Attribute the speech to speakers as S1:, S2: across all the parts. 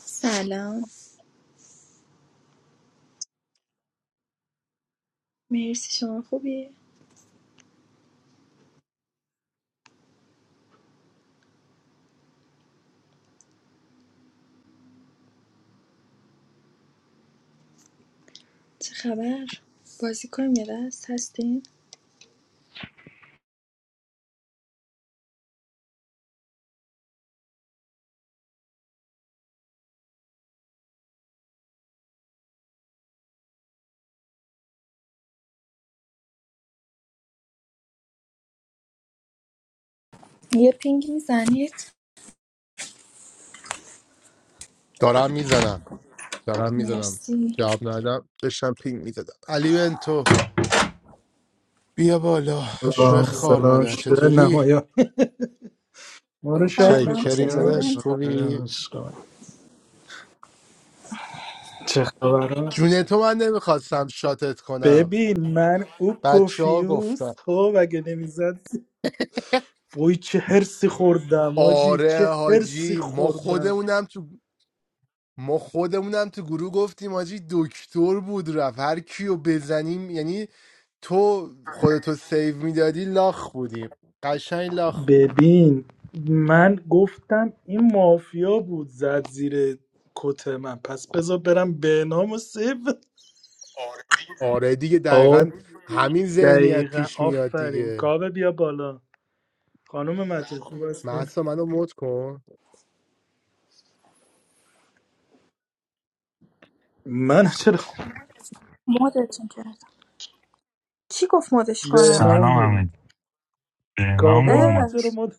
S1: سلام مرسی شما خوبی؟ چه خبر؟ بازی کنیم یه دست هستین؟ یه پینگ میزنید
S2: دارم میزنم دارم میزنم
S1: مرسی
S2: جواب ندادم داشتم پینگ میزدم علی بنتو بیا بالا شو
S3: با
S2: خار
S3: سلام
S2: مادر
S3: شده
S2: چطوری
S3: نمایان ما رو شاد
S2: چای
S1: سلام
S3: میکنی
S2: کریم
S1: چطوری
S3: ها
S2: نداشت
S1: بنتو
S3: نوکرم
S2: خوبی
S3: عشقم. چه خبر ها؟
S2: جون تو من نمیخواستم شاتت کنم
S3: ببین من او
S2: بچه ها
S3: پوفیوز
S2: گفتن
S3: خب اگه نمیزد وای چه هرسی خوردم آجی
S2: آره
S3: چه هرسی
S2: حاجی ما
S3: خوردم
S2: خودمونم تو ما خودمونم تو گروه گفتیم حاجی دکتر بود رفت هر کیو بزنیم یعنی تو خودتو سیو میدادی لاخ بودیم قشنگ لاخ بودیم
S3: ببین من گفتم این مافیا بود زد زیر کت من پس بذار برم به نام و سیف
S2: آره دیگه
S3: آه
S2: دقیقا همین ذهنیت
S3: دقیقا
S2: پیش میاد
S3: آفرین
S2: دیگه
S3: کاوه بیا بالا خانم متین خوب هستین
S2: محسا منو مت کن
S3: من چرا
S1: مودتون کردم کی گفت مودش کنم
S4: سلام
S3: بهنام بود
S4: همه بهنام
S3: کاور
S4: گفت
S3: حالا
S4: مد
S1: اه
S3: چرا مد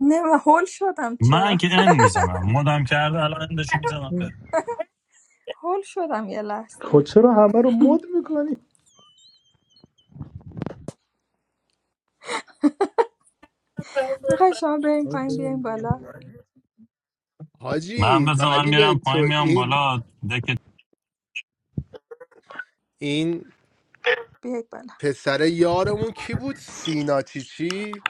S1: نه من هول شدم
S4: من
S1: چرا
S4: که ان میزنم مدم کرده الان اندشو میزنم بره
S1: هول شدم یه لحظه
S3: خود چرا همه رو مد میکنی
S1: میخوای شما بریم پایین بیایم بالا
S4: من
S2: حاجی
S4: بزنم من
S2: علی به
S4: میرم پایین
S2: تو
S4: میام
S2: این
S4: بالا دک
S2: این
S1: بیاید بالا
S2: پسر یارمون کی بود سینا چیچی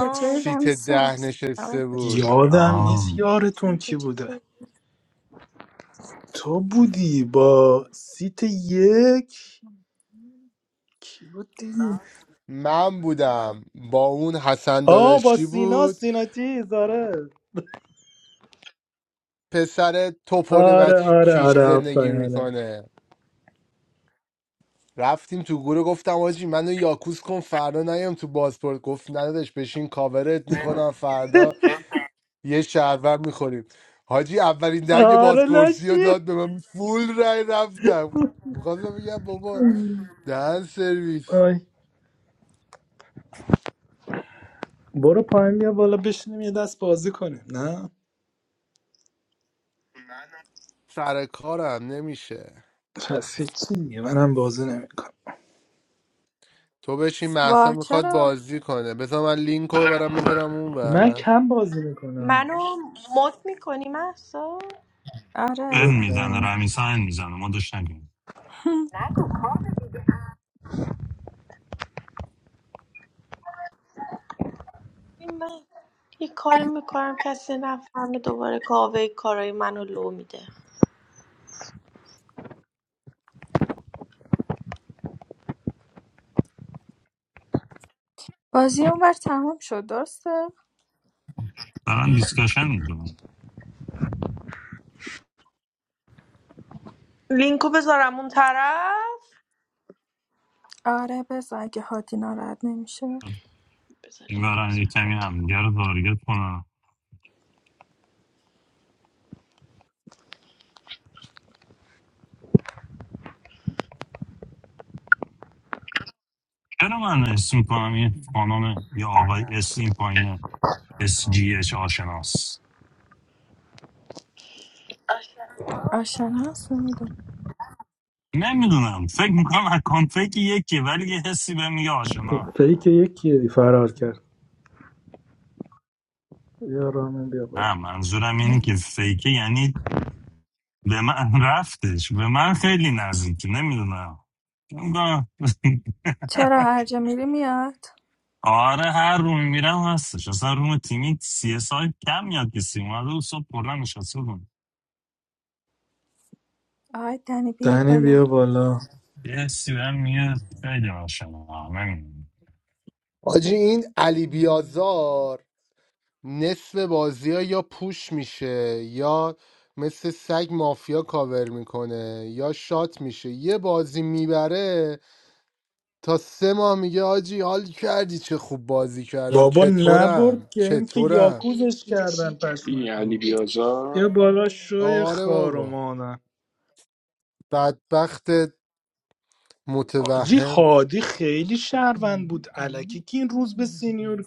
S1: چطوری
S2: سیت
S1: رمیسا
S2: ده
S1: سلام
S2: نشسته
S1: عزیزم.
S2: بود
S3: یادم
S5: خوبم
S3: نیست
S4: آم.
S3: یارتون
S5: تو
S3: کی بوده
S5: چطوری
S3: تو بودی با سیت یک کی بودی
S2: من بودم با اون حسن
S3: آه با
S2: داداشی
S3: سینا
S2: بود
S3: سینا چیز آره
S2: پسر توپل
S3: آره
S2: بچه
S3: آره
S2: کیش
S3: آره
S2: زندگی
S3: آفرین، آره
S2: میکنه رفتیم تو گروه گفتم آجی منو یاکوس کن فردا نیام تو بازپورت گفت ندادش بشین کاورت میکنم فردا یه شهروند میخوریم حاجی اولین دنگ
S3: آره
S2: بازپرسی رو
S3: لاشی
S2: داد به من فول رای رفتم میخواستم بگم بابا دهن سرویس
S3: آی برو پایین بیا بالا بشینیم یه دست بازی کنیم نه
S2: سر کارم نمیشه
S3: پس چی دیگه منم بازی نمیکنم
S2: تو بشین محسا
S1: وا
S2: میخواد
S1: چرا
S2: بازی کنه بذار من لینک رو برم بذارم اون
S3: من
S2: بر
S3: کم بازی میکنم
S5: منو مد میکنی محسا
S1: آره
S4: ان
S1: ازم
S4: میزنه رمیسا ان میزنه مدش نگیم
S5: این من یه کاری میکنم کسی نفهمه دوباره کاوه کارای منو لو میده
S1: بازی اونور تمام شد درسته
S4: دارن دیسکشن میکنم
S5: لینکو بذارم اون طرف
S1: آره بذار اگه هادی ناراحت نمیشه
S5: بذار
S4: این
S5: لینکو
S4: برن یه
S5: بذارم
S4: کمی همدیگه رو تارگت کنم چرا من اسم میکنم این خانم یا آقای اس این پایینه اس جی اچ آشناس
S1: آشنا هست نمیدونم
S4: نمیدونم فکر میکنم اکانت فکر یکیه ولی یه حسی بهم میگه آشناس
S3: پیک یکی دی فرار کرد بیا رامین بیا بالا
S4: نه منظورم اینه که فیکه یعنی به من رفتش به من خیلی نزدیکی نمیدونم با-
S1: چرا هر جا میری میاد
S4: آره هر روم میرم هستش اصلا روم تیمی سی اس آی کم میاد که سیم اومده و صبح پردن نشسته بودم
S1: آقای دنی بیایید
S3: دنی
S1: بالا
S3: بیا بالا
S4: یه سی بهم میگه خیلی آشنا نمیدونم
S2: حاجی این علی بیازار نصف بازی ها یا پوش میشه یا مثل سگ مافیا کاور میکنه یا شات میشه یه بازی میبره تا سه ماه میگه آجی حال کردی چه خوب بازی کردم
S3: بابا نبرد
S2: چطورم
S3: که اینکه
S2: چطورم
S3: یاکوزش کردن
S6: این
S3: پشمکو
S6: علی
S3: بیا بالا شوی
S2: آره
S3: خار و
S2: بابا
S3: مادر
S2: بدبخت
S3: حاجی
S2: متوهم
S3: هادی خیلی شهروند بود علکی که این روز به سینیور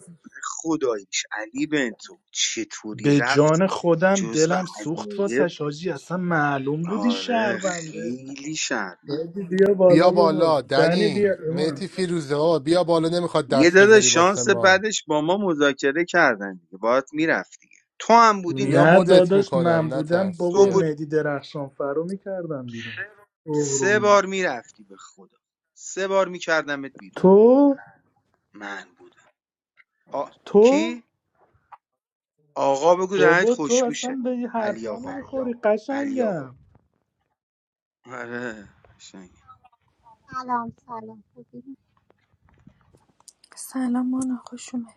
S7: خداییش علی بنتو چطوری
S3: به
S7: رفت
S3: جان خودم
S7: جزو
S3: دلم سوخت
S7: عجایب
S3: واسش حاجی اصلا معلوم بودی
S7: آره
S3: شهرونده
S7: خیلی شر
S3: حاجی بیا بالا
S2: بیا بالا
S3: بابا دنی بیا
S2: دنی
S3: ایمان
S2: مهتی فیروزه بابا بیا بالا نمیخواد
S7: یه
S2: دست
S7: داده
S2: بذاری واسه
S7: شانس
S2: ما
S7: بعدش با ما مذاکره کردن دیگه باید میرفتی تو هم بودی
S2: بیا
S3: نه
S7: میرفت
S2: مدت
S3: داداش
S2: میکنم
S3: من بودم
S2: نترس
S7: تو
S3: بابا
S2: بیا
S7: بود
S3: مهدی درخشان فرو میکردم بیرون
S7: سه
S3: اوه.
S7: بار میرفتی به خدا سه بار میکردمت بیرون
S3: تو
S7: من بودم آ...
S3: تو
S7: کی؟ آقا بگو دهنت
S3: بابا تو
S7: خوشبوشه
S3: اصلا به یه
S7: علی
S3: حرفا
S7: آقا
S3: نمیخوری
S7: علی آقا
S3: قشنگم
S7: آره قشنگه.
S8: Hello, hello.
S1: سلام مانا خوش اومد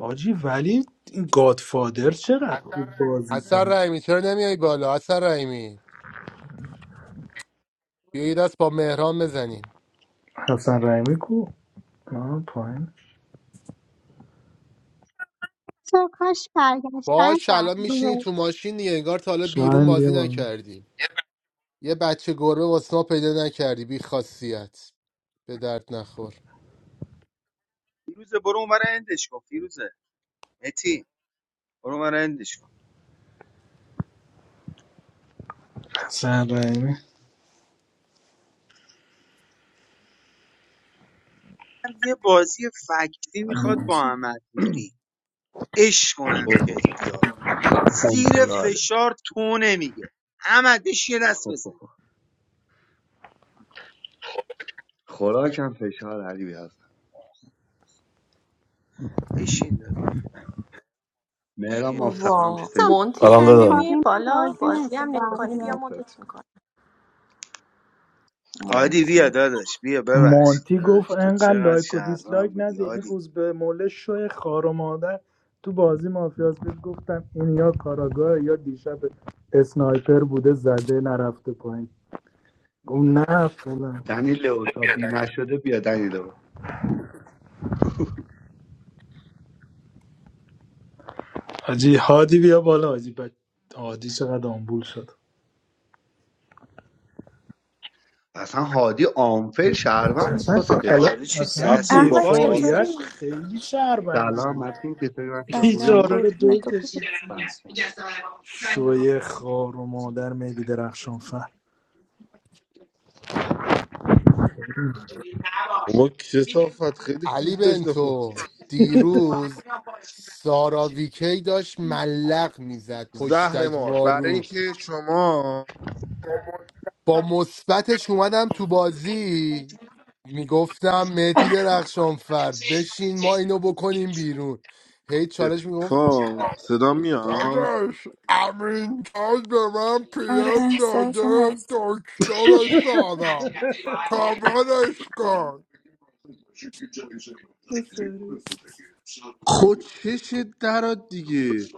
S3: آجی ولی این گادفادر چقدر خوب بازی
S2: حسن
S3: کرد
S2: رحیمی چرا نمیای بالا حسن رحیمی بیا یه دست با مهران بزنیم
S3: حسن رحیمی کو آه پایین
S8: So, how's Pakistan?
S2: باش
S8: How are
S2: الان میشینی
S8: you?
S2: تو ماشین دیگه انگار تا حالا بیرون
S3: شاهین بیا
S2: بازی
S3: بالا
S2: نکردی یه بچه گربه واسه ما پیدا نکردی بی خاصیت به درد نخور
S7: فیروزه برو اونور اندش کن فیروزه متی برو اونور اندش کن
S3: حسن رحیمی
S7: یه بازی فکتی میخواد
S1: ایمان
S9: سلام
S7: با
S1: چی؟
S7: احمد نوری اش کنم
S9: اوه اوه اوه
S7: جدی ها زیر
S9: اوه.
S10: عمرزاده
S7: فشار تو نمیگه احمد بهش یه دست
S9: اوه
S7: بزن
S9: اوه. خوراکم فشار علی هستم
S7: بشین داداش، بشین
S9: مهرام
S7: یه
S9: ماف
S7: دست بزن.
S9: سلام
S5: وا
S8: Some
S9: چطور
S5: مونتی
S11: سلام
S5: چرا
S11: دادا
S5: نمیای
S8: company man, boss,
S5: بالا
S8: didn't
S5: بازی هم
S8: come back
S5: نمیکنی
S8: yet.
S5: بیا
S9: مخلص
S5: مدت میکنم
S7: هادی بیا
S5: مونتی
S7: داداش بیا ببخشید
S3: مانتی گفت
S7: داداش تو
S3: انقدر
S7: چقدر
S3: لایک و
S7: شهرمن
S3: دیسلایک
S7: بودی
S3: نده این
S7: هادی
S3: روز به موله شو خار و مادر تو بازی مافیاس بود گفتم این یا کاراگاه یا دیشب اسنایپر بوده زده نرفته پایین گفت نه فلان
S9: دنی لو تا دیر نشده بیا دنی لو
S3: حاجی هادی بیا بالا حاجی بک هادی چقدر آمبول شد
S9: اصلا هادی آنفر شهروند بود
S3: اصلا
S9: واسه
S7: آره
S3: کلا-
S9: دفاعیش
S7: چه
S6: سب
S3: اصلا
S7: دست
S6: کن
S7: و
S1: احمد
S7: پایی میزد
S3: دفاعیش
S1: چطوری؟
S3: خیلی شهروندی
S9: سلام
S3: بود
S9: متین چطوری وقت
S1: سلام
S9: خوبی
S3: بیچاره رو
S1: قربونت
S3: دو
S1: تو خوبی؟
S3: کشید زیرش
S9: بچه
S3: شوی خار و مادر مهدی درخشان فر
S12: ما کسافت خیلی
S2: علی
S12: خوب داشتم
S2: بنتو
S12: بازی
S2: دیروز سارا ویکی داشت ملق میزد
S12: زهر
S2: پشتک
S12: مار برای
S2: وارو
S12: اینکه شما
S2: با مثبتش اومدم تو بازی میگفتم مهدی درخشانفر بشین ما اینو بکنیم بیرون هی چالش میگفت
S12: دفاع صدا میاد
S2: داداش امین تاج به من پیم
S1: آره صداتون
S2: داده
S1: هست
S2: دکتر سارا کاورش کن
S12: خود چش درات دیگه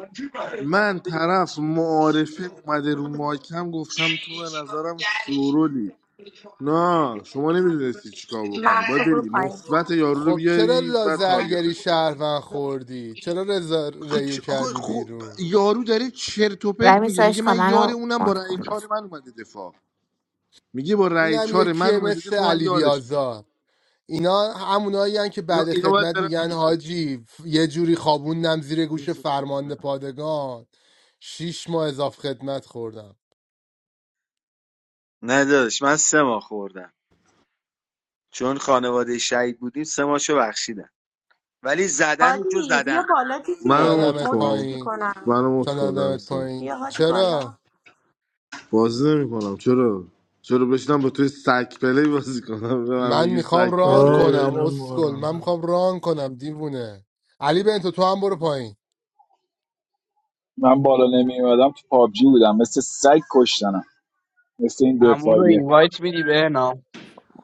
S12: من طرف معارفه اومده رو مایکم گفتم تو به نظرم شورولی نه شما نمیدونستی چیکار بکنی
S5: محسا
S12: باید
S5: برو
S12: بری
S5: پایین
S12: مثبت یارو رو
S2: خب چرا
S12: بیاری بعد
S2: لازرگری
S12: تارگتش بکنی
S2: شهروند خوردی چرا رضا
S12: تو
S2: ریو
S12: چ... آقا
S2: کردی
S12: خب
S2: بیرون
S12: یارو داره چرت و
S13: I
S12: پرت
S13: miss
S12: میگه
S13: such
S12: میگه من یار
S13: commando
S12: اونم با
S13: motto,
S12: رأی
S13: Colonel.
S12: چهار من اومده دفاع میگه با رأی
S2: اینم
S12: چهار من
S2: یکیه
S12: اومده
S2: مثل
S12: دفاع من
S2: علی
S12: یارشم
S2: بیازار اینا همونایی که
S12: اینا
S2: بعد
S12: اینا باید
S2: خدمت
S12: برن
S2: میگن
S12: بیرون
S2: حاجی ف- یه جوری خوابوندم زیر
S12: این
S2: گوش
S12: فضولی رو
S2: فرمانده
S12: برن.
S2: پادگان شیش ماه اضاف خدمت خوردم
S7: نه داداش من سه ماه خوردم چون خانواده شهید بودیم سه ماهشو بخشیدم ولی زدن تو
S5: هادی
S7: زدن
S5: بیا بالا
S12: منو
S5: دیگه
S12: مت
S2: ندمت
S5: مدت
S12: کن
S2: پایین
S5: میکنم
S12: منو
S2: تا
S12: مت کن
S2: ندمت
S12: رمسا
S2: پایین
S5: بیا هادی
S2: چرا
S5: بالا
S12: بازی نمیکنم چرا چرا بشینم با توی سک پلی بازی کنم به من
S2: من
S12: میگی
S2: میخوام
S12: سک
S2: ران
S3: آه
S12: پلی
S2: کنم
S3: بهنام
S2: اسکل
S3: باران
S2: من میخوام ران کنم دیوونه علی بنتو تو هم برو پایین
S14: من بالا نمی اومدم تو پابجی بودم مثل سگ کشتنم مثل این
S10: عمو رو
S14: دفاعیه
S10: اینوایت میدی به نام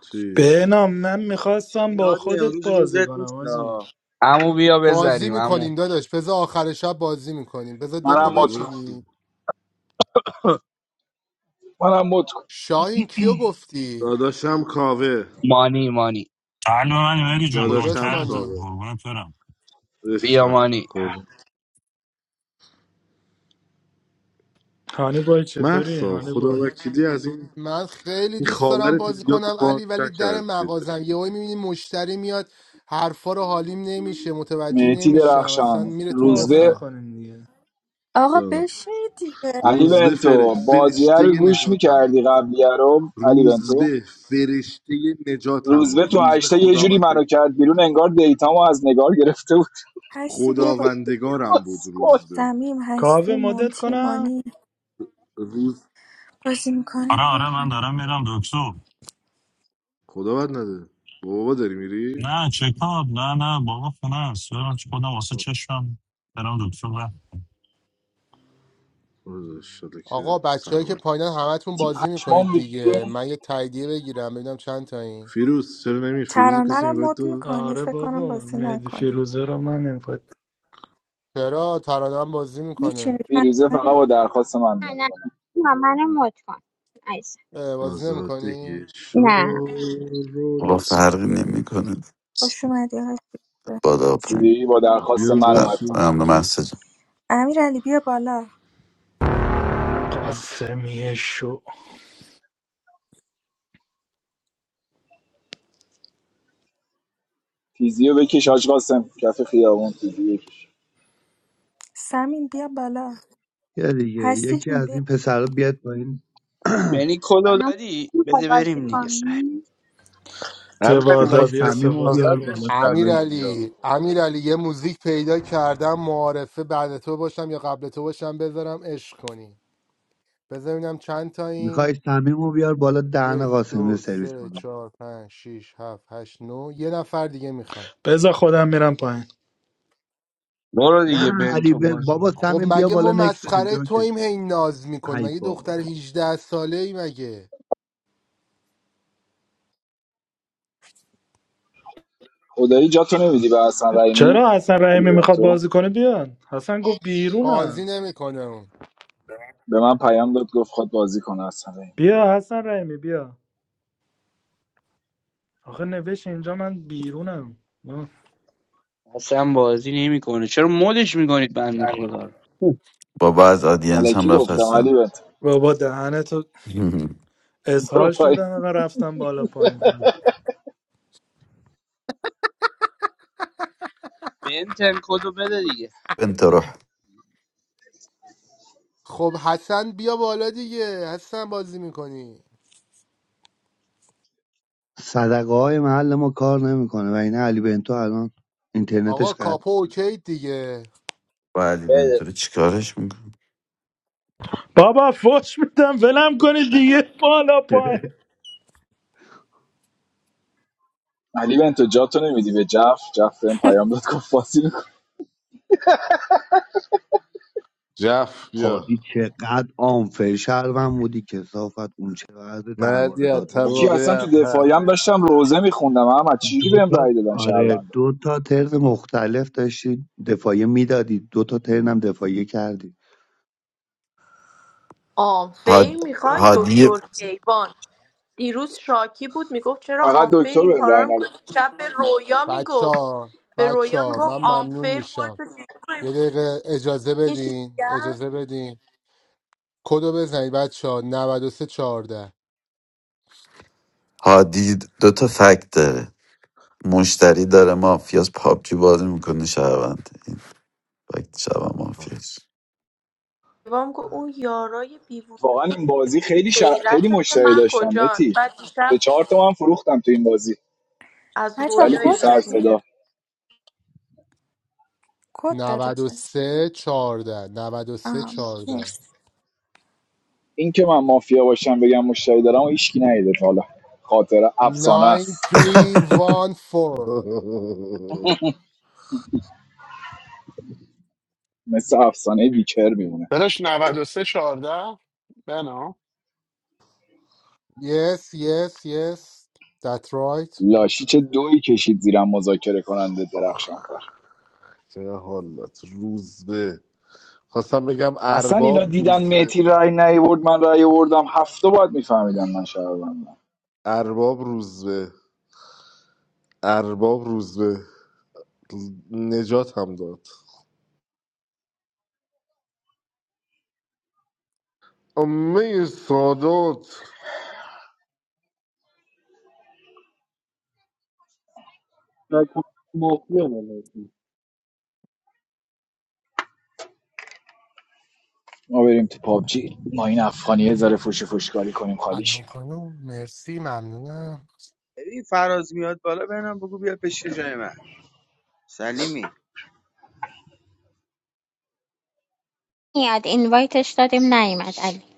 S12: چی
S3: بهنام من میخواستم
S7: یعنی
S3: با
S7: هادی
S3: خودت
S7: امروز
S3: بازی
S7: روزت
S3: کنم
S7: نیست
S3: آجی
S7: آه.
S10: عمو بیا
S2: بازی
S10: بزنیم عمو
S2: میکنیم داداش بذار آخر شب بازی میکنیم بذار دکو
S14: منم مت
S12: هانیبال
S14: کن
S12: چی
S2: بچینیم
S14: منم مت کن
S2: شاهین کیو گفتی
S12: داداشم کاوه
S10: مانی مانی
S4: قلب من مری جون
S2: کجاست
S12: داداشم
S4: نوکرتم
S2: مانی
S12: کاوه
S4: قربونت برم
S10: بیا
S12: عشقم
S10: مانی
S12: قربون
S3: هانی بای چطوری
S12: محسا
S3: هانی
S12: خدا
S3: بای
S12: وکیلی از این
S2: من خیلی
S12: این
S2: دوست دارم
S12: خاور
S2: بازی
S12: تریاکو
S2: کنم
S12: پاک
S2: علی ولی در
S12: نکردی
S2: مغازم یهو میبینی مشتری میاد حرفا رو حالیم نمیشه متوجه
S14: مهتی
S2: نمیشم اصلا
S14: درخشان
S2: میره تو
S3: بازی
S14: روزبه
S2: مخم
S3: میکنیم دیگه
S1: آقا بشین دیگه
S14: علی
S12: روز به فر...
S14: بنتو بازیه رو
S12: فرشته
S14: گوش
S12: نجاتم بود
S14: میکردی قبلیه رو علی بنتو
S12: روزبه فرشته نجاتم
S14: روزبه
S12: بود
S14: تو
S12: روزبه
S14: هشته یه جوری
S12: خداوند
S14: منو کرد بیرون انگار دیتامو از نگار گرفته بود
S1: هستی بیا بالا
S12: خداوندگارم بود
S14: اسکل.
S12: روزبه
S1: سمیم
S3: کاوه
S1: هستی
S3: مدت
S1: مونتی
S3: کنم
S1: مانی
S12: روز
S1: بازی میکنی
S4: آره
S1: بیا
S4: آره من
S1: بالا
S4: دارم میرم دکتر
S12: خدا بد نده بابا داری میری
S4: نه چکاب نه نه بابا خونه است برم چه خودم واسه چشمم برم دکتر رفتم
S12: آه، شده
S2: آقا
S12: که
S2: بچههایی که
S12: سلامت
S2: پایینن همتون بازی میکنید
S14: پشمام ریخته.
S2: دیگه من یه تاییدیه بگیرم ببینم چند تایین
S12: فیروز چرا نمی فیروز رو
S1: ترانه
S12: کسی
S1: رو
S12: این
S1: مد
S12: داد
S1: میکنید
S3: آره
S1: فکر کنم
S3: بابا
S1: بازی
S3: مهدی
S1: نکنه
S3: فیروزه رو من اینفت
S2: چرا ترانه هم بازی
S1: میشینی
S2: میکنه
S14: فیروزه
S1: ترانه
S14: فقط با درخواست من
S15: نه
S14: میاد
S15: نه
S14: بالا
S15: نه منو مت کن عزیزم.
S2: اه، بازی
S12: آزاده
S2: نمیکنی
S15: نه
S12: شارل
S16: با
S6: قاسم
S16: فرقی نمیکنه
S1: خوش اومدی هستی
S16: بادا پایین
S14: دیدی با درخواست
S12: بیا
S14: من اومد
S12: باشیم
S14: فقط
S16: سلام
S12: تو
S16: مسجد
S1: امیر علی بیا بالا
S3: قاسمیه شو
S14: تیزیو بکش حاج قاسم کف خیابون تیزی بکش
S1: سمیم بیا بالا
S9: یا دیگه
S1: هستی
S9: یکی
S1: جون
S9: از این پسرا بیاد با این
S10: یعنی کلو
S15: بنام
S10: دادی
S15: میخواد
S10: بده
S15: بازی
S10: بریم دیگه سر
S15: کنی
S12: همین علی
S9: میخوای
S3: سوادا بیا
S12: مازیار
S9: صمیم رو
S12: منو
S3: سوادا
S12: زد
S9: بیار
S3: کن
S9: بالا
S12: عشق کرده
S2: امیر
S9: صمیم
S12: بودی یا
S2: علی
S12: خدایی.
S2: امیر علی یه موزیک پیدا کردم معارفه بعد تو باشم یا قبل تو باشم بذارم عشق کنی بذار ببینم چند
S9: میخوای
S2: تاییم
S9: صمیم رو بیار بالا دهن
S2: یک
S9: قاسمی رو
S2: دو
S9: سرویس
S2: سه
S9: کنه
S2: چهار پنج شیش هفت هشت نو یه نفر دیگه میخوان
S3: بذار خودم میرم پایین
S10: برو
S9: نه
S10: دیگه
S9: علی
S10: بنتو
S9: ب-
S10: بازی
S9: بابا
S2: خب
S9: صمیم بیا
S2: مگه ما
S9: بالا نک بده
S2: مسخره
S9: جاکش
S2: توییم هی ناز میکنیم
S9: ای
S2: مگه دختر
S9: بابا
S2: 18 ساله ای مگه
S14: خدایی جا تو نمیدی به حسن رحیمی
S3: چرا حسن
S14: علی
S3: رحیمی میخواد
S14: بنتو
S3: بازی کنه بیا حسن گفت
S2: قاضی
S3: بیرونم
S2: نمیکنه اون
S14: به من پیام داد گفت خود بازی کنه حسن رحیمی بیا
S3: بیا حسن رحیمی بیا آخه نوشت اینجا من بیرونم
S10: اصلا بازی نمیکنه چرا مدش میکنید بنده
S3: آه.
S10: خدا رو
S16: بابا از آدینس
S14: الکی
S16: هم رفت
S14: گفتم علی
S16: هستم
S14: بنتو
S3: بابا دهنتو
S14: برو
S3: اسهال
S14: پای
S3: شدم و رفتم بالا پایین
S10: بنتن کدو بده دیگه
S16: بنت روح
S2: خب حسن بیا بالا دیگه حسن بازی میکنی
S9: صدقه های محل ما کار نمیکنه و این علی بنتو الان
S2: آقا
S9: اینترنتش قطع
S2: کاپو اوکی دیگه
S16: با علی بنت
S10: بده
S16: رو چیکارش میکنه
S3: بابا فوش میدم ولم کنید دیگه بالا پایین
S14: علی بنتو جا تو نمیدی به جف جف بهم پیام داد گفت بازی میکنه
S12: جف بیا
S9: هادی چقدر آنفر شهروند بودی کسافت اون چقدر
S12: مردی
S9: درباره
S12: از
S9: دادن
S14: کی
S9: بود
S14: اصلا
S12: توابع
S14: تو
S12: ابهر
S14: دفاعی هم داشتم روزه میخوندم احمد
S9: دو
S14: چجوری بهم
S9: تا
S14: رأی دادن
S9: آره
S14: شهروندان
S9: دو تا ترن مختلف داشتی دفاعی میدادی دو تا ترن هم دفاعی کردی
S5: آم
S16: هاد
S5: فیر میخوای
S16: هادی
S5: دکتر کیوان دیروز شاکی بود میگفت چرا
S14: فقط
S5: آنفیر
S14: دکتر
S5: این
S14: بهم
S5: کارا
S14: رأی
S5: رو میکنی
S14: نداد
S5: شب به رویا
S2: بچه
S5: میگفت
S2: ها
S5: به
S2: بچه
S5: رویا
S2: ها
S5: میگفت
S2: من ممنون
S5: آنفیر
S2: میشم
S5: خودتو چیز کنیم
S2: یه دقیقه اجازه
S5: یه چیز
S2: بدین
S5: دیگه
S2: اجازه بدین کدو بزنید بچه ها 93 14 چهارده
S16: هادی دو تا فکت داره مشتری داره مافیاس پابجی بازی میکنه شهروند این فکت شهروند مافیاس
S5: هم گفت اون یارای بیوون
S14: واقعا این بازی خیلی شر... خیلی
S5: غیرت
S14: مشتری
S5: من
S14: داشتم
S5: کجان
S14: متی
S5: بعد دیشب
S14: سه چهار تا من فروختم تو این بازی
S5: از
S1: بچه‌ها
S14: ولی
S5: رویا
S14: بی
S1: کد
S14: سر
S1: دادی؟
S5: ایراد
S14: صدا
S1: کد داده کسی؟
S2: 14 93
S1: آها
S2: 14
S1: مرسی
S14: این که من مافیا باشم بگم مشتری دارم و هیچکی ندیده تا حالا خاطره افسانه است
S2: 9314
S14: مثل افسانه ویچر میمونه
S17: داداش 93 14 بنا
S2: yes yes yes that's right
S14: لاشی چه دویی کشید زیرم مذاکره کننده درخشانفر
S12: چه حالات روزبه خواستم بگم
S14: اصلا
S12: ارباب
S14: اینا دیدن
S12: روزبه
S14: مهتی رای نیورد من رای آوردم هفته باید میفهمیدن من شهروندم
S12: ارباب روزبه ارباب روزبه نجات هم داد امه سادات
S10: مافیا ملکی
S14: ما بریم تو پابجی ما این افغانیه ذره فوش فوشکاری کنیم
S2: الان
S14: خالیش
S2: خانم مرسی ممنونم
S7: ببین فراز میاد بالا ببینم بگو بیا بشین جای من سلیمی
S15: میاد اینوایتش دادیم نیومد علی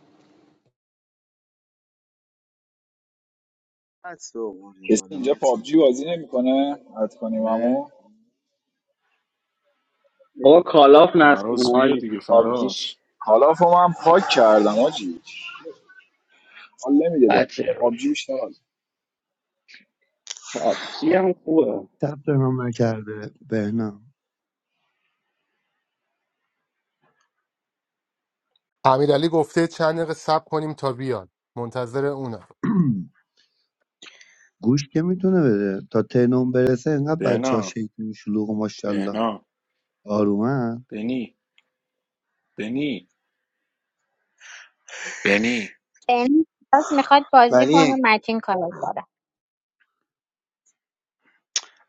S7: هست و آوردی
S14: کسی
S7: بالا
S14: اینجا پابجی
S7: متین
S14: بازی نمیکنه حد کنیم
S7: آره
S14: اما
S10: بابا کالاف
S6: فراز
S10: نستون
S6: بیا
S10: آجی
S6: دیگه فراز
S10: پابجیش
S14: حالا هم پاک کردم آجی حال نمیده بهم
S10: بچه رو
S14: پابجی بیشتر حال
S10: پابجی هم خوبه
S9: ثبت نام نکرده بهنام
S2: امیرعلی گفته چند دقیقه صبر کنیم تا بیاد منتظر اونم
S9: گوش که میتونه بده تا ترنم برسه انقدر بچه ها
S6: بهنا
S9: شیطون شلوغ و ماشاءالله
S6: بهنا
S9: آرومن
S6: بنی بنی بنی
S15: بنام باز میخواد بازی کنه
S7: ولی
S15: متین کار داره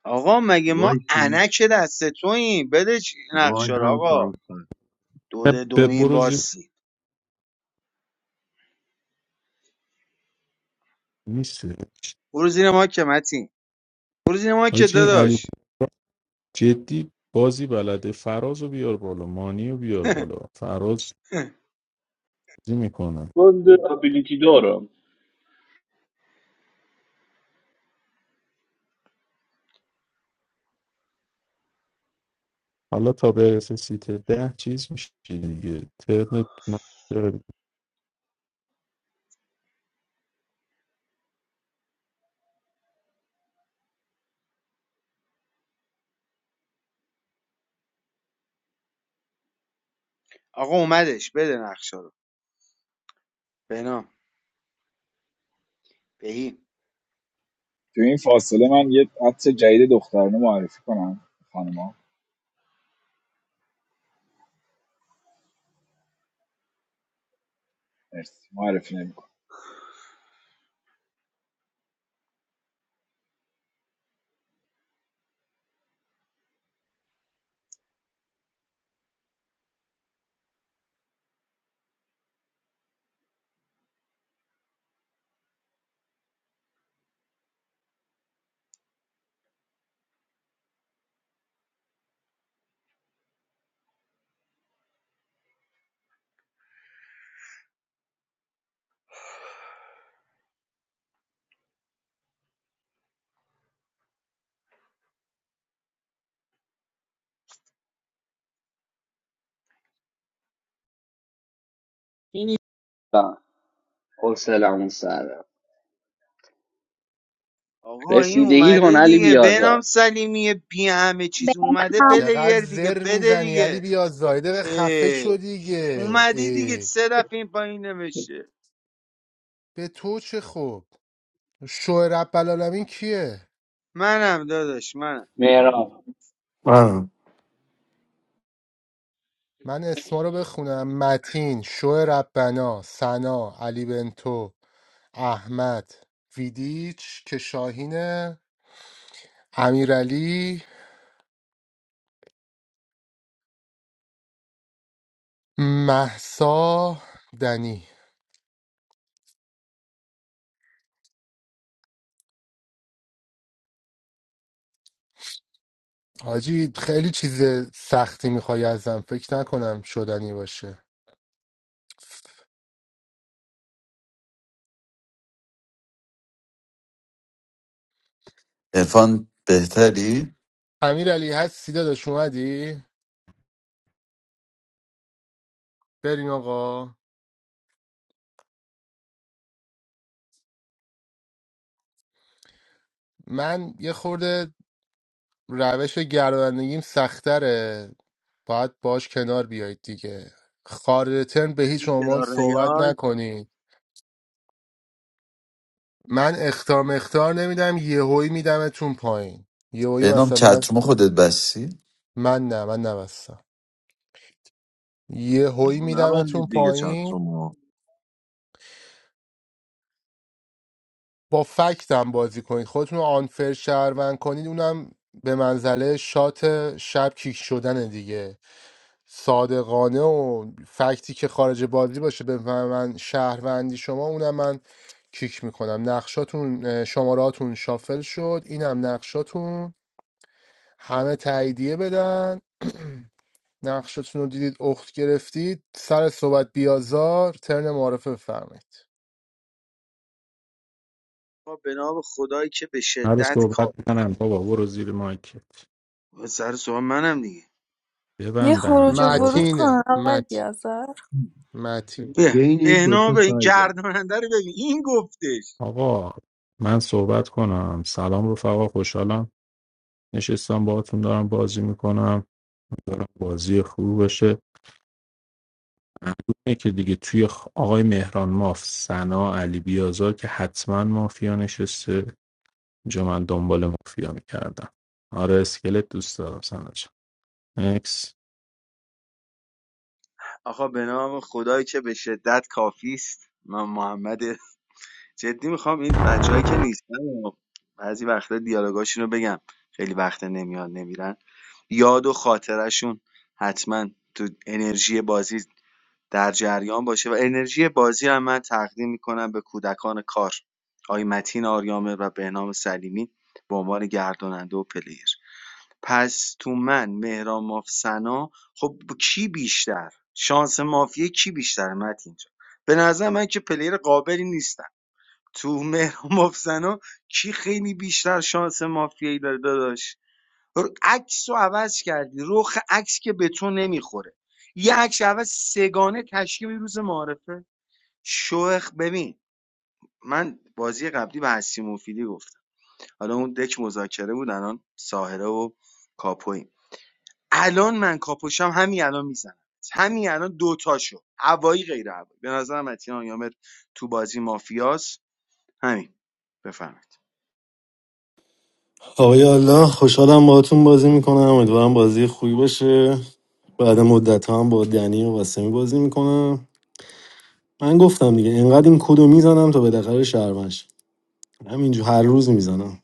S7: آقا مگه ما
S9: وای سیم
S7: انک دست توییم بده چ-
S9: وای
S7: نقشه رو
S9: هم
S7: آقا
S9: خواهم سر
S7: دو دومین واسی برو زیر ما که متین برو زیر ما که داداش
S10: من ده ابیلیتی دارم
S6: حالا تا برسه سیت ده چیز میشه دیگه ترنت من
S7: آقا اومدش بده نقشه رو بنام بهی
S14: تو این فاصله من یه عطر جدید دخترانه معرفی کنم خانما مرسی معرفی نمی‌کنم
S10: این نیستم حسلمون سره.
S7: آقا این
S10: رسیدگی کن
S7: اومده
S10: علی
S7: دیگه بنام
S10: بیازار
S7: سلیمی بی همه چیز اومده
S15: بنام
S2: چقدر
S7: پلیر دیگه
S2: زر
S7: بده
S2: میزنی علی
S7: دیگه
S2: بیا زایده خفه شو
S7: اه.
S2: دیگه
S7: اومدی دیگه
S2: ای
S7: سه دفعه این پایین نمیشه
S2: به تو چه خوب شو رب العالمین کیه
S7: منم داداش منم
S10: مهران
S11: من
S2: من اسما رو بخونم متین شو ربنا سنا علی بنتو احمد ویدیچ که شاهینه امیرعلی محسا دنی حاجی خیلی چیز سختی میخوای ازم فکر نکنم شدنی باشه
S16: ارفان بهتری
S2: امیرعلی هستی داداش اومدی بریم آقا من یه خورده روش گردانندگیم سختره باید باش کنار بیایید دیگه خارج ترم به هیچ
S7: اگه
S2: عنوان
S7: کنار
S2: صحبت
S7: نیای
S2: نکنید من اختار مختار نمیدم یهویی میدمتون پایین یهویی
S16: به نام
S2: مثلا
S16: چتروم خودت بسی
S2: من نه من نبستم یهویی
S18: I'm not going to
S2: میدمتون
S18: be a
S2: پایین
S18: charmer.
S2: با فکتم بازی کنید خودتون رو آنفر شهروند کنید اونم به منزله شات شب کیک شدن دیگه صادقانه و فکتی که خارج بازی باشه به من شهروندی شما اونم من کیک میکنم نقشاتون شماراتون شافل شد اینم نقشاتون همه تاییدیه بدن نقشاتون رو دیدید اخت گرفتید سر صحبت بیازار ترن معرفه بفرمایید
S7: ما به نام خدایی که به
S6: هر
S7: شدت کار
S6: صحبت کنم بابا برو زیر مایکت
S7: و سر سوال منم دیگه
S1: یه
S6: ببند
S1: خروج و
S6: دهنت
S1: ورود
S6: بابا
S2: متینه
S1: کن آقای
S2: مت
S1: بیازار
S2: متین
S7: به
S9: بین این
S7: بهنام
S9: دوتا
S7: به این
S9: سایده
S7: گرداننده رو ببین این گفتش
S6: آقا من صحبت کنم سلام رفقا خوشحالم نشستم باهاتون دارم بازی میکنم دارم بازی خوب باشه معلومه که دیگه توی خ- آقای مهران ماف سنا علی بیازار که حتما مافیا نشسته اینجا من دنبال مافیا میکردم آره اسکلت دوست دارم سنا جان اکس
S7: آقا به نام خدایی که به شدت کافی است من محمد جدی میخوام این بچههایی که نیستن بعضی وقتا دیالوگاشون رو بگم خیلی وقت نمیاد نمیرن یاد و خاطرشون حتما تو انرژی بازی در جریان باشه و انرژی بازی هم من تقدیم میکنم به کودکان کار آقای متین آریامه و بهنام سلیمی به عنوان گرداننده و پلیر پس تو من مهران مافسنا خب کی بیشتر شانس مافیه کی بیشتر متین جان به نظر من که پلیر قابلی نیستم تو مهران مافسنا کی خیلی بیشتر شانس مافیایی داره داداش عکس رو عوض کردی رخ عکس که به تو نمیخوره یه عکس عوض سگانه تشکیل روز معارفه شوخ ببین من بازی قبلی به هستی مفیدی گفتم حالا اون دک مذاکره بود الان ساهره و کاپویم الان من کاپوشم همین الان میزنم همین الان دوتاشو هوایی غیر هوایی به نظرم متین یامر تو بازی مافیاس همین بفهمید
S11: آقای الله خوشحالم باهاتون بازی میکنم امیدوارم بازی خوبی باشه بعد مدت هم با دنی و قاسمی بازی میکنم من گفتم دیگه اینقدر این کدو میزنم تا بالاخره شهرمش همینجور هر روز میزنم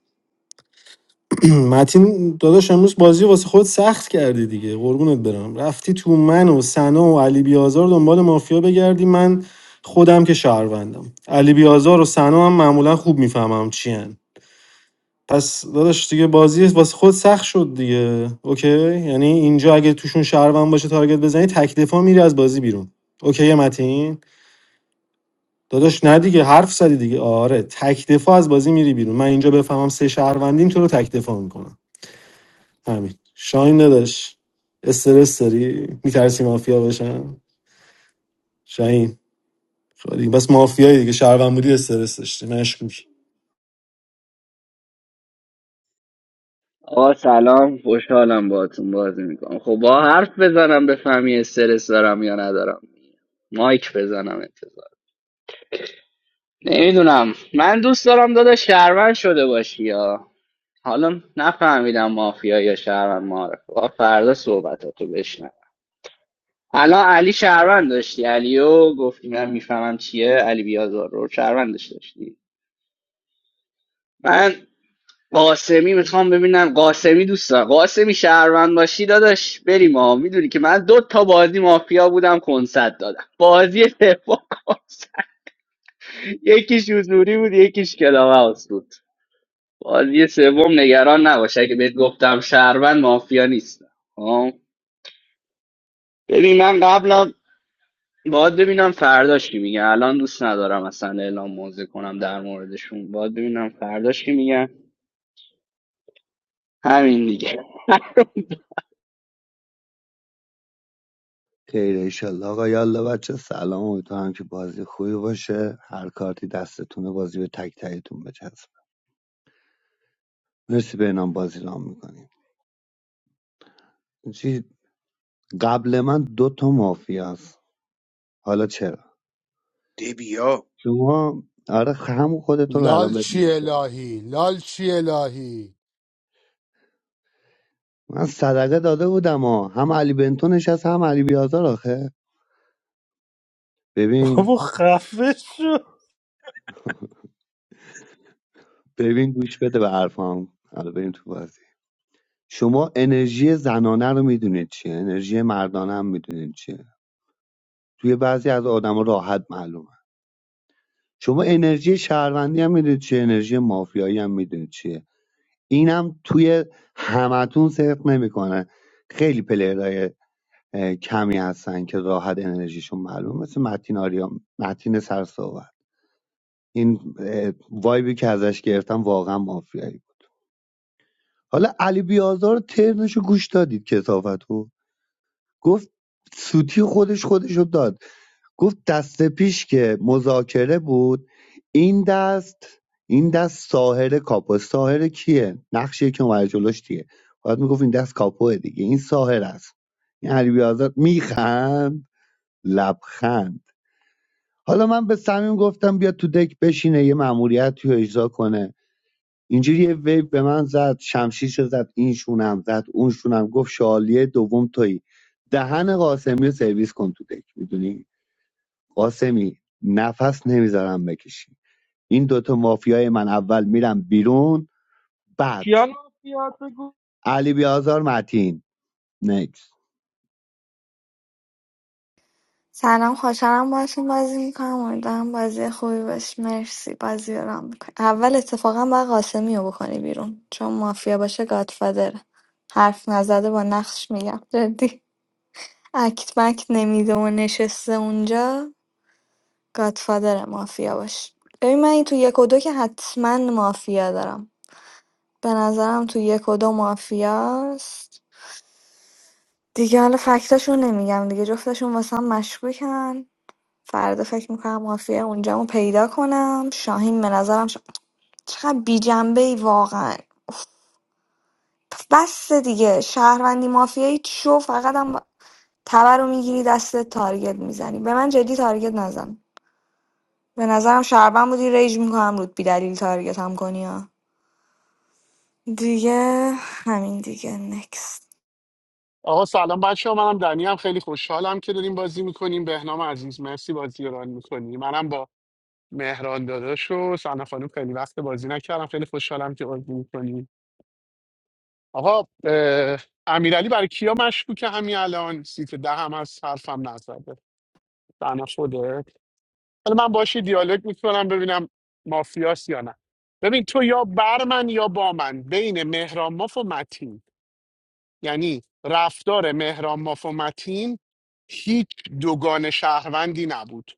S11: متین داداش امروز بازی واسه خود سخت کردی دیگه قربونت برم رفتی تو من و سنا و علی بیازار دنبال مافیا بگردی من خودم که شهروندم علی بیازار و سنا هم معمولا خوب میفهمم چی پس داداش دیگه بازی واسه خود سخت شد دیگه اوکی یعنی اینجا اگه توشون شهروند باشه تارگت بزنی تک دفاع میری از بازی بیرون اوکی متین داداش نه دیگه حرف زدی دیگه آره تک دفاع از بازی میری بیرون من اینجا بفهمم سه شهروندین تو رو تک دفاع میکنم همین شاهین داداش استرس داری میترسی مافیا باشم شاهین خالی بس مافیایی دیگه شهروند بودی استرس داشتی مشکوک
S10: آقا سلام خوشحالم باهاتون بازی میکنم خب با حرف بزنم بفهمی استرس دارم یا ندارم مایک بزنم انتظار نمیدونم من دوست دارم داده شهروند شده باشی یا حالا نفهمیدم مافیا یا شهروند معرف با فردا صحبتاتو بشنم الان علی شهروند داشتی علیو گفتی من میفهمم چیه علی بیازار رو شهروند داشتی من قاسمی میخوام ببینم قاسمی دوستان قاسمی شهروند باشی داداش بریم ها میدونی که من دو تا بازی مافیا بودم کنسرت دادم بازی سوم کنسرت یکیش حضوری بود یکیش کلاوه هاوس بود بازی سوم نگران نباش اگه بهت گفتم شهروند مافیا نیست ها ببین من قبلا باید ببینم فرداش کی میگن الان دوست ندارم اصلا اعلام موضع کنم در موردشون باید ببینم فرداش کی میگن همین دیگه
S9: خیر ایشالله آقا یالا بچه سلام امیدوارم که بازی خوبی باشه هر کارتی دستتونه بازی به تک تکتون بچسب مرسی به نام بازی رام میکنیم چی قبل من دوتا تا مافیا است حالا چرا
S7: دبیا
S9: شما آره همون خودتو رو
S2: لال
S9: الان بهت
S2: چی
S9: میگم چرا
S2: الهی لال چی الهی
S9: من صدقه داده بودم ها هم علی بنتو نشست هم علی بیازار آخه ببین
S3: بابا خفه شو
S9: ببین گوش بده به حرفام حالا بریم تو بازی شما انرژی زنانه رو میدونید چیه انرژی مردانه هم میدونید چیه توی بعضی از آدما راحت معلومه شما انرژی شهروندی هم میدونید چیه انرژی مافیایی هم میدونید چیه اینم توی همتون صرف نمیکنه خیلی پلیرهای کمی هستن که راحت انرژیشون معلومه مثل متین آریا متین سرساور این اه، وایبی که ازش گرفتم واقعا مافیایی بود حالا علی بیازار ترنشو گوش دادید کسافتو گفت سوتی خودش خودشو داد گفت دست پیش که مذاکره بود این دست این دست ساحر کاپو ساحر کیه نقشه که اومده جلوش دیگه باید میگفت این دست کاپوه دیگه این ساحر است این علی بیازار میخند لبخند حالا من به سمیم گفتم بیا تو دک بشینه یه مأموریت رو اجرا کنه اینجوری یه ویو به من زد شمشیشو زد این شونم زد اون شونم گفت شالیه دوم تویی دهن قاسمی رو سرویس کن تو دک میدونی قاسمی نفس نمیذارم بکشی این دوتا مافیای من اول میرم بیرون بعد
S19: کیان مافیات بگو
S9: علی بیازار متین نکس
S20: سلام خوشحالم باهاتون بازی میکنم امیدوارم بازی خوبی باشه مرسی بازی رو رام میکنی اول اتفاقا باید قاسمی رو بکنی بیرون چون مافیا باشه گادفادره حرف نزده با نقش میگم جدی اکت بکت نمیده و نشسته اونجا گادفادر مافیا باشه ببین من این تو یک و دو که حتما مافیا دارم به نظرم تو یک و دو مافیاست دیگه حالا فکتاشون نمیگم دیگه جفتشون واسه هم مشکوکن فردا فکر میکنم مافیا اونجامو پیدا کنم شاهین به نظرم شا... چقدر بی جنبه ای واقعا بس دیگه شهروندی مافیایی چو فقط هم تبر رو میگیری دست تارگت میزنی به من جدی تارگت نزن به نظرم شهروند بودی ریج میکنم رود بی دلیل تارگت هم کنی ها دیگه همین دیگه نکست
S17: آقا سلام بچه ها منم دنی هم خیلی خوشحالم که داریم بازی میکنیم بهنام عزیز مرسی بازی رو ران میکنیم منم با مهران داداش و سنا خانم خیلی وقت بازی نکردم خیلی خوشحالم که بازی میکنیم آقا اه، امیرعلی برای کیا مشکوکه همین الان سیت ده هم از حرفم نزده سنا خوده حالا من باشی دیالوگ میکنم ببینم مافیاس یا نه ببین تو یا بر من یا با من بین مهران ماف و متین یعنی رفتار مهران ماف و متین هیچ دوگان شهروندی نبود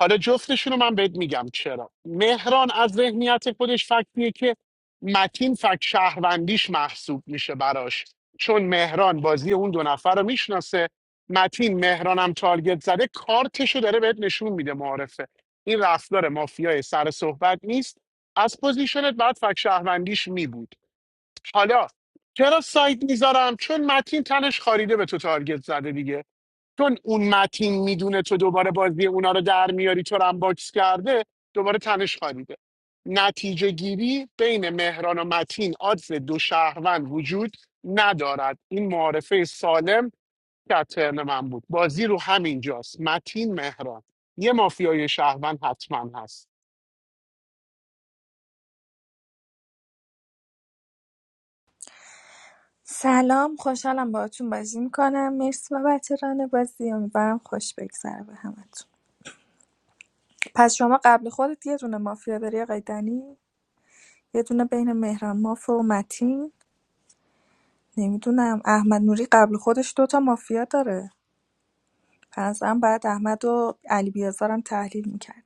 S17: حالا جفتشون رو من بهت میگم چرا مهران از ذهنیت خودش فکتیه که متین فکت شهروندیش محسوب میشه براش چون مهران بازی اون دو نفر رو میشناسه متین مهرانم تارگت زده کارتشو داره بهت نشون میده معارفه این رفتار مافیای سر صحبت نیست از پوزیشنت بعد فکت شهروندیش میبود حالا چرا سایت میذارم چون متین تنش خاریده به تو تارگت زده دیگه چون اون متین میدونه تو دوباره بازی اونا رو در میاری تو رو هم باکس کرده دوباره تنش خاریده نتیجه گیری بین مهران و متین آدز دو شهروند وجود ندارد این معارفه سالم که از ترن من بود بازی رو همین جاست متین مهران یه مافیای شهروند حتما هست
S1: سلام خوشحالم باهاتون بازی میکنم مرسی بابت ران بازی امیدوارم خوش بگذره به همتون پس شما قبل خودت یه دونه مافیا داری آقای دنی یه دونه بین مهران ماف و متین نمیدونم احمد نوری قبل خودش دوتا مافیا داره پس هم بعد احمد و علی بیازارم تحلیل میکرد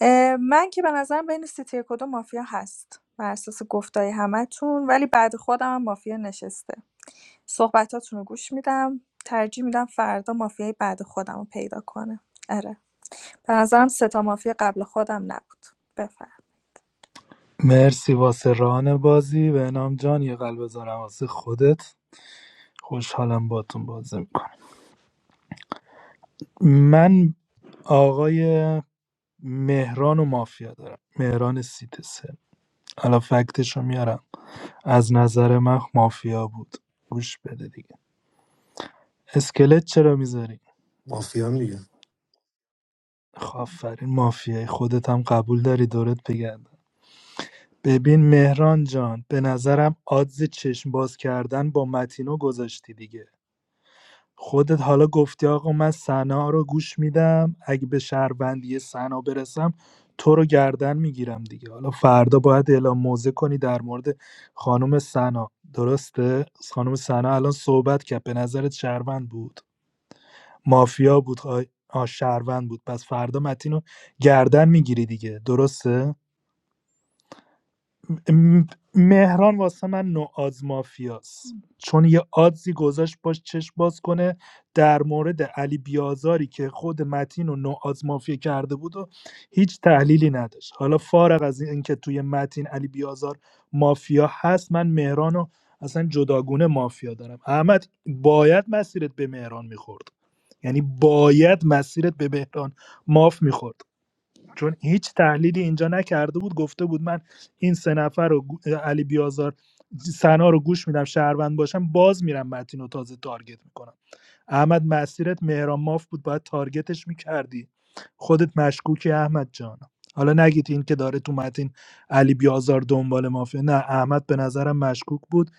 S1: اه، من که به نظرم بین سیتی یک و دو مافیا هست بر اساس گفتای همتون ولی بعد خودم هم مافیا نشسته صحبتاتون رو گوش میدم ترجیح میدم فردا مافیای بعد خودم رو پیدا کنه آره به نظرم سه تا مافیا قبل خودم نبود بفرمایید
S3: مرسی واسه ران بازی به نام جان یه قلب بذارم واسه خودت خوشحالم باتون بازی میکنم من آقای مهران و مافیا دارم مهران سیت سه حالا فکتش رو میارم از نظر من مافیا بود گوش بده دیگه اسکلت چرا میذاری
S11: مافیا هم دیگه
S3: خب آفرین مافیای خودت هم قبول داری دورت بگردم ببین مهران جان به نظرم آدز چشم باز کردن با متینو گذاشتی دیگه خودت حالا گفتی آقا من سنا رو گوش میدم اگه به شهروندی سنا برسم تو رو گردن میگیرم دیگه حالا فردا باید اعلام موضع کنی در مورد خانم سنا درسته خانم سنا الان صحبت کرد به نظرت شهروند بود مافیا بود آ آ، شهروند بود پس فردا متین رو گردن میگیری دیگه درسته م- مهران واسه من نوآز مافیاست چون یه آدزی گذاشت باش چشم باز کنه در مورد علی بیازاری که خود متین و نوآز مافیا کرده بود و هیچ تحلیلی نداشت حالا فارغ از اینکه توی متین علی بیازار مافیا هست من مهران رو اصلا جداگونه مافیا دارم احمد باید مسیرت به مهران میخورد یعنی باید مسیرت به مهران ماف میخورد چون هیچ تحلیلی اینجا نکرده بود گفته بود من این سه نفر رو علی بیازار سنا رو گوش میدم شهروند باشم باز میرم متین رو تازه تارگت میکنم احمد مسیرت مهران ماف بود باید تارگتش میکردی خودت مشکوکی احمد جان حالا نگید این که داره تو متین علی بیازار دنبال مافیا نه احمد به نظرم مشکوک بود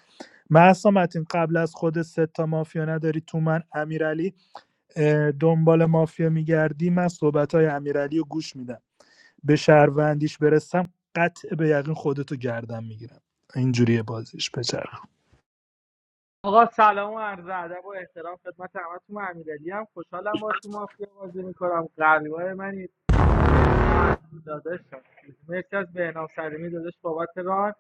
S3: محسا متین قبل از خود سه تا مافیا نداری تو من امیرعلی اه، دنبال مافیا میگردی من صحبت های امیرعلی رو گوش میدم به شهروندیش برسم قطع به یقین خودتو گردم میگیرم اینجوریه بازیش بچرخ
S19: آقا سلام و عرض ادب و احترام خدمت همتون من امیرعلی هم خوشحالم با تو مافیا بازی میکنم قلبای منی مرسی از داداشم مرسی از بهنام سلیمی داداش بابت ران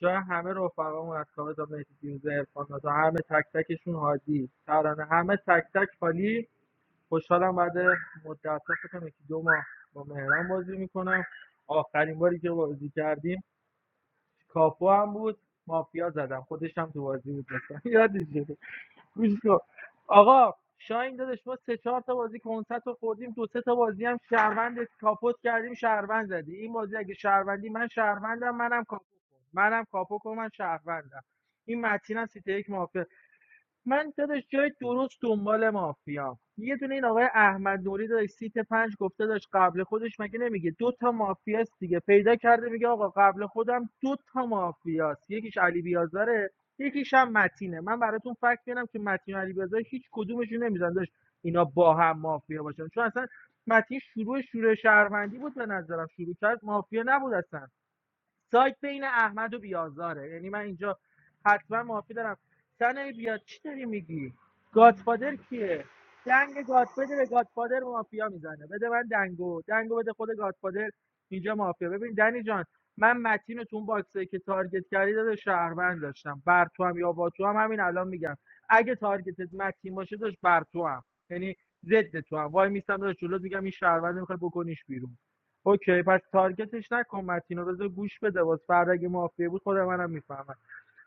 S19: جای همه رفقامون از کاوه تا مهدی فیروزه عرفان تا همه تک تکشون هادی ترانه همه تک تک خالی خوشحالم بعد مدت فکر کنم یکی دو ماه با مهران بازی میکنم آخرین باری که بازی کردیم کاپو هم بود مافیا زدم خودش هم تو بازی بود مثلا یادش شده گوش کن آقا شاین داداش ما سه چهار تا بازی کنسرت رو خوردیم دو سه تا بازی هم شهروند کاپوت کردیم شهروند زدی این بازی اگه شهروندی من شهروندم منم کاپو کن منم کاپو کن من شهروندم این متین هم سیته یک مافیا. من داداش جای درست دنبال مافیا یه دونه این آقای احمد نوری داداش سیت پنج گفته داشت قبل خودش مگه نمیگه دو تا مافیاست دیگه پیدا کرده میگه آقا قبل خودم دو تا مافیاست یکیش علی بیازاره یکیش هم متینه من براتون فکر میارم که متین و علی بیازار هیچ کدومشون نمیزن داشت اینا با هم مافیا باشن چون اصلا متین شروع شروع شهروندی بود به نظرم شروع کرد مافیا نبود اصلا سایت بین احمد و بیازاره یعنی من اینجا حتما معافی دارم سنه بیا چی داری میگی گادفادر کیه دنگ گادفادر به گادفادر مافیا میزنه بده من دنگو دنگو بده خود گادفادر اینجا مافیا ببین دنی جان من متین رو تو اون باکسه که تارگت کردی داده شهروند داشتم بر تو هم یا با تو هم همین الان میگم اگه تارگتت متین باشه داشت بر تو هم یعنی ضد تو هم وای میستم داشت جلوت میگم این شهروند میخوای بکنیش بیرون اوکی پس تارگتش نکن متینو بذار گوش بده باز فردا اگه مافیا بود خود منم میفهمم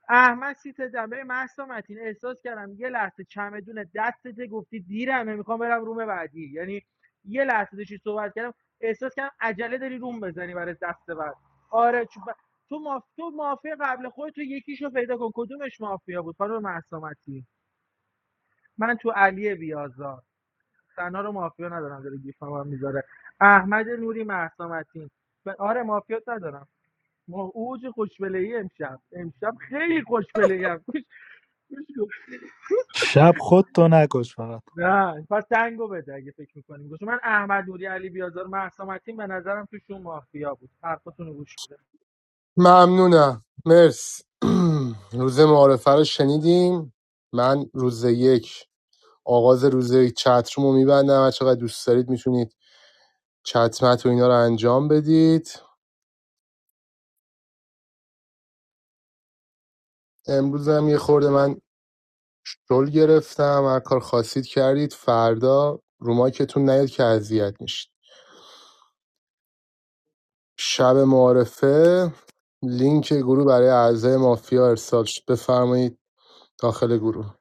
S19: احمد سیت دمه محسا متین احساس کردم یه لحظه چمدون دستت گفتی دیرمه میخوام برم روم بعدی یعنی یه لحظه داشتی صحبت کردم احساس کردم عجله داری روم بزنی برای دست بعد آره چون ب- تو ماف... تو مافیا قبل خودت تو یکیشو پیدا کن کدومش مافیا بود خانم محسا متین من تو علی بیازار سنا رو مافیا ندارم داره گیف هم میذاره احمد نوری مهسا متین آره مافیا ندارم ما اوج خوشبله ای امشب امشب خیلی خوشبله ای گوش گوش
S3: شب خودتو نکش فقط
S19: نه پس دنگو بده اگه فکر میکنیم گوش من احمد نوری علی بیازار مهسا متین به نظرم توشون مافیا بود حرفتون رو گوش میده
S2: ممنونم مرس روز معارفه رو شنیدیم من روز یک آغاز روز یک چتروم رو میبندم هر چقدر دوست دارید میتونید چتمت و اینا رو انجام بدید امروز هم یه خورده من رول گرفتم هر کار خواستید کردید فردا روماکتون نیاد که اذیت میشید شب معارفه لینک گروه برای اعضای مافیا ارسال شد. بفرمایید داخل گروه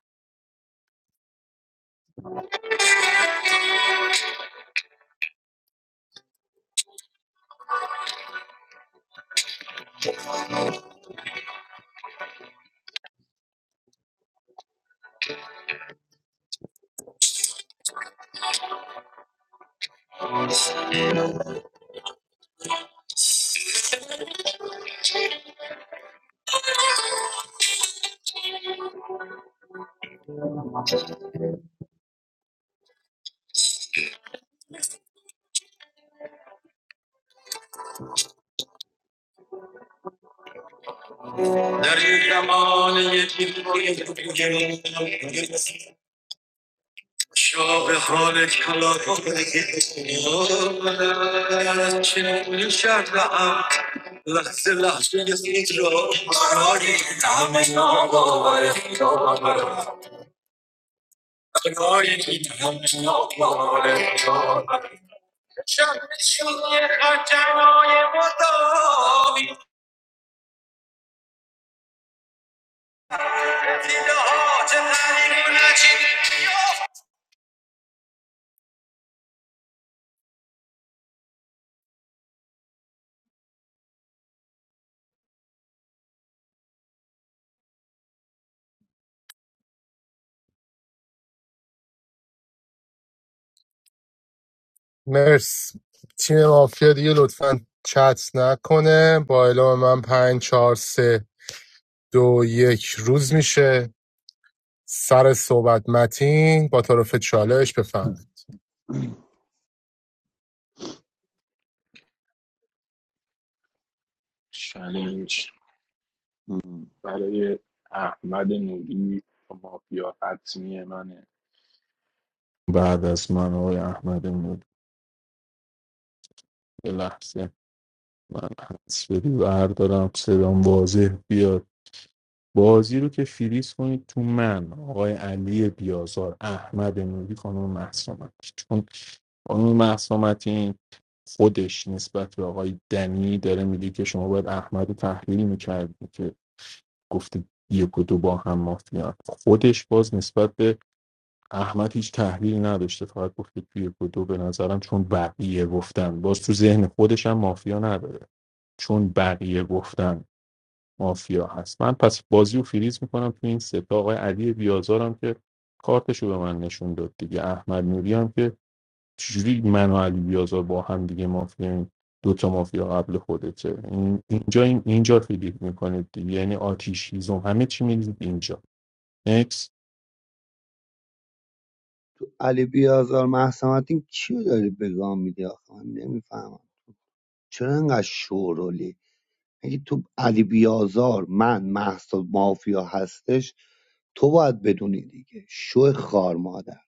S2: در این زمان یکی باید بگم شاه حال کلا کنه چه شد هم لحظه لحظه یک را کناری همه ناباور خیابر کناری همه ناباور خیابر شمشیر خجرهای مداوی دیده ها چه تحریک مرس تیم مافیا دیگه لطفا چت نکنه با اعلام من پنج چهار سه دو یک روز میشه سر صحبت متین با طرف چالش بفند
S6: چلنج برای احمد نوری مافیا حتمی منه بعد از من آقای احمد نوری یه لحظه من حس بدی بردارم صدام واضح بیاد بازی رو که فریز کنید تو من آقای علی بیازار احمد نوری خانم مهسا متین. چون خانم مهسا متین خودش نسبت به آقای دنی داره میگه که شما باید احمد رو تحلیل میکردی که گفته یک و دو با هم مافیا خودش باز نسبت به احمد هیچ تحلیل نداشته فقط گفته توی یک و دو به نظرم چون بقیه گفتن باز تو ذهن خودش هم مافیا نداره چون بقیه گفتن مافیا هست من پس بازی رو فریز میکنم تو این سه تا آقای علی بیازارم که کارتش رو به من نشون داد دیگه احمد نوری هم که چجوری من و علی بیازار با هم دیگه مافیا دو تا مافیا قبل خودته این- اینجا این اینجا فیلیپ میکنید دیگه یعنی آتیش هیزم همه چی میدید اینجا نکس
S9: تو علی بیازار محسا متین کیو داری بگام میدی آخه من نمیفهمم چرا انقدر شورولی اگه تو علی بیازار من محسا مافیا هستش تو باید بدونی دیگه شو خار مادر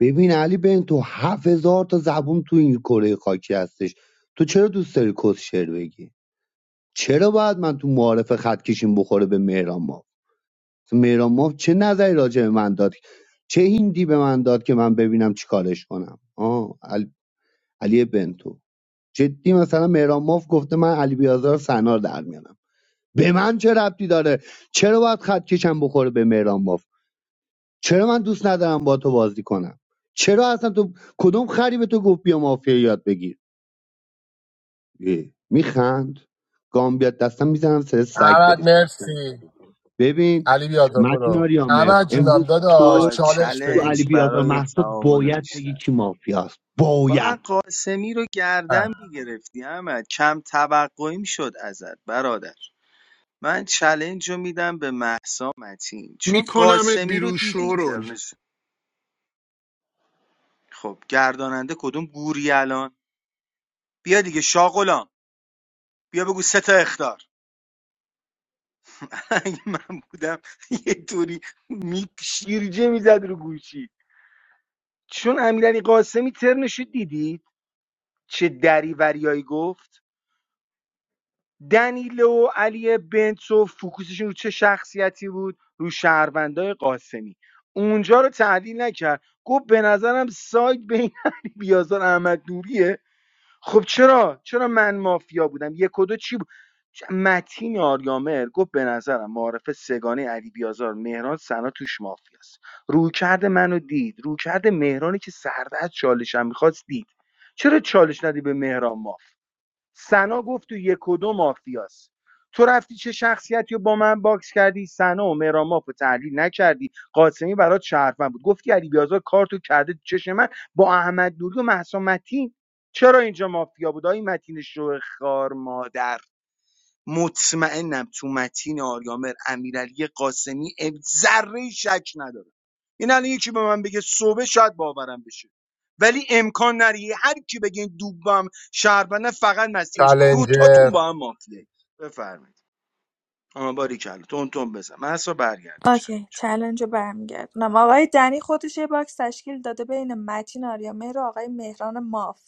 S9: ببین علی بن تو هفت هزار تا زبون تو این کره خاکی هستش تو چرا دوست داری کس شعر بگی چرا باید من تو معارف خط کشیم بخوره به مهران ماف مهران ماف چه نظری راجع به من داد چه هندی به من داد که من ببینم چیکارش کنم آه علی, علی بنتو جدی مثلا مهران ماف گفته من علی بیازار سنار در میانم به من چه ربطی داره چرا باید خط کشم بخوره به مهران ماف چرا من دوست ندارم با تو بازی کنم چرا اصلا تو کدوم خری به تو گفت بیا مافیا یاد بگیر اه، میخند گام بیاد دستم میزنم سر سگ
S2: احمد
S9: بدی سگ کن.
S2: مرسی
S9: ببین
S2: علی بیاد
S9: متین
S2: برو
S9: آریامر
S2: احمد جونم
S9: امروز
S2: داداش
S9: تو
S7: آقا
S2: چالش
S9: تو
S2: بگیر
S9: علی
S7: چلنج
S9: بیازار
S7: برای
S9: محسا
S7: تعامل
S9: باید
S7: بیشتر
S9: بگی کی مافیاست باید
S7: باید قاسمی رو گردن
S2: اه.
S7: میگرفتی احمد کم توقعیم شد ازت برادر من چلنج رو میدم به محسا متین چون
S17: میکنمت
S7: قاسمی رو
S17: بیرون
S7: دیدی
S17: شورول
S7: ترنش خب گرداننده کدوم گوری الان بیا دیگه شاغلام بیا بگو سه تا اختار اگه من بودم یه طوری می شیرجه میزد رو گوشی چون امیرعلی قاسمی ترنش رو دیدی چه دریوریایی گفت دنیلو و علی بنتو فوکوسشون رو چه شخصیتی بود رو شهروندای قاسمی اونجا رو تحلیل نکرد گفت به نظرم سایت بین علی بیازار احمد نوریه خب چرا چرا من مافیا بودم یک و دو چی بود چ- متین آریامر گفت به نظرم معارف سگانه علی بیازار مهران سنا توش مافیاست رویکرد منو دید رویکرد مهرانی که سرده از چالشم میخواست دید چرا چالش ندی به مهران ماف سنا گفت تو یک و دو مافیاست تو رفتی چه شخصیتی رو با من باکس کردی سنا و مراماف رو تحلیل نکردی قاسمی برات شهروند بود گفتی علی بیازار کارتو کرده تو چشم من با احمد نوری و مهسا متین چرا اینجا مافیا بود آی متین شوه خار مادر مطمئنم تو متین آریامر امیرعلی قاسمی ام- ذره شک نداره این الان یکی به من بگه صبح شاید باورم بشه ولی امکان نره هر کی بگه این دوبم شهروند فقط مسیرش دو
S2: چالنجر
S7: تاتون با هم مافیه بفرمایید آها باری کلا تون تون بزن من اصلا برگردون
S1: اوکی
S7: چالش
S1: چلنج رو برمیگردونم آقای دنی خودش یه باکس تشکیل داده بین متین آریامهر و آقای مهران ماف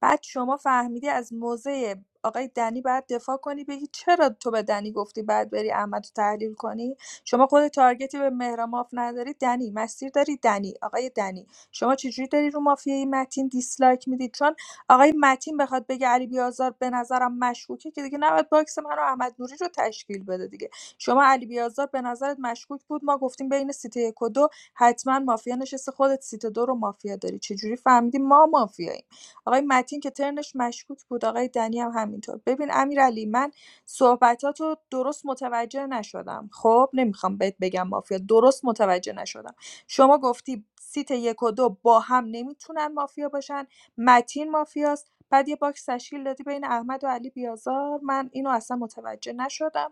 S1: بعد شما فهمیدی از موضع آقای دنی بعد دفاع کنی بگی چرا تو به دنی گفتی بعد بری احمد رو تحلیل کنی شما خود تارگتی به مهران ماف نداری دنی مسیر داری دنی آقای دنی شما چجوری داری رو مافیای متین دیسلایک میدی چون آقای متین بخواد بگه علی بیازار به نظرم مشکوکه که دیگه نباید باکس من و احمد نوری رو تشکیل بده دیگه شما علی بیازار به نظرت مشکوک بود ما گفتیم بین سیت یک و دو حتما مافیا نشسته خودت سیت دو رو مافیا داری چجوری فهمیدی ما مافیاییم آقای متین که ترنش مشکوک بود آقای دنی هم همینطور ببین امیرعلی من صحبتاتو درست متوجه نشدم خب نمیخوام بهت بگم مافیا درست متوجه نشدم شما گفتی سیت یک و دو با هم نمیتونن مافیا باشن متین مافیاست بعد یه باکس تشکیل دادی بین احمد و علی بیازار من اینو اصلا متوجه نشدم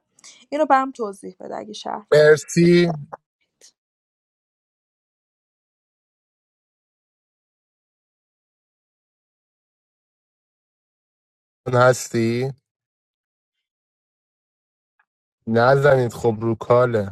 S1: اینو برام توضیح بده اگه شهروندی
S2: مرسی هستی نزنید خب رو کاله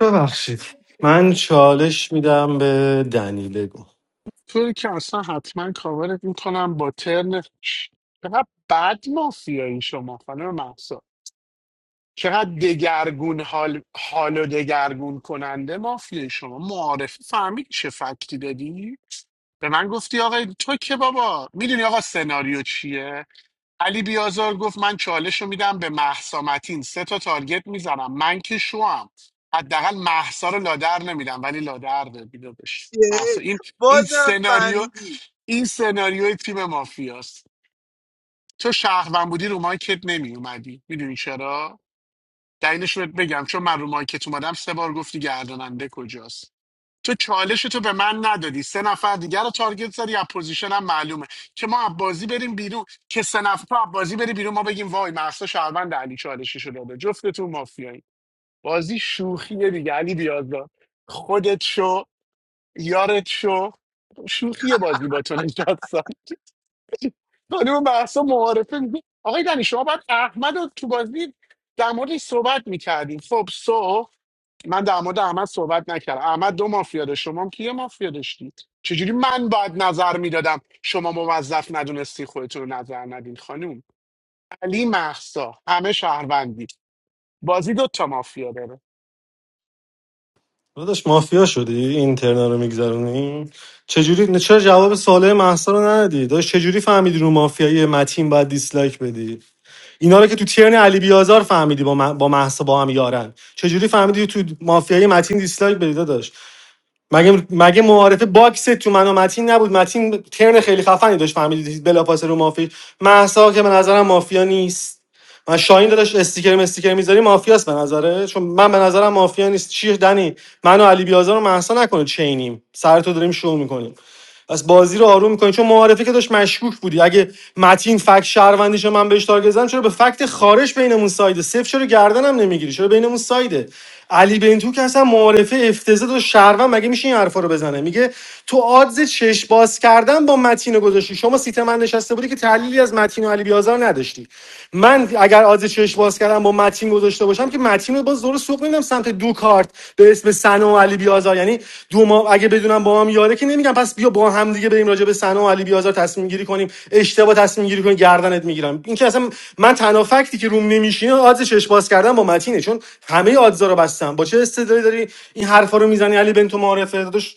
S11: ببخشید من چالش میدم به دنی بگو
S17: توی که اصلا حتما کاورت میکنم با ترن چقدر بد مافیایی شما خانم محسا چقدر دگرگون حال حال و دگرگون کننده مافیایی شما معارفه فهمید چه فکتی دادی به من گفتی آقا تو که بابا میدونی آقا سناریو چیه علی بیازار گفت من چالش رو میدم به محسا متین سه تا تارگت میزنم من که شوم حداقل محسا رو لادر نمیدم ولی لادر میدادش محسا این این
S7: بازم
S17: سناریو
S7: فهمیدی
S17: این سناریوی تیم مافیاست تو شهروند بودی رو مایکت نمی اومدی میدونی چرا دلیلش رو بهت بگم چون من رو مایکت اومدم سه بار گفتی گرداننده کجاست تو چالش تو به من ندادی سه نفر دیگر رو تارگت زدی از پوزیشن هم معلومه که ما از بازی بریم بیرون که سه نفر تو از بازی بری بیرون ما بگیم وای محسا شهروند علی چالشی شده داده جفتتون مافیایی بازی شوخیه دیگه علی بیازار خودت شو یارت شو شوخی بازی با تو نشستم خانم محسا معارفه میگه آقای دنی شما باید احمد رو تو بازی در موردش صحبت میکردیم خب سو من در مورد احمد صحبت نکردم احمد دو مافیا داشت شما هم کی مافیا داشتید چجوری من باید نظر میدادم شما موظف ندونستی خودتون رو نظر ندین خانم علی محسا همه شهروندی بازی دو تا مافیا داره
S11: داداش مافیا شدی این ترنا رو میگذرونی چجوری نه چرا جواب سوال مهسا رو ندادی داداش چجوری فهمیدی رو مافیای متین باید دیسلایک بدی اینا رو که تو ترن علی بیازار فهمیدی با, مه- با مهسا با هم یارن چجوری فهمیدی تو مافیای متین دیسلایک بدی داداش مگه مگه معارفه باکس تو من و متین نبود متین ترن خیلی خفنی داشت فهمیدید بلافاصله رو مافی محسا که به نظرم مافیا نیست من شاهین داداش استیکر استیکر میذاری مافیاست به نظره چون من به نظرم مافیا نیست چیه دنی من و علی بیازار و محسا نکنه چینیم سر تو داریم شو میکنیم پس بازی رو آروم میکنی چون معارفه که داشت مشکوک بودی اگه متین فکت شهروندیش من بهش تارگت زدم چرا به فکت خارش بینمون سایده صفر چرا گردنم نمیگیری چرا بینمون سایده علی بنتو که اصلا معارفه افتضاح و شهروند مگه میشه این حرفا رو بزنه میگه تو آدز چش باز کردن با متین رو گذاشتی شما سیت من نشسته بودی که تحلیلی از متین و علی بیازار نداشتی من اگر آدز چش باز باز کردم با متین گذاشته باشم که متین رو باز دور سوق نمیدم سمت دو کارت به اسم سنا و علی بیازار یعنی دو ما اگه بدونم با هم یاره که نمیگم پس بیا با هم دیگه بریم راجع به سنا و علی بیازار تصمیم گیری کنیم اشتباه تصمیم گیری کنیم گردنت میگیرم این که اصلا من تنها فکتی که روم نمیشینه آدز چش باز کردم با متینه چون همه آدزا رو بستم با چه استدلالی داری این حرفا رو میزنی علی بنتو معارفه داداش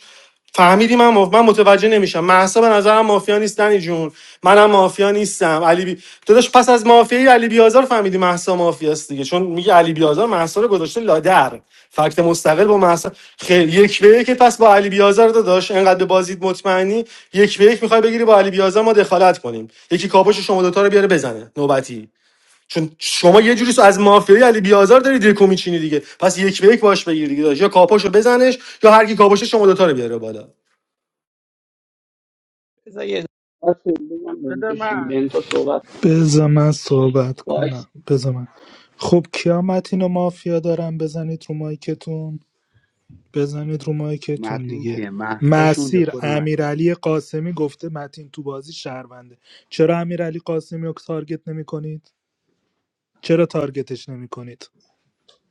S11: فهمیدی من مف... من متوجه نمیشم محسا به نظرم مافیا نیست دنی جون منم مافیا نیستم علی بی... داداش پس از مافیای علی بیازار فهمیدی محسا مافیاست دیگه چون میگه علی بیازار محسا رو گذاشته لادر فکت مستقل با محسا خیلی یک به یک پس با علی بیازار داداش انقدر به بازید مطمئنی یک به یک میخوای بگیری با علی بیازار ما دخالت کنیم یکی کاپوش شما دوتا رو بیاره بزنه نوبتی چون شما یه جوری از مافیای علی بیازار داری دکو میچینی دیگه پس یک به یک باش بگیر دیگه داداش. یا کاپوشو بزنش یا هر کی کاپوشه شما دوتا رو بیاره بالا
S10: بذار یه بس بگم
S19: بده
S10: بنتو چی
S19: من
S10: بنتو صحبت کنه
S3: بذار من صحبت
S10: وایس
S3: کنم بذار من خب کیامت اینو مافیا دارم بزنید رو مایکتون بزنید رو مایکتون
S9: متین
S3: دیگه
S9: کیه محسا شونجه
S3: مسیر
S9: خود متین
S3: امیرعلی قاسمی گفته متین تو بازی شهرونده چرا امیرعلی قاسمی رو تارگت نمی کنید؟ چرا تارگتش نمی کنید؟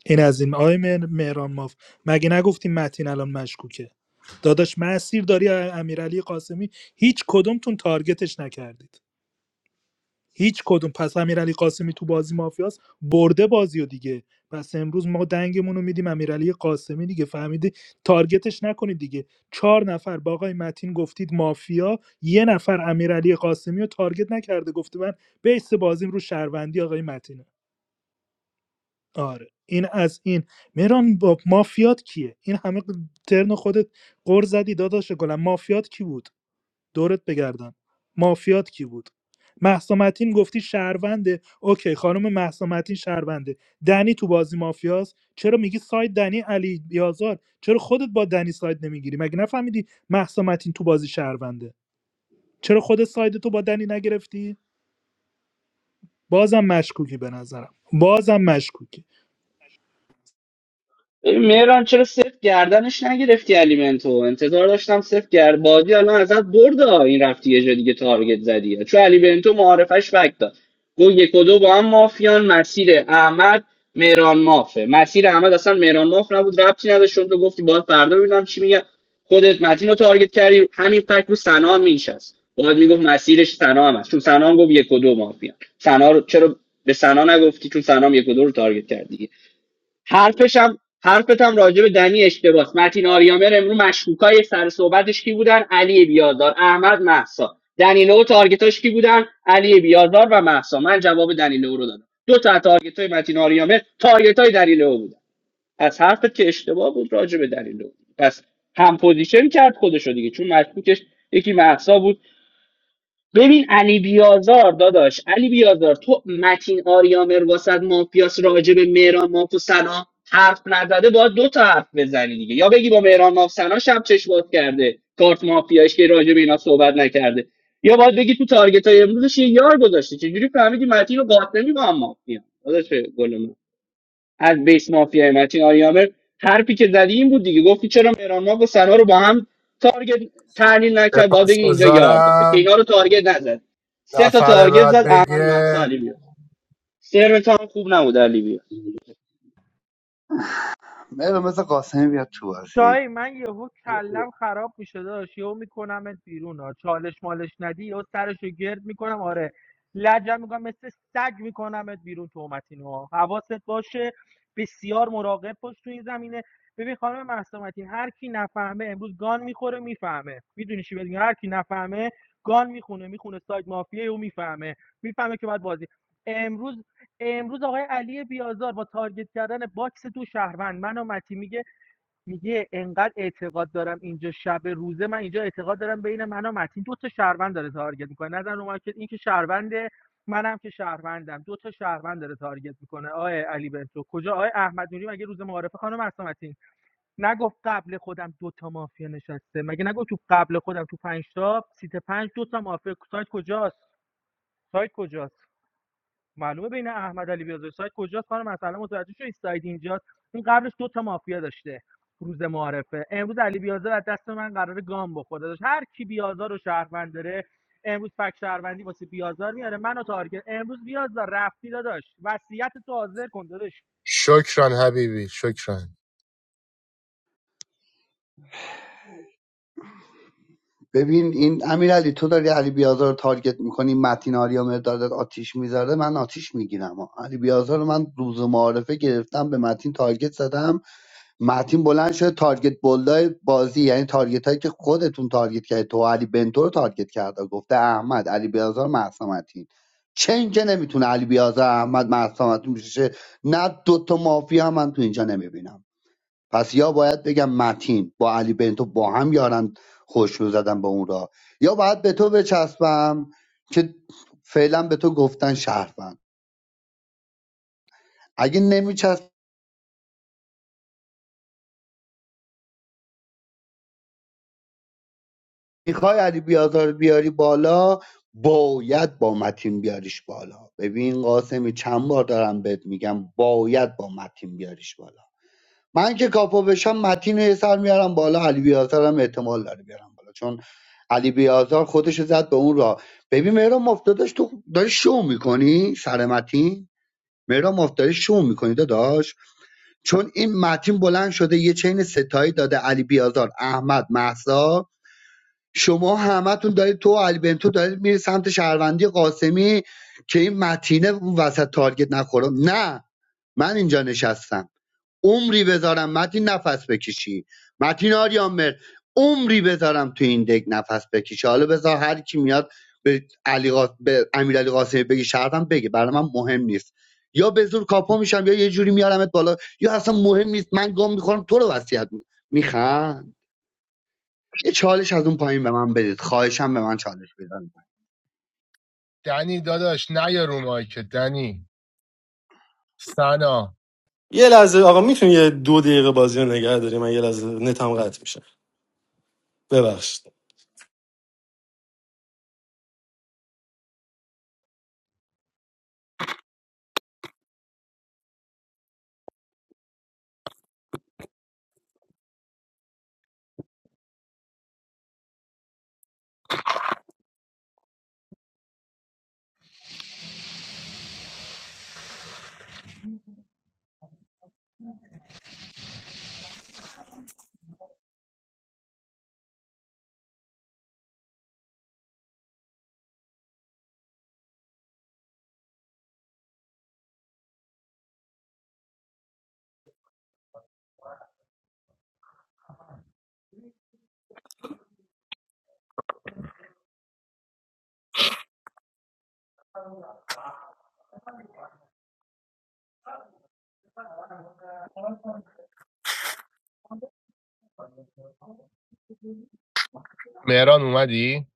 S3: این از این آقای مهر- مهران ماف مگه نگفتیم متین الان مشکوکه داداش مسیر داری ا- امیرعلی قاسمی هیچ کدومتون تارگتش نکردید هیچ کدوم پس امیرعلی قاسمی تو بازی مافیاس برده بازی دیگه پس امروز ما دنگمون رو میدیم امیرعلی قاسمی دیگه فهمیدی تارگتش نکنید دیگه چهار نفر با آقای متین گفتید مافیا یه نفر امیرعلی قاسمی رو تارگت نکرده گفته من بیس بازیم رو شهروندی آقای متینه آره این از این مهران با مافیات کیه این همه ترن خودت قر زدی داداش گلم مافیات کی بود دورت بگردن مافیات کی بود مهسا متین گفتی شهرونده اوکی خانم مهسا متین شهرونده دنی تو بازی مافیاست چرا میگی ساید دنی علی بیازار چرا خودت با دنی ساید نمیگیری مگه نفهمیدی مهسا متین تو بازی شهرونده چرا خودت ساید تو با دنی نگرفتی بازم مشکوکی به نظرم بازم مشکوکی
S10: ببین مهران چرا صفر گردنش نگرفتی الیمنتو انتظار داشتم صفر گرد بازی الان ازت برد ها. این رفتی یه جا دیگه تارگت زدی ها. چون الیمنتو معارفش فکت داد گو یک و دو با هم مافیان مسیر احمد مهران مافه مسیر احمد اصلا مهران ماف نبود ربطی نداشت چون تو گفتی باید فردا ببینم چی میگه خودت متین رو تارگت کردی همین فکت رو سنا هم مینشست باید میگفت مسیرش سنا هم هست چون سنا هم گفت یک و دو مافیان سنا رو چرا به سنا نگفتی چون سنا هم یک و دو رو تارگت کردی حرفشم حرفتم راجع به دنی اشتباس متین آریامر امرو مشکوکای سر صحبتش کی بودن علی بیازار احمد محسا دنیلو و تارگتاش کی بودن علی بیازار و محسا من جواب دنیلو رو دادم دو تا تارگت های متین آریامر تارگت های دنیلو بودن از حرفت که اشتباه بود راجع به دنیلو پس هم پوزیشن کرد خودشو دیگه چون مشکوکش یکی محسا بود ببین علی بیازار داداش علی بیازار تو متین آریامر واسد مافیاس راجع به مهران ماف حرف نزده باید دو تا حرف بزنی دیگه یا بگی با مهران ماف سنا شب چش باز کرده کارت مافیاش که راجع به اینا صحبت نکرده یا باید بگی تو تارگت های امروزش یه یار گذاشته چجوری فهمیدی متین رو قاطع نمی با هم مافیا داداش گل من از بیس مافیای متین آریامر حرفی که زدی این بود دیگه گفتی چرا مهران ماه و سنا رو با هم تارگت تحلیل نکرد باید
S2: سپاس
S10: بگی اینجا یار داره که
S2: گذارم
S10: اینا رو تارگت نزد سه تا
S2: نفر
S10: تارگت
S2: بعد
S10: زد احمد
S2: بگه
S10: مهسا علی بیاد سرت هم خوب نبود علی بیاد
S9: مهران مثل قاسمی بیاد تو بازی
S19: جای من یهو کلم خراب میشه داشت یهو میکنمت بیرون ها چالش مالش ندی یهو سرشو گرد میکنم آره لجم میکنم مثل سگ میکنمت بیرون تومتین ها حواست باشه بسیار مراقب باش تو این زمینه ببین خانم مهسا متین، هر کی نفهمه امروز گان میخوره میفهمه میدونی چی بهت میگم؟ هر کی نفهمه گان میخونه میخونه سایت مافیا و میفهمه میفهمه که باید بازی امروز امروز آقای علی بیازار با تارگت کردن باکس دو شهروند من و متی میگه میگه انقدر اعتقاد دارم اینجا شب روزه من اینجا اعتقاد دارم بین من و متین دو تا شهروند داره تارگت میکنه نظر اومد که این که شهرونده منم که شهروندم دو تا شهروند داره تارگت میکنه آقای علی بنتو کجا آقای احمد نوری مگه روز معارفه خانم اصلا متین نگفت قبل خودم دو تا مافیا نشسته مگه نگفت تو قبل خودم تو پنج تا سیت پنج دو تا مافیا سایت کجاست سایت کجاست معلومه بین احمد علی بیازر سایت کجاست خانم مثلا متوجه شدی سایت اینجاست این قبلش دو تا مافیا داشته روز معارفه امروز علی بیازر از دست من قراره گام بخوره داشت هر کی بیازار رو شهروند داره امروز فک شهروندی واسه بیازار میاره منو تارگت امروز بیازار رفتی داداش وصیت تو حاضر کن داداش
S2: شکران حبیبی شکران
S9: ببین این امیرعلی تو داری علی بیازار رو تارگت میکنی متین آریا مرداد آتیش میذاره من آتیش میگیرم علی بیازار رو من روز معارفه گرفتم به متین تارگت زدم متین بلند شده تارگت بلدای بازی یعنی تارگت هایی که خودتون تارگت کرد تو علی بنتو رو تارگت کرده گفته احمد علی بیازار مهسا متین چه اینجا نمیتونه علی بیازار احمد مهسا متین بشه نه دوتا مافیا من تو اینجا نمیبینم پس یا باید بگم متین با علی بنتو با هم یارن خوش زدن به اون را یا باید به تو بچسبم که فعلا به تو گفتن شهروند اگه نمیچسب میخوای علی بیازار رو بیاری بالا باید با متین بیاریش بالا ببین قاسمی چند بار دارم بهت میگم باید با متین بیاریش بالا من که کاپو بشم متین رو یه سر میارم بالا علی بیازار هم احتمال داره بیارم بالا چون علی بیازار خودش رو زد به اون راه ببین مهران مفتادش تو داری شو میکنی سر متین مهران مفتادی شو میکنی داداش چون این متین بلند شده یه چین ستایی داده علی بیازار احمد محسا شما همتون دارید تو و علی بنتو دارید میری سمت شهروندی قاسمی که این متینه وسط تارگت نخوره نه من اینجا نشستم عمری بذارم متین نفس بکشی متین آریان مرد عمری بذارم تو این دک نفس بکشی حالا بذار هر کی میاد به علی قا... به امیرعلی قاسمی بگی شرطم بگه برای من مهم نیست یا به زور کاپو میشم یا یه جوری میارمت بالا یا اصلا مهم نیست من گام میخورم تو رو وصیت میکنم میخند یه چالش از اون پایین به من بدید خواهشم به من چالش بدن
S2: دنی داداش نیا رو مایکت دنی سنا
S11: یه لحظه آقا میتونی یه دو دقیقه بازی رو نگه داری من یه لحظه نتم قطع میشه ببخشید
S2: مهران اومدی؟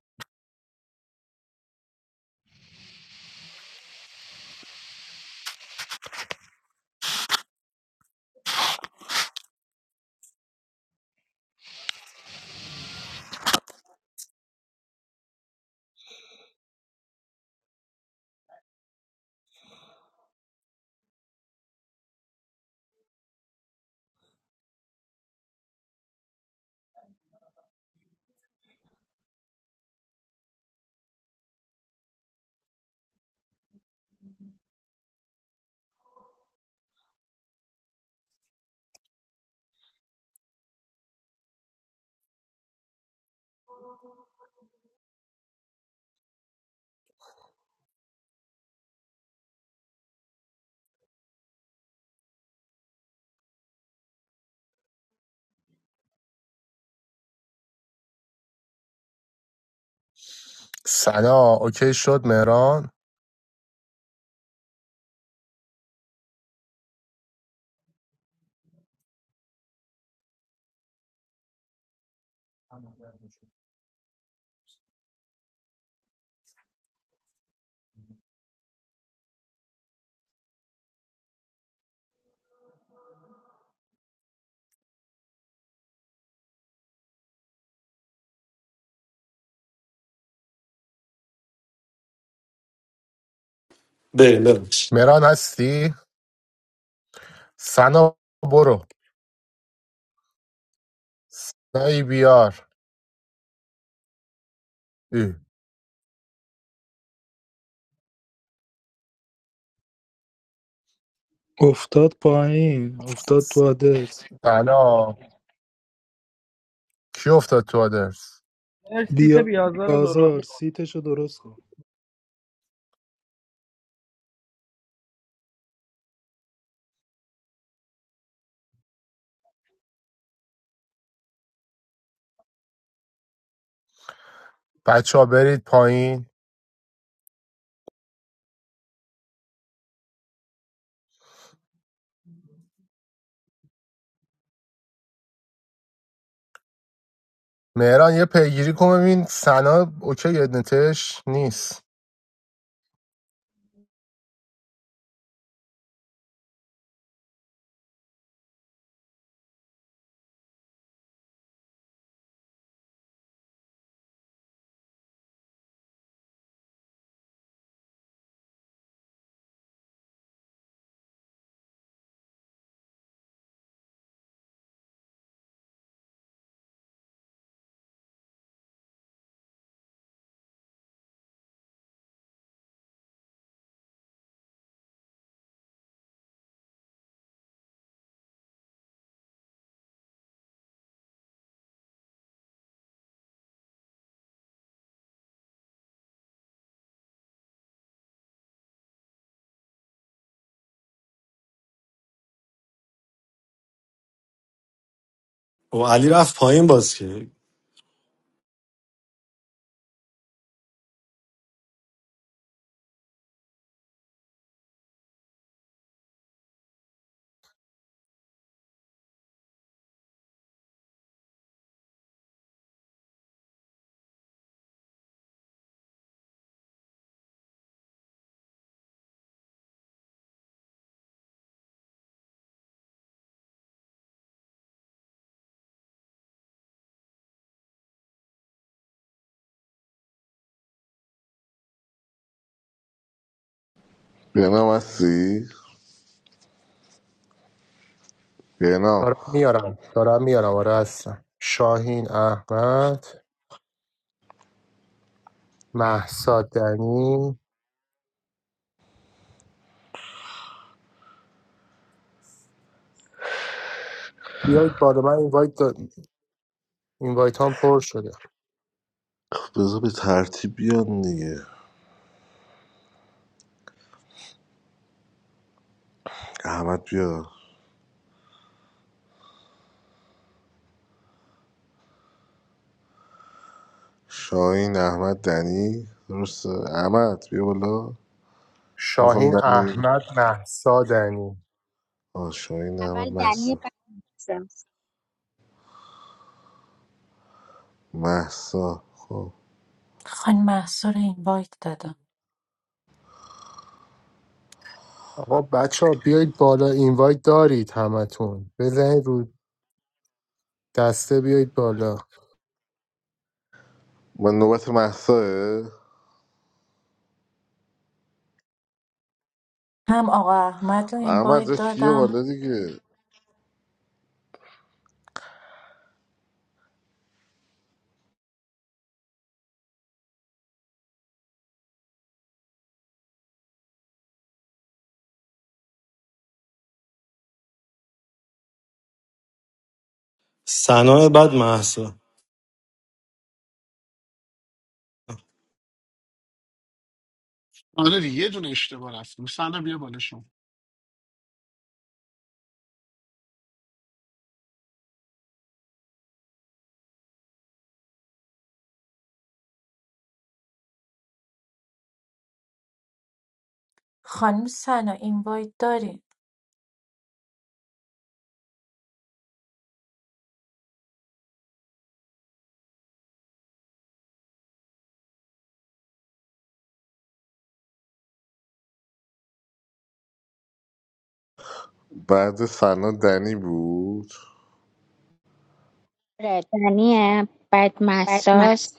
S2: سنا اوکی شد مهران
S11: بریم ببخشید
S2: مهران هستی؟ سنا برو سنایی بیار ای،
S3: افتاد پایین افتاد تو آدرس
S2: سنا کی افتاد تو آدرس؟
S19: سیت بیازار رو درست
S3: بیازار سیتشو درست کن
S2: بچه ها برید پایین مهران یه پیگیری کن ببین سنا اوکی نتش نیست
S11: و علی رفت پایین باز که
S12: بینام هستی؟ بینام
S2: دارم میارم دارم میارم آره هستم شاهین احمد محسا دنی بیایید بالا من اینوایت دا... اینوایت هم پر شده
S12: بذار به ترتیب بیان دیگه احمد بیا شاهین احمد دنی درسته احمد بیا بالا میخوام
S2: شاهین
S12: دنی
S2: احمد محسا دنی
S12: آه شاهین احمد
S15: اول دنی
S12: محسا
S15: بعد مساس.
S12: محسا خب
S21: خانم محسا رو اینوایت دادم
S2: آقا بچه ها بیایید بالا اینوایت دارید همتون بزنید رو دسته بیایید بالا
S12: من نوبت محساه
S21: هم آقا احمد رو
S12: احمد
S21: اینوایت
S12: داشت بیا
S21: دادم
S12: بالا دیگه
S11: سنا بعد محسا
S17: آره دیگه، یه دونه اشتباه هست سنا بیا بالا شما
S21: خانم سنا اینوایت داری
S12: بعد سنا دنی بود
S15: آره، دنی بعد
S7: بعد مست
S15: مساس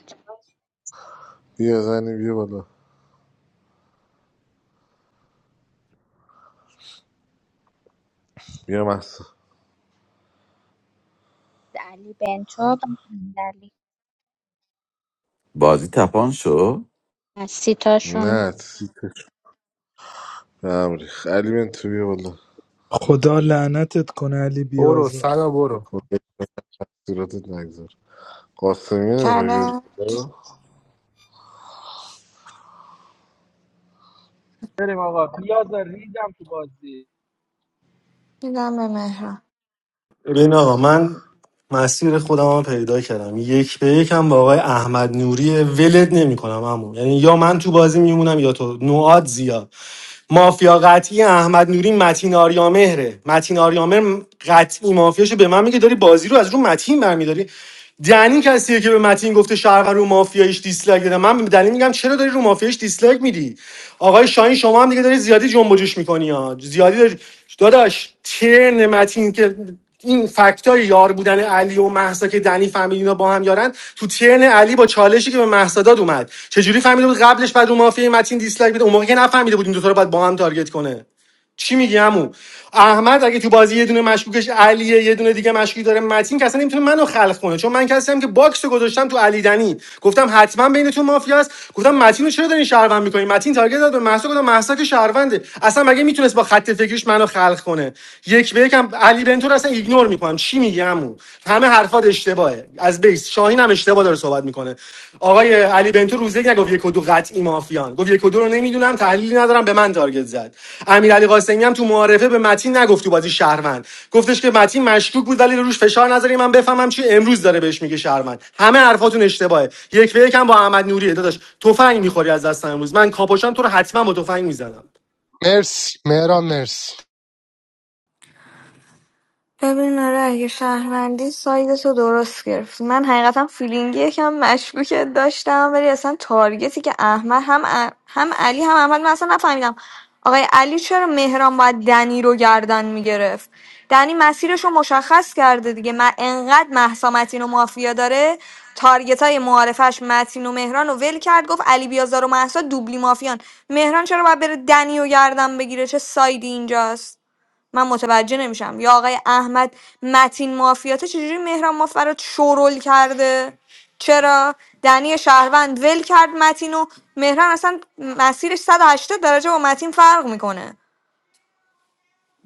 S12: بیا زنی بیا بالا بیا محسا
S15: علی بنتو بعد امیرعلی.
S16: بازی تپان شو
S15: از سیتاشون
S12: نه سیتش به هم ریخت. علی بن تو بیا بالا
S3: خدا لعنتت کنه علی
S2: برو
S3: بیازار
S2: سنا برو
S12: خود صورتت نگذار قاسمی نمیخوای بیاری
S20: چله
S12: بالا؟
S19: بریم آقا بیازار ریدم تو بازی
S20: میدم به مهران
S11: ببین آقا من مسیر خودم رو پیدا کردم یک به یکم با آقای احمد نوری ولد نمیکنم عمو یعنی یا من تو بازی میمونم یا تو نواد زیاد مافیا قطعی احمد نوری متین آریامهره متین آریامهر قطعی مافیاشو به من میگه داری بازی رو از رو متین برمیداری دنی کسیه که به متین گفته شرق رو مافیایش دیسلایک دادم من به دنی میگم چرا داری رو مافیایش دیسلایک میدی آقای شاهین شما هم دیگه داری زیادی جنب و جوش میکنی ها زیادی داری داداش ترن متین که این فکتای یار بودن علی و مهسا که دنی فهمید اینا با هم یارن تو ترن علی با چالشی که به مهسا داد اومد چجوری فهمیده بود قبلش بعد رو مافیای متین دیسلایک بده اون موقع که نفهمیده بود این دو تا رو باید با هم تارگت کنه چی میگی عمو احمد اگه تو بازی یه دونه مشکوکش علیه یه دونه دیگه مشکوک داره متین که اصلا نمیتونه منو خلق کنه چون من کسی هم که باکس رو گذاشتم تو علی دنی گفتم حتما بینتون مافیاست گفتم متین رو چرا دارین شهروند میکنین متین تارگت داد به مهسا گفتم مهسا که شهرونده اصلا مگه میتونست با خط فکریش منو خلق کنه یک به یکم علی بنتو رو اصلا ایگنور میکنم چی میگی عمو همه حرفات اشتباهه از بیس شاهین هم اشتباه داره صحبت میکنه آقای علی بنتو روزه نگفت یک و دو قطعی مافیان گفت یک و دو رو نمیدونم تحلیلی ندارم به من تارگت زد امیر علی قاسمی هم تو معارفه به متین نگفت تو بازی شهروند گفتش که متین مشکوک بود ولی روش فشار نذاری من بفهمم چی امروز داره بهش میگه شهروند همه حرفاتون اشتباهه یک به یکم با احمد نوری داداش تفنگ میخوری از دستم امروز من کاپوشم تو رو حتما با تفنگ میزنم
S2: مرسی مهران مرسی
S20: ببین آره اگه شهروندی سایدتو درست گرفتی من حقیقتا فیلینگی یکم مشکوکت داشتم ولی اصلا تارگتی که احمد هم ا- هم علی هم احمد من اصلا نفهمیدم آقای علی چرا مهران باید دنی رو گردن میگرفت دنی مسیرش رو مشخص کرده دیگه من انقدر محسا متین و مافیا داره تارگت های معارفش متین و مهران رو ول کرد گفت علی بیازار و محسا دوبلی مافیان مهران چرا باید بره دنی رو گردن بگیره چه سایدی اینجاست من متوجه نمیشم یا آقای احمد متین مافیاته چجوری مهران مافرات شورول کرده چرا دنی شهروند ول کرد متین و مهران اصلا مسیرش 180 درجه با متین فرق میکنه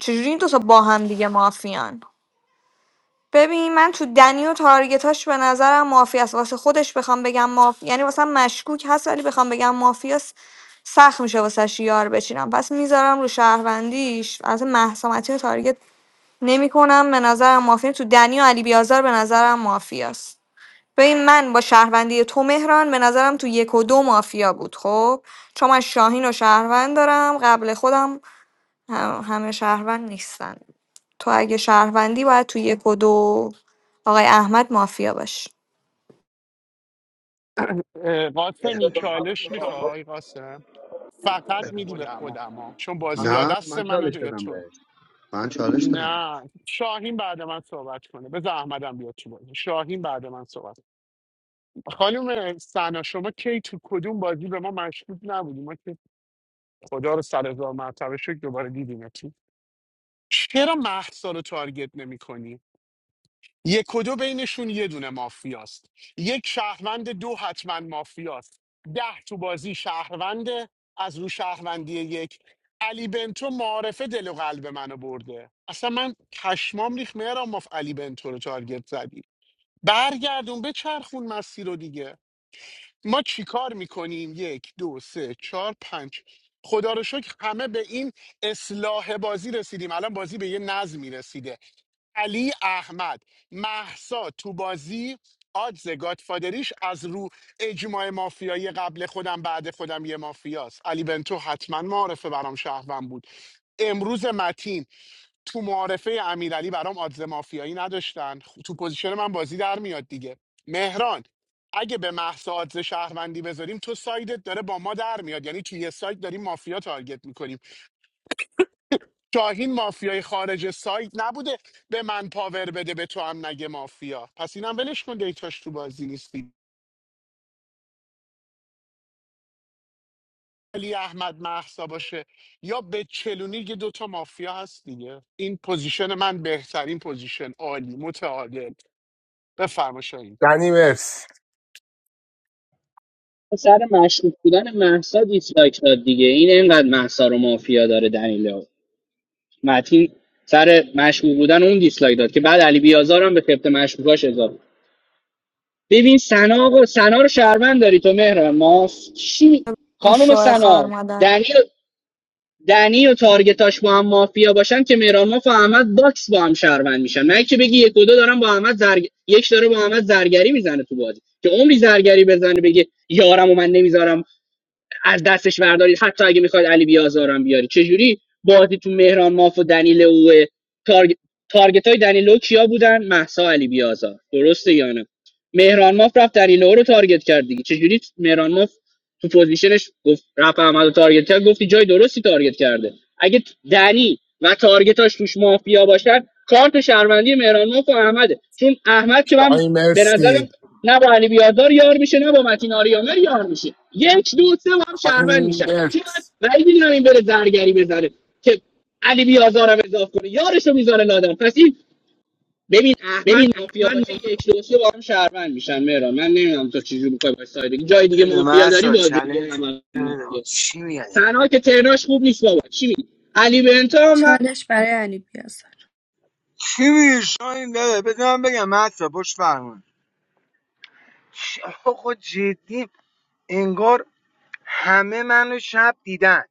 S20: چجوری این دو تا با هم دیگه مافیان ببین من تو دنی و تارگتاش به نظرم مافیاست واسه خودش بخوام بگم ماف یعنی واسه مشکوک هست ولی بخوام بگم مافیاست سخت میشه واسه یار بچینم پس میذارم رو شهروندیش از محسامتی و تارگت نمیکنم به نظرم مافیا تو دنی و علی بیازار به نظرم مافیاست ببین من با شهروندی تو مهران به نظرم تو یک و دو مافیا بود خب چون من شاهین و شهروند دارم قبل خودم هم- همه شهروند نیستن تو اگه شهروندی باید تو یک و دو آقای احمد مافیا باشی
S17: اه،
S9: بده
S17: قاسمی
S9: ببین
S17: چالش میخوای قاسم فقط میدی به
S7: خودمو
S17: خودم ها چون بازی یا
S9: نه
S17: دست
S9: من چالش
S17: منو یا
S9: دادم
S17: توه.
S9: بهش من چالش دادم بهش
S17: نه شاهین بعد من صحبت کنه بذار احمدم بیاد تو بازی شاهین بعد من صحبت کنه. خانم سنا شما کی تو کدوم بازی به ما مشکوک نبودی ما که خدا رو سر هزار مرتبه شکر دوباره دیدیم چرا مهسا رو تارگت نمی‌کنی یک و دو بینشون یه دونه مافیاست یک شهروند دو حتما مافیاست ده تو بازی شهروند از رو شهروندی یک علی بنتو معارفه دل و قلب منو برده اصلا من پشمام ریخ مهرم ماف علی بنتو رو تارگت زدی برگردون به چرخون مسیر رو دیگه ما چیکار میکنیم یک دو سه چهار پنج خدا رو شکر همه به این اصلاح بازی رسیدیم الان بازی به یه نظمی رسیده علی احمد محسا تو بازی آدز گادفادریش از رو اجماع مافیایی قبل خودم بعد خودم یه مافیاست علی بنتو حتما معارفه برام شهروند بود امروز متین تو معارفه امیرعلی برام آدز مافیایی نداشتن خب، تو پوزیشن من بازی در میاد دیگه مهران اگه به محسا آدز شهروندی بذاریم تو سایدت داره با ما در میاد یعنی تو یه سایت داری مافیا تارگت میکنی شاهین مافیای خارج سایت نبوده به من پاور بده به تو هم نگه مافیا پس اینم ولش کن دیتاش تو بازی نیستی علی احمد محسا باشه یا به چلونی یه دوتا مافیا هست دیگه این پوزیشن من بهترین پوزیشن عالی متعادل بفرما شاهین
S2: دنی مرسی
S10: سر مشکوک بودن مهسا دیسلایک داد دیگه این اینقدر مهسا رو مافیا داره دنیلو متین سر مشکوک بودن اون دیسلایک داد که بعد علی بیازار هم به خفت مشکوکاش اضافه ببین سنا آقا سنا رو شهروند داری تو مهران ماف چی
S20: اون
S10: خانم
S20: شوه خار
S10: سنا
S20: مادر
S10: دنی و دنی و تارگتاش با هم مافیا باشن که مهران ماف و احمد باکس با هم شهروند میشن نه که بگی یک و دو دارن با احمد زرگ... یک داره با احمد زرگری میزنه تو بازی که عمری زرگری بزنه بگه یارم و من نمیذارم از دستش بردارید حتی اگه میخواید علی بیازارم بیاری چجوری بازی تو مهران ماف و دنیل تارگ... تارگت های دنیلو کیا بودن محسا علی بیازار درسته یا نه مهران ماف رفت دنیلو رو تارگت کرد دیگه چجوری مهران ماف تو پوزیشنش گفت رفت احمد و تارگت کرد گفتی جای درستی تارگت کرده اگه دنی و تارگتاش توش مافیا باشن کارت شهروندی مهران ماف و احمده چون احمد که من
S2: شاهی
S10: به نظرم
S2: مرسی
S10: نه با علی بیازار یار میشه نه با متین آریامر یار میشه یک دو سه با هم
S2: خانی
S10: شهروند میشن چون
S2: مرسی
S10: من بعید میدونم این بره زرگری بزنه که علی بیازارم اضاف کنه یارشو میذاره لادم پس این ببین احمد مافیا باشه یک دو سه با هم شهروند میشن مهران من نمیدونم تو چجوری میخوای باش ساید بگیری. جای دیگه مافیا داری
S7: محسا
S10: باید بگی
S7: چلنج
S10: احمد مافیاست
S7: چی میگه
S10: تنها که ترناش خوب نیست بابا چی میگی علی بنتا هم من
S1: چالش برای علی بیازار
S7: چی میگه شاین داره بذار من بگم محسا پشت فرمونه. چ- آقا جدی انگار همه منو شب دیدن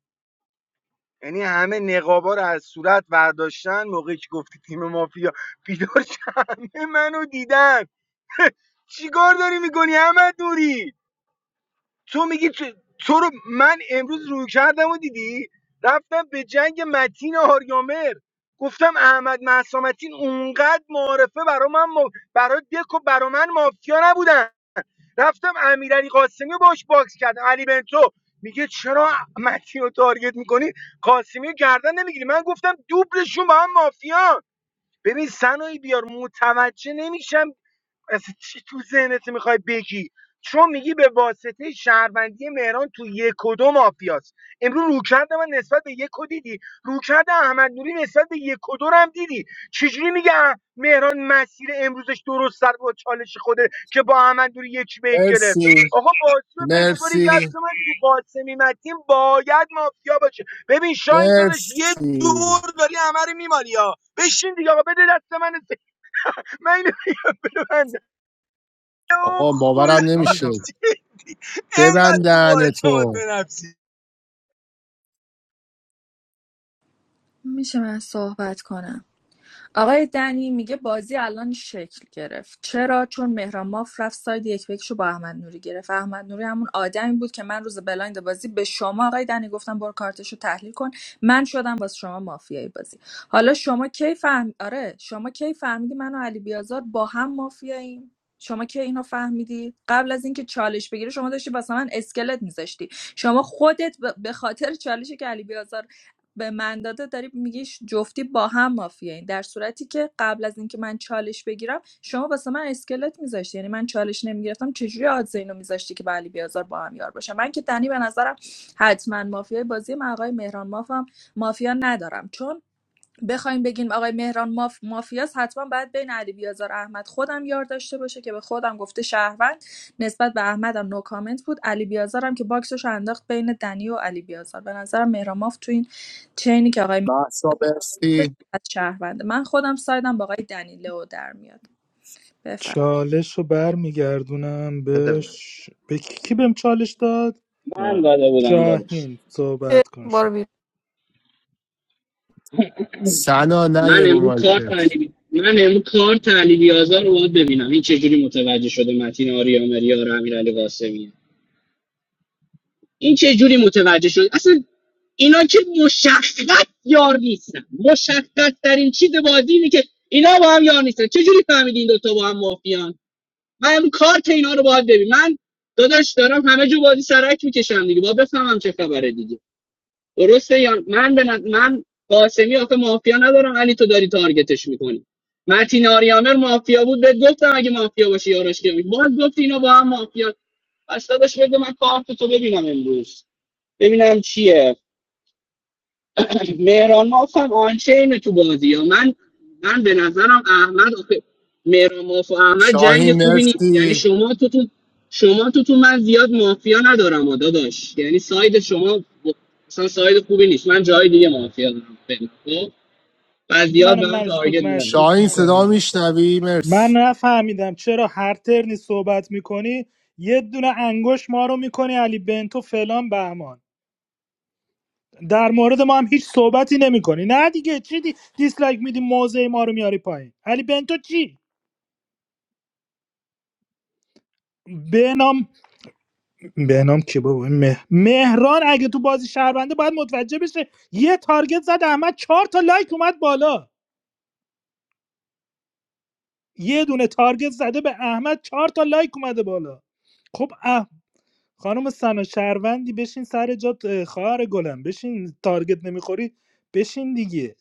S7: یعنی همه نقابا رو از صورت برداشتن موقعی که گفتی تیم مافیا بیدار شد. همه منو دیدن چیکار داری میکنی احمد نوری تو میگی تو, تو رو من امروز رو کردم و دیدی رفتم به جنگ متین آریامر گفتم احمد محسا متین اونقدر معارفه برا من ما... برا دک و برا من مافیا نبودن رفتم امیرعلی قاسمی باش باکس کردم علی بنتو میگه چرا متین رو تارگت میکنی قاسمی رو گردن نمیگیری من گفتم دوبلشون با هم مافیان ببین سنایی بیار متوجه نمیشم اصلا چی تو ذهنت میخوای بگی چون میگی به واسطه شهروندی مهران تو یک و دو مافیاست امروز روکرد من نسبت به یک و دیدی روکرد احمد نوری نسبت به یک و دو رو هم دیدی چجوری میگه اه، مهران مسیر امروزش درست سر با چالش خوده که با احمد نوری یک به یک گرفت
S2: مرسی
S7: آقا بازی رو بسپاری دست
S2: مرسی
S7: من تو قاسمی متین باید مافیا باشه ببین شاین دادش یه
S2: مرسی
S7: دور داری همه رو میمالی ها بشین دیگه آقا بده دست من من اینو آه،
S2: آقا
S7: خدا
S2: باورم
S19: میدم
S2: نمیشه
S7: جدی
S2: ببند
S7: اینقدر تو با اعتماد به
S2: دهنتو
S7: نفسی
S1: میشه من صحبت کنم آقای دنی میگه بازی الان شکل گرفت چرا چون مهران ماف رفت ساید یک بکشو با احمد نوری گرفت احمد نوری همون آدمی بود که من روز بلایند بازی به شما آقای دنی گفتم برو کارتشو تحلیل کن من شدم باز شما مافیای بازی حالا شما کی فهم آره شما کی فهمیدی من و علی بیازار با هم مافیاییم شما کی اینو فهمیدی قبل از اینکه چالش بگیری شما داشتی واسه من اسکلت میذاشتی شما خودت به خاطر چالشی که علی بیازار به من داده داری میگی جفتی با هم مافیایی در صورتی که قبل از اینکه من چالش بگیرم شما واسه من اسکلت میذاشتی یعنی من چالش نمیگرفتم چجوری آدز اینو میذاشتی که با علی بیازار با هم یار باشم من که دنی به نظرم حتما مافیای بازی من آقای مهران مافم مافیا ندارم چون بخوایم بگیم آقای مهران ماف... مافیاس حتما باید بین علی بیازار احمد خودم یار داشته باشه که به خودم گفته شهروند نسبت به احمدم نو کامنت بود علی بیازارم که باکسش انداخت بین دنی و علی بیازار به نظرم مهران ماف تو این چینی که آقای مهران
S2: محسا
S1: داشت،
S2: مرسی
S1: شهرونده من خودم سایدم با آقای دنی لو در میاد بفرم
S3: چالش رو برمیگردونم
S9: بده ببین
S3: بهش به کی کی بهم چالش داد
S10: من
S6: من
S10: داده بودم داداش
S3: شاهین صحبت کن
S20: برو
S3: شد
S20: بیرون
S2: سنا نه
S10: من
S2: رو
S10: امروز کار
S2: مایکت
S10: تعلیمی من امروز کار تعلیمی آزار رو باید ببینم این چجوری متوجه شده متین آریامری یا امیر علی قاسمی این چه جوری متوجه شد اصلا اینا که مشخص یار نیستن مشخص ترین چیز بازی اینه که اینا با هم یار نیستن چه جوری فهمیدی این دوتا با هم مافیان من امروز کارت اینا رو باید ببین من داداش دارم همه جو بازی سرک میکشم دیگه با بفهمم چه خبره دیگه درسته یا نه؟ من به نظ- من قاسمی آخه مافیا ندارم علی تو داری تارگتش میکنی متین آریامر مافیا بود بهت گفتم اگه مافیا باشی یارش که باز گفت اینا با هم مافیا پس داداش بده من کارت تو ببینم امروز ببینم چیه مهران ماف هم آنچینه تو بازی ها من من به نظرم احمد آخه- مهران ماف و احمد جنگ
S2: شاهین
S10: خوبی نیست یعنی
S2: مرسی
S10: شما تو تو شما تو تو من زیاد مافیا ندارم و داداش یعنی ساید شما ب- اصلا ساید خوبی نیست من جای دیگه مافیا دارم خیلی. خب و زیاد
S3: من
S10: به من
S3: مرش
S10: تارگت نده
S3: مشکوک
S2: شاهین صدا
S3: میکنی
S2: میشنوی مرسی
S3: من نفهمیدم چرا هر ترنی صحبت میکنی یه دونه انگوش ما رو میکنی علی بنتو فلان بهمان در مورد ما هم هیچ صحبتی نمیکنی نه دیگه چی دی... دیسلایک میدی موضع ما رو میاری پایین علی بنتو چی بهنام بهنام کی بابا این مه... مهران اگه تو بازی شهرونده باید متوجه بشه یه تارگت زد احمد چهار تا لایک اومد بالا یه دونه تارگت زده به احمد چهار تا لایک اومده بالا خب اه... خانم سنا شهروندی بشین سر جات اه، خواهر گلم بشین تارگت نمیخوری بشین دیگه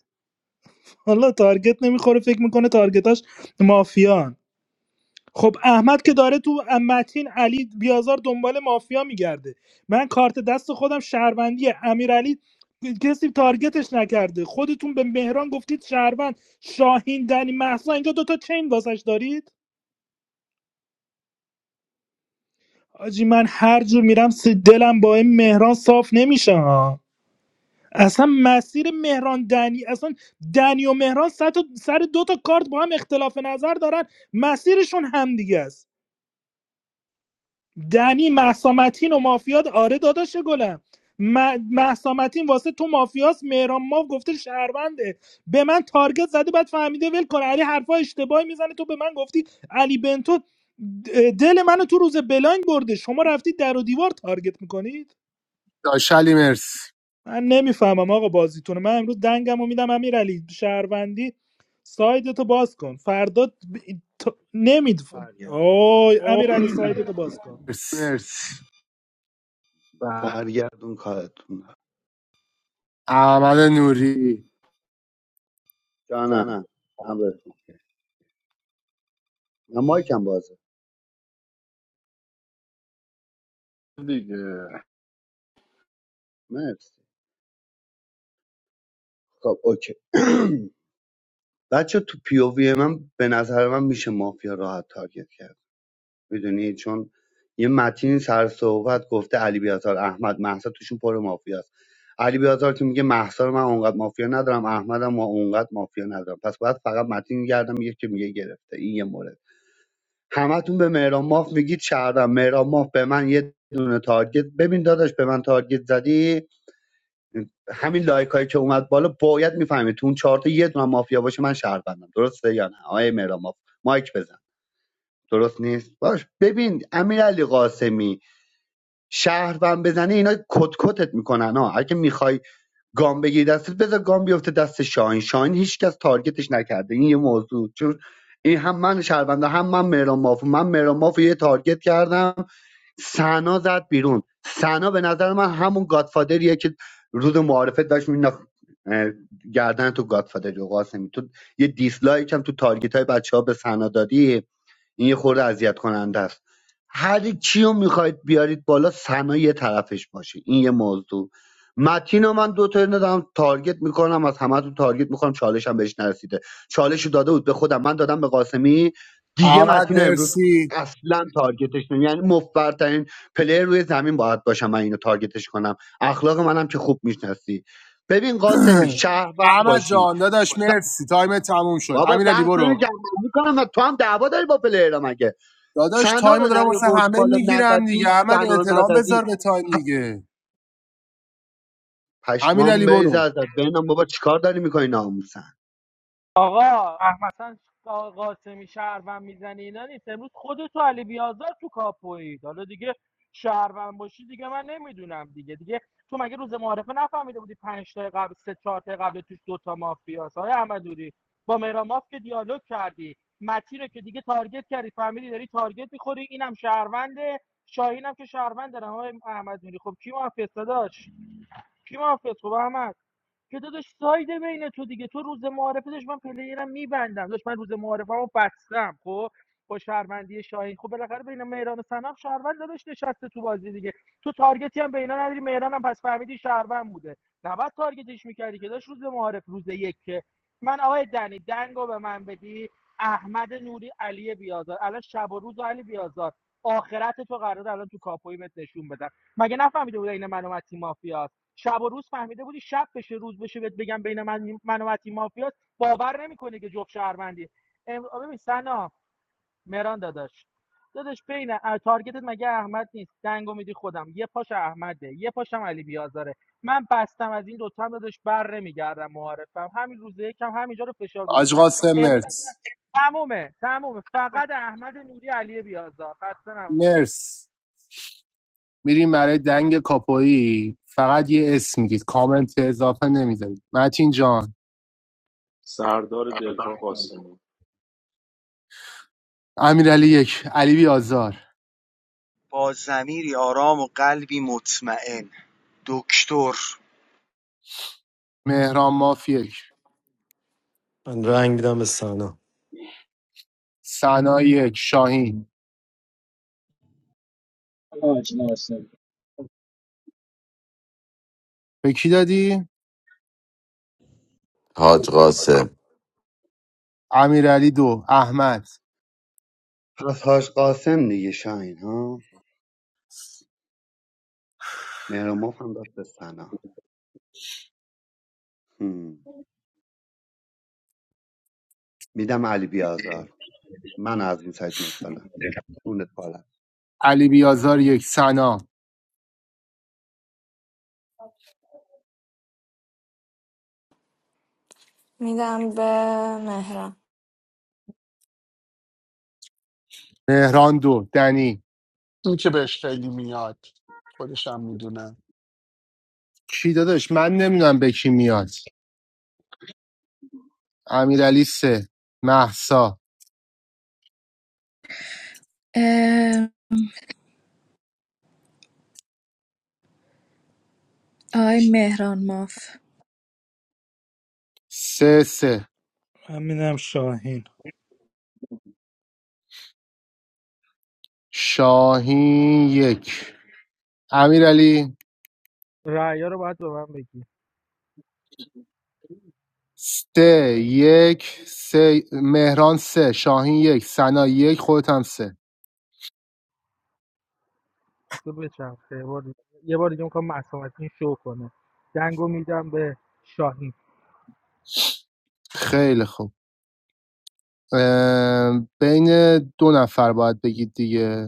S3: حالا تارگت نمیخوره فکر میکنه تارگتاش مافیان خب احمد که داره تو متین علی بیازار دنبال مافیا میگرده من کارت دست خودم شهروندیه امیرعلی کسی تارگتش نکرده خودتون به مهران گفتید شهروند شاهین دنی محسا اینجا دوتا چین واسش دارید آجی من هر جور میرم سی دلم با این مهران صاف نمیشه ها. اصلا مسیر مهران دنی اصلا دنی و مهران سر, تا- سر دو تا کارت با هم اختلاف نظر دارن مسیرشون همدیگه است دنی محسامتین و مافیات آره داداش گلم محسامتین واسه تو مافیاس مهران ماو گفته شهرونده به من تارگت زده بعد فهمیده ول کن علی حرفا اشتباهی میزنه تو به من گفتی علی بنتو دل منو تو روز بلنگ برده شما رفتید در و دیوار تارگت میکنید
S2: داشلی مرسی
S3: من نمیفهمم آقا بازیتونه من امروز دنگم و میدم امیر علی شهروندی سایدتو باز کن فردا ب... ت... نمید
S9: برگرد
S3: اوه
S7: اوه
S3: امیر علی
S7: امیر
S3: سایدتو باز کن
S2: مرسی
S7: مرسی بقی
S9: برگردون کارتون
S2: احمد نوری
S7: جانم
S9: جانم امرتون من مایکم بازه مرسی خب اوکی بچه تو پی او وی من به نظر من میشه مافیا راحت تارگت کرد میدونی چون یه متین سر صحبت گفته علی بیازار احمد مهسا توشون پر مافیاست علی بیازار که میگه مهسا رو من اونقدر مافیا ندارم احمدم ما اونقدر مافیا ندارم پس باید فقط متین گردم میگه که میگه گرفته این یه مورد همتون به مهران ماف میگید شهرم مهران ماف به من یه دونه تارگت ببین داداش به من تارگت زدی همین لایک هایی که اومد بالا باید میفهمید تو اون چهار تا یه دونه مافیا باشه من شهروندم درسته یا نه آقای مهران مایک بزن درست نیست باش ببین امیرعلی قاسمی شهروند بزنه اینا کت کتت میکنن ها اگه میخوای گام بگیری دستت بذار گام بیفته دست شاهین شاهین هیچکس تارگتش نکرده این یه موضوع چون این هم من شهرونده هم من مهران مافو من مهران مافو یه تارگت کردم سنا زد بیرون سنا به نظر من همون گادفادریه که روز معارفه داشت مینداخت اه، گردن تو گادفادری و قاسمی تو یه دیسلایک هم تو تارگیت های بچه ها به سنا دادی این یه خورده اذیت کننده است هر کیو میخواید بیارید بالا سنا یه طرفش باشه این یه موضوع متین رو من دو تا دارم تارگت میکنم از همه تارگت میکنم چالش هم بهش نرسیده چالش رو داده بود به خودم من دادم به قاسمی دیگه
S2: احمد
S9: متین رو امروز
S2: مرسی
S9: اصلا تارگتش نمی یعنی مفبرترین پلیر روی زمین باید باشم من اینو تارگتش کنم اخلاق منم که خوب میشناسی ببین قاسمی شهروند
S2: احمد
S9: باشی
S2: جان داداش
S9: س-
S2: مرسی تایم تموم شد
S9: بابا
S2: امیر علی
S9: ده سال
S2: برو
S9: جمع میکنم و تو هم دعوا داری با پلیرها مگه
S2: داداش
S9: سنا
S2: تایم رو
S9: رو
S2: دارم واسه
S9: نیاوردی
S2: همه
S9: بالا
S2: میگیرم
S9: نزدی
S2: دیگه احمد
S9: سنا رو
S2: احترام بذار
S9: نزدی
S2: به تایم دیگه امیر
S9: پشمام
S2: علی
S9: بریز
S2: برو
S9: ازت ببینم بابا چیکار داری میکنی ناموسن
S19: آقا مثلا قا- قاسمی شهروند میزنه اینا نیست امروز خودتو علی بیازار تو کاپویید حالا دیگه شهروند باشی دیگه من نمیدونم دیگه دیگه تو مگه روز معارفه نفهمیده بودی پنج تا قبل سه چهار تا قبل توش دوتا مافیاس های احمدوری با مهراماف که دیالوگ کردی متی رو که دیگه تارگت کردی فهمیدی داری تارگت میخوری اینم شهرونده شاهینم که شهروند دارم آقای احمدوری خب کی مافیاس داشت کی مافیاس خب احمد که داداش سایده بین تو دیگه تو روز معارفه داشت من پلیرم میبندم داشت من روز معارفه رو بستم خب با شهروندی شاهین خب بالاخره بین مهران و سنم شهروند داداش نشسته تو بازی دیگه تو تارگتی هم به اینا نداری مهران هم پس فهمیدی شهروند بوده نباید تارگتش میکردی که داشت روز معارف روز یک که من آقای دنی دنگو به من بدی احمد نوری علی بیازار الان شب و روز و علی بیازار آخرت تو قرار الان تو کاپویمت نشون بدن مگه نفهمیده بوده این منو متی مافیاست؟ شب و روز فهمیده بودی شب بشه روز بشه بهت بگم بین من من و متین مافیاست باور نمیکنه که جفت شهروندی ام... ببین سنا مهران داداش داداش بین اه، تارگتت مگه احمد نیست دنگو میدی خودم یه پاش احمده یه پاشم علی بیازاره من بستم از این دوتا هم داداش بر نمیگردم معارفم همین روز یکم همینجا رو فشار
S2: آج
S19: گذاشتم
S2: قاسم
S19: امروز
S2: مرس
S19: تمومه تمومه فقط احمد نوری علی بیازار خسته نباش.
S2: مرس میریم برای دنگ کاپویی فقط یه اسم میگید کامنت اضافه نمیذارید متین جان
S6: سردار دلها قاسمی
S2: امیر علی یک علی بیازار
S7: با ضمیری آرام و قلبی مطمئن دکتر
S2: مهران مافی یک
S11: من رنگ میدم به سنا
S2: سنا یک شاهین
S10: آج ناسم
S2: به کی دادی؟
S16: حاج قاسم
S2: امیرعلی دو احمد
S9: پس حاج قاسم دیگه شاین ها مهرموف هم داد به سنا هم. میدم علی بیازار من از این سایت میت بالا اونت بالا
S2: علی بیازار یک سنا
S20: میدم به مهران
S2: مهران دو دنی
S17: این که بهش خیلی میاد خودشم میدونم
S2: کی داداش من نمیدونم به کی میاد امیرعلی سه محسا
S1: اه، آقای مهران ماف
S2: سه سه
S3: من میدم شاهین
S2: شاهین یک امیرعلی
S19: رأی‌ها رو باید به من بگی
S2: سه یک سه مهران سه شاهین یک سنا یک خودت هم سه
S19: تو بچرخه یه بار دیگه یه بار دیگه میخوام معصومتین شو کنه دنگو میدم به شاهین
S2: خیلی خوب اه، بین دو نفر باید بگید دیگه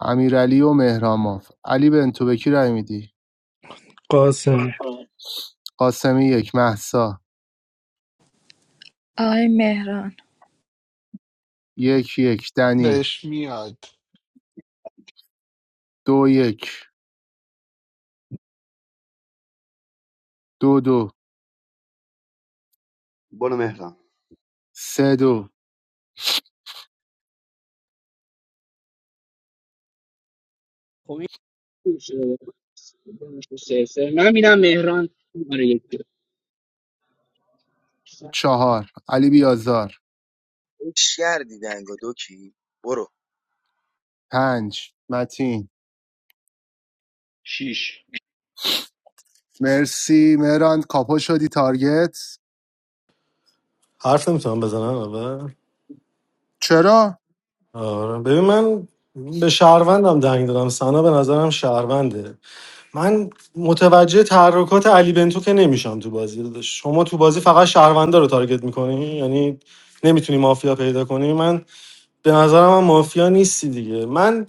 S2: امیرعلی و مهراماف علی بنتو به کی رای میدی
S3: قاسم
S2: قاسمی یک محسا
S1: آقای مهران
S2: یک یک دنی
S17: بهش میاد
S2: دو یک دو دو
S9: برو مهران
S2: سه دو
S10: خب این خوب شده. سه- سه. من میرم مهران آره یک جا.
S2: چهار علی بیازار
S7: اش کردی دنگا دکی برو
S2: پنج متین
S6: شیش
S2: مرسی مهران کاپو شدی تارگت
S11: حرف نمیتونم بزنم
S2: چرا
S11: آره ببین من به شهروندم دنگ دادم سنا به نظرم شهرونده من متوجه تحرکات علی بنتو که نمیشم تو بازی شما تو بازی فقط شهروندا رو تارگت میکنی یعنی نمیتونی مافیا پیدا کنی من به نظرم هم مافیا نیستی دیگه من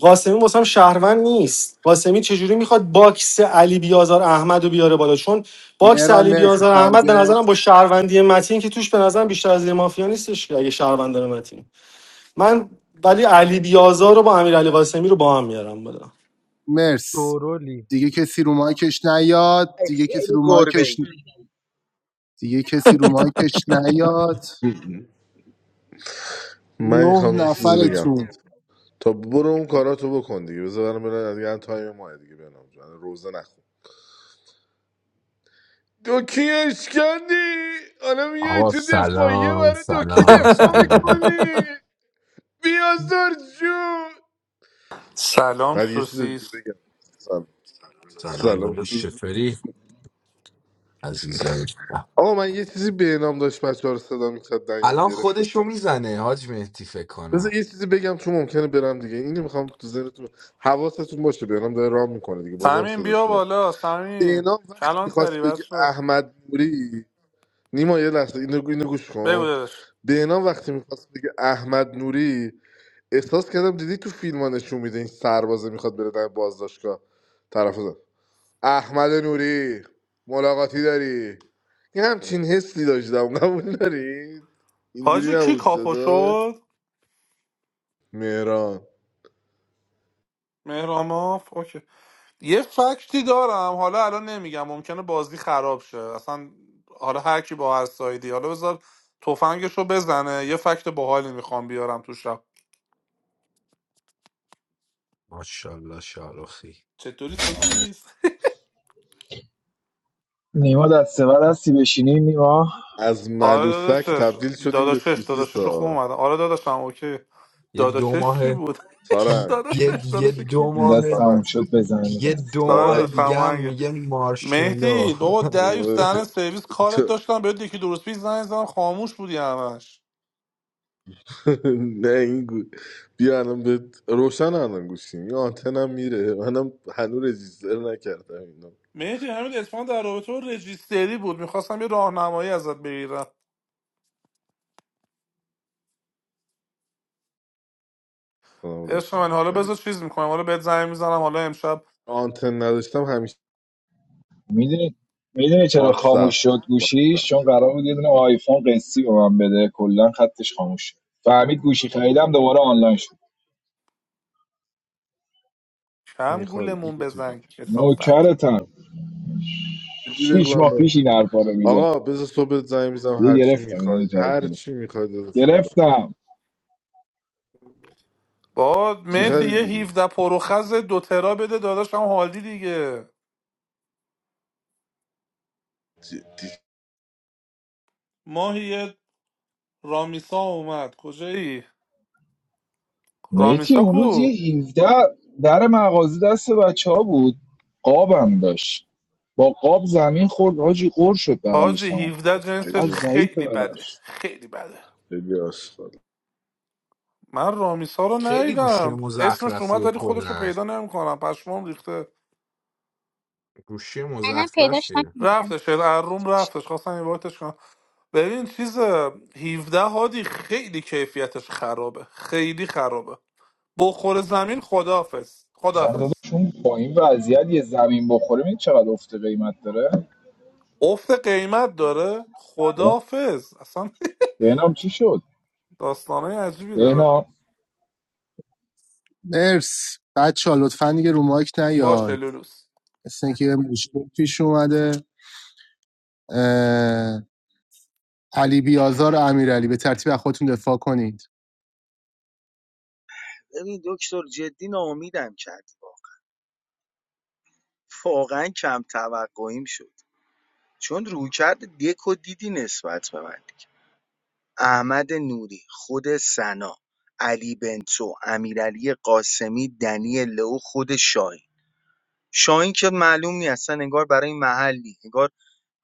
S11: قاسمی واسم شهروند نیست قاسمی چجوری میخواد باکس علی بیازار احمد رو بیاره بالا چون باکس
S2: مهران
S11: علی
S2: مرسی
S11: بیازار احمد به
S2: تارگت
S11: نظرم با شهروندی متین که توش به نظرم بیشتر از یه مافیا نیستش که اگه شهروند داره متین من ولی علی بیازار رو با امیر علی قاسمی رو با هم میارم بالا
S2: مرس
S19: دورولی
S2: دیگه کسی رو مایکش نیاد
S7: ای
S2: دیگه کسی
S7: خیلی
S2: رو
S7: گربه
S2: مایکش
S7: ای
S2: دیگه کسی رو مایکش نیاد
S12: من
S2: نه
S12: میخوام یه چیزی بگم
S2: نفرتون
S12: تا برو اون کاراتو بکن دیگه بذار برم برم دیگه الان تایم ماه دیگه برم الان روزه نخون دوکی اشکندی حالا میای
S22: آقا
S12: تو دفاعیه
S22: سلام
S12: برای دوکی
S22: سلام
S12: دفاع
S22: سلام
S12: میکنی بیازار جون
S23: سلام
S12: بعد یه چیز دیگه
S23: سوسیس
S12: بگم سلام
S22: سلام داداش
S12: سلام
S22: چطوری عزیزایی
S12: آقا من یه چیزی به نام داشت بچه ها رو صدا میکرد دنگ
S22: الان
S12: میگرفت
S22: خودشو
S12: شدم
S22: میزنه حاج مهدی فکر کنم
S12: بذار یه چیزی بگم چون ممکنه برم دیگه اینو میخوام تو ذهنتون حواستون باشه به نام داره رام میکنه دیگه بازم
S23: سمین بیا
S12: صداش میاد
S23: بالا
S12: به
S23: سمین
S12: نام وقتی
S23: کلان
S12: میخواست
S23: تری
S12: بگه
S23: شد
S12: احمد نوری نیما یه لحظه اینو, اینو گوش
S23: بگو
S12: کن
S23: دادش
S12: به نام وقتی میخواست بگه احمد نوری احساس کردم دیدی تو فیلم ها نشون میده این سربازه میخواد بره در بازداشتگاه طرف احمد نوری ملاقاتی داری یه همچین حسی داشتم قبول دارید اینجوری
S23: حاجی کی
S12: نبود
S23: کاپو
S12: صدا
S23: شد
S12: مهران
S23: مهراماف اوکی یه فکتی دارم حالا الان نمیگم ممکنه بازی خراب شه اصلا حالا هر کی با هر سایدی حالا بذار تفنگش رو بزنه یه فکت باحالی میخوام بیارم تو شب
S22: ماشاءالله شاروخی
S23: چطوری سوسیس
S14: نیما دسته بر هستی بشینی نیما
S12: از
S23: آره
S12: ملوسک
S23: داداشش
S12: تبدیل شدیم به
S23: داداشش داداشش رو خوب
S12: سوسیسا
S23: اومدم آره داداشم اوکی
S22: یه دو
S23: داداشش
S22: ماه
S23: چی بود
S12: سارنگ
S22: یه
S23: داداشش
S22: یه
S23: داداش
S22: دو
S23: کی
S14: این
S22: ماه
S14: دست تموم
S12: سارنگ
S14: شد بزنم این
S22: یه
S14: دست
S22: دو
S23: آره
S22: ماه
S23: داداش
S12: سارنگ
S22: دیگه هم
S23: هماهنگه
S22: میگه مارشملو
S23: مهدی بابا دریوس دهن سرویس کارت داشتم بهت یکی درست پیش زنگ زدم خاموش بودی همش
S12: نه این گو بیا الان به روشن الان گوشیم یه آنتنم میره منم هنوز رجیستر نکردم اینو
S23: مهدی همین اتفاقا در رابطه با رجیستری بود میخواستم یه راهنمایی ازت بگیرم
S12: کنم
S23: عشق
S12: روشن
S23: من حالا
S12: کاری
S23: بذار چیز میکنم حالا بهت زنگ میزنم حالا امشب
S12: آنتن نداشتم همیشه
S14: میدونی میدونی چرا خاموش
S12: واتساپ
S14: شد گوشیش
S12: واتساپ
S14: چون قرار بود یه دونه آیفون قسطی به من بده کلا خطش خاموش شد فهمید گوشی خریدم دوباره آنلاین شد
S23: کم
S12: میخوای
S23: گولمون
S12: بگو تو
S23: بزن کسافت
S14: نوکرتم
S12: جدی
S14: شیش
S12: بگم
S14: ماه
S12: به-
S14: پیش این حرفا رو میزد
S12: آقا بذار صبح بهت زنگ میزنم
S14: یه
S12: هر چی
S14: گرفتم اینو
S12: میخواید
S14: جدید
S12: هر
S14: گرفت
S12: چی میخواید دستم
S14: گرفتم
S23: با
S12: چی
S23: مهدی یه
S12: خریدی
S23: 17 پروخز دو ترا بده داداشم حالی دیگه
S12: جدی
S23: ماهی یه رامیسا اومد کجایی
S14: میتی
S23: رامیسا
S14: اون روز
S23: کو
S14: یه 17 در مغازه دست بچه ها بود قابم داشت با قاب زمین خورد حاجی قور شد بغلش
S23: حاجی
S14: تمام
S23: 17
S12: خیلی
S14: چقدر
S23: جنسش
S14: ضعیفه
S23: خیلی
S12: مسخره
S23: بده
S14: بدنش
S12: است.
S23: خیلی بده
S12: خیلی آشغال
S23: من رامیسا رو
S22: خیلی گوشی
S23: ندیدم اسمش اومد
S22: مزخرفیه
S23: ولی خودش رو
S22: کلا
S23: پیدا نمیکنم پشمام ریخته
S22: گوشی
S15: الان پیداش
S22: مزخرفیه
S15: نکردم
S23: رفتش روم رفتش خواستم این وقتش کنم ببین چیز 17 هادی خیلی کیفیتش خرابه خیلی خرابه بخور زمین خدافز خدافز
S14: سردادشون با این وضعیت یه زمین بخوره این چقدر افت قیمت داره
S23: افت قیمت داره
S14: به-
S23: خدافز اصلا
S14: بهنام چی شد
S23: داستانه عجیبی داره
S14: بهنام
S2: مرس بچه ها لطفا دیگه رو مایک
S23: باشه
S2: نیاید
S23: لولوس
S2: مثل اینکه یه مشکل پیش اومده اه، علی بیازار و امیرعلی به ترتیب از خودتون دفاع کنید
S7: ببین دکتر توقعیم شد چون روی کرد دکو دیدی نسبت به من دیگه. احمد نوری خود سنا علی بنتو امیرعلی قاسمی دنی لو خود شاهین شاهین که معلوم نی اصلا انگار برای محلی انگار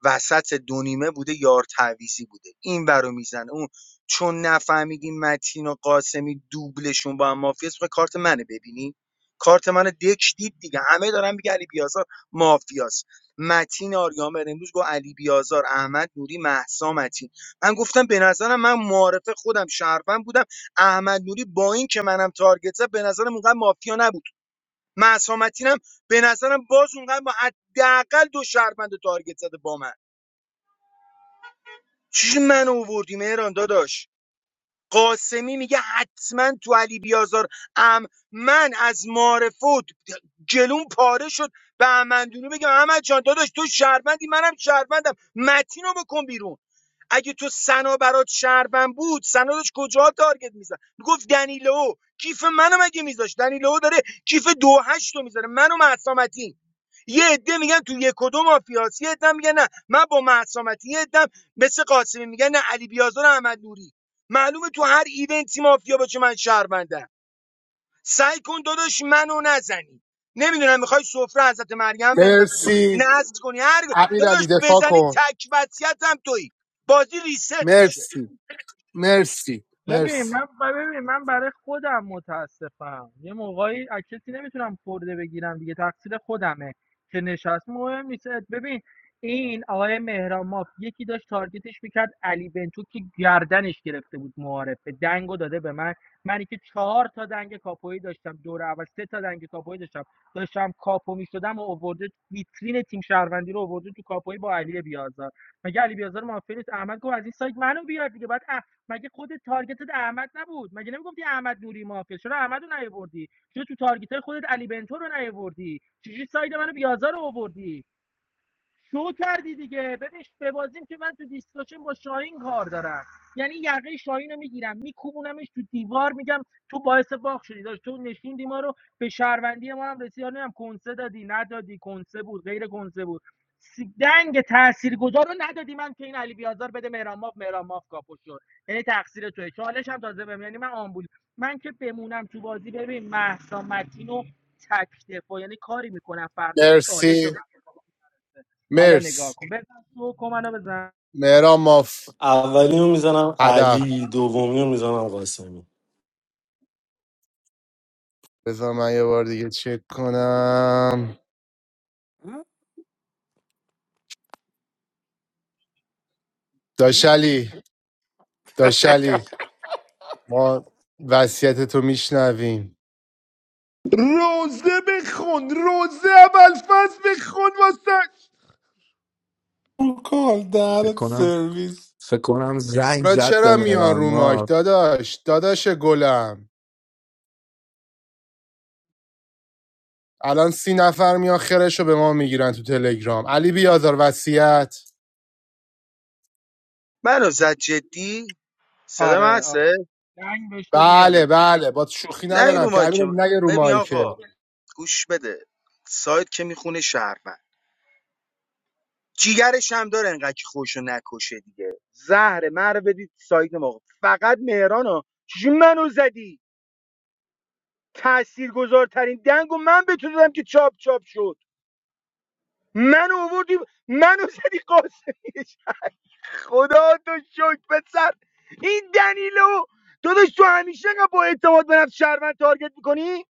S7: وسط دو بوده یار تعویزی بوده این ورو میزنه اون چون نفهمیدیم متین و قاسمی دوبلشون با هم مافیاس میخوای کارت منه ببینی کارت منو دک دید دیگه همه دارن میگه علی بیازار مافیاست. متین آریامر امروز گفت علی بیازار احمد نوری مهسا متین من گفتم به نظرم من معارف خودم شهروند بودم احمد نوری با این که منم تارگت زد، به نظرم اونقدر مافیا نبود مهسا متینم به نظرم باز اونقدر با حداقل دو شهروند تارگت زده با من چی من آوردی مهران داداش قاسمی میگه حتما تو علی بیازار ام من از معرفت جلون پاره شد به امندونی بگم احمد جان داداش تو شهروندی منم شهروندم متینو بکن بیرون اگه تو سنا برات شهروند بود سنا داشت کجا تارگت میزد میگفت دنیلو کیف منو مگه میذاش دنیلو داره کیف دو هشت رو میذاره منو معصامتی یه عده میگن تو یک و دو مافیاس یه عده میگن نه من با معصامتی یه عده مثل قاسمی میگن نه علی بیازار و احمد نوری معلومه تو هر ایونتی مافیا باشه من شهروندم سعی کن داداش منو نزنی نمیدونم میخوای سفره حضرت مریم بندازی
S2: مرسی
S7: نصب کنی هر داداش
S2: امیرعلی دفاع
S7: بزنی
S2: کن
S7: تک وصیت هم تویی بازی ریست میشه
S2: مرسی مرسی
S19: ببین
S2: مرسی
S19: من ببین من برای خودم متاسفم یه موقعی از کسی نمیتونم خورده بگیرم دیگه تقصیر خودمه که نشست مهم نیست ببین این آقای مهران ماف یکی داشت تارگتش میکرد علی بنتو که گردنش گرفته بود معارفه دنگو داده به من منی که چهار تا دنگ کاپویی داشتم دور اول سه تا دنگ کاپویی داشتم داشتم کاپو میشدم و اوورده ویترین تیم شهروندی رو اوورده تو کاپویی با علی بیازار مگه علی بیازار مافیا نیست احمد گفت از این سایت منو بیار دیگه بعد مگه خود تارگتت احمد نبود مگه نمیگفتی احمد نوری مافیا چرا احمد نیاوردی چرا تو تارگت خودت علی بنتو رو نیاوردی چجوری ساید منو بیازار رو آوردی شو کردی دیگه ببین ببازیم که من تو دیسکاشن با شاهین کار دارم یعنی یقه شاهین رو میگیرم میکوبونمش تو دیوار میگم تو باعث باخ شدی داشت تو نشوندی ما رو به شهروندی ما هم رسید هم کنسه دادی ندادی کنسه بود غیر کنسه بود س- دنگ تاثیرگذار رو ندادی من که این علی بیازار بده مهران ماف مهران ماف کاپو شد یعنی تقصیر توه چالش هم تازه بهم یعنی من آمبول من که بمونم تو بازی ببین مهسا متین و تک دفاع. یعنی کاری میکنم فردا چالش
S2: مرسی
S19: رو حالا نگاه
S2: مرس
S19: کن بزن تو کن منو بزن
S2: مهران ماف
S11: اولی رو میزنم
S2: هدف
S11: علی دومی رو میزنم قاسمی
S2: بذار من یه بار دیگه چک کنم داشلی داشلی ما وصیت تو میشنویم
S12: روزه بخون روزه اول فصل بخون واسه
S23: رو کال
S22: فکر
S23: درت
S22: کنم
S23: سرویس
S22: فکر کنم زنگ
S2: را
S22: زد به
S2: چرا میان
S22: مهران
S2: رو مایک
S22: ما
S2: داداش داداش گلم الان سی نفر میان خرش رو به ما میگیرن تو تلگرام علی بیازار وصیت
S7: منو زد جدی صدا من
S19: آره آره.
S7: هسته
S19: دنگ بهش دادی
S2: بله
S19: زده
S2: بله با شوخی
S7: نه
S2: ندارم
S7: رو
S2: که
S7: مایک
S2: علی
S7: که
S2: بابا نگه رو
S7: ببین
S2: مایکه
S7: آقا گوش بده سایت که میخونه شهرمن جیگرش هم داره انقدر که خوشو نکشه دیگه زهر مرا بدید سایت ما فقط مهران ها چجوری منو زدی تأثیر گذارترین دنگ من به تو دادم که چاپ چاپ شد منو آوردی منو زدی قاسمیش خدا تو شکر پسر این دنیلو تو تو همیشه انقدر با اعتماد به نفس شهروند تارگت میکنی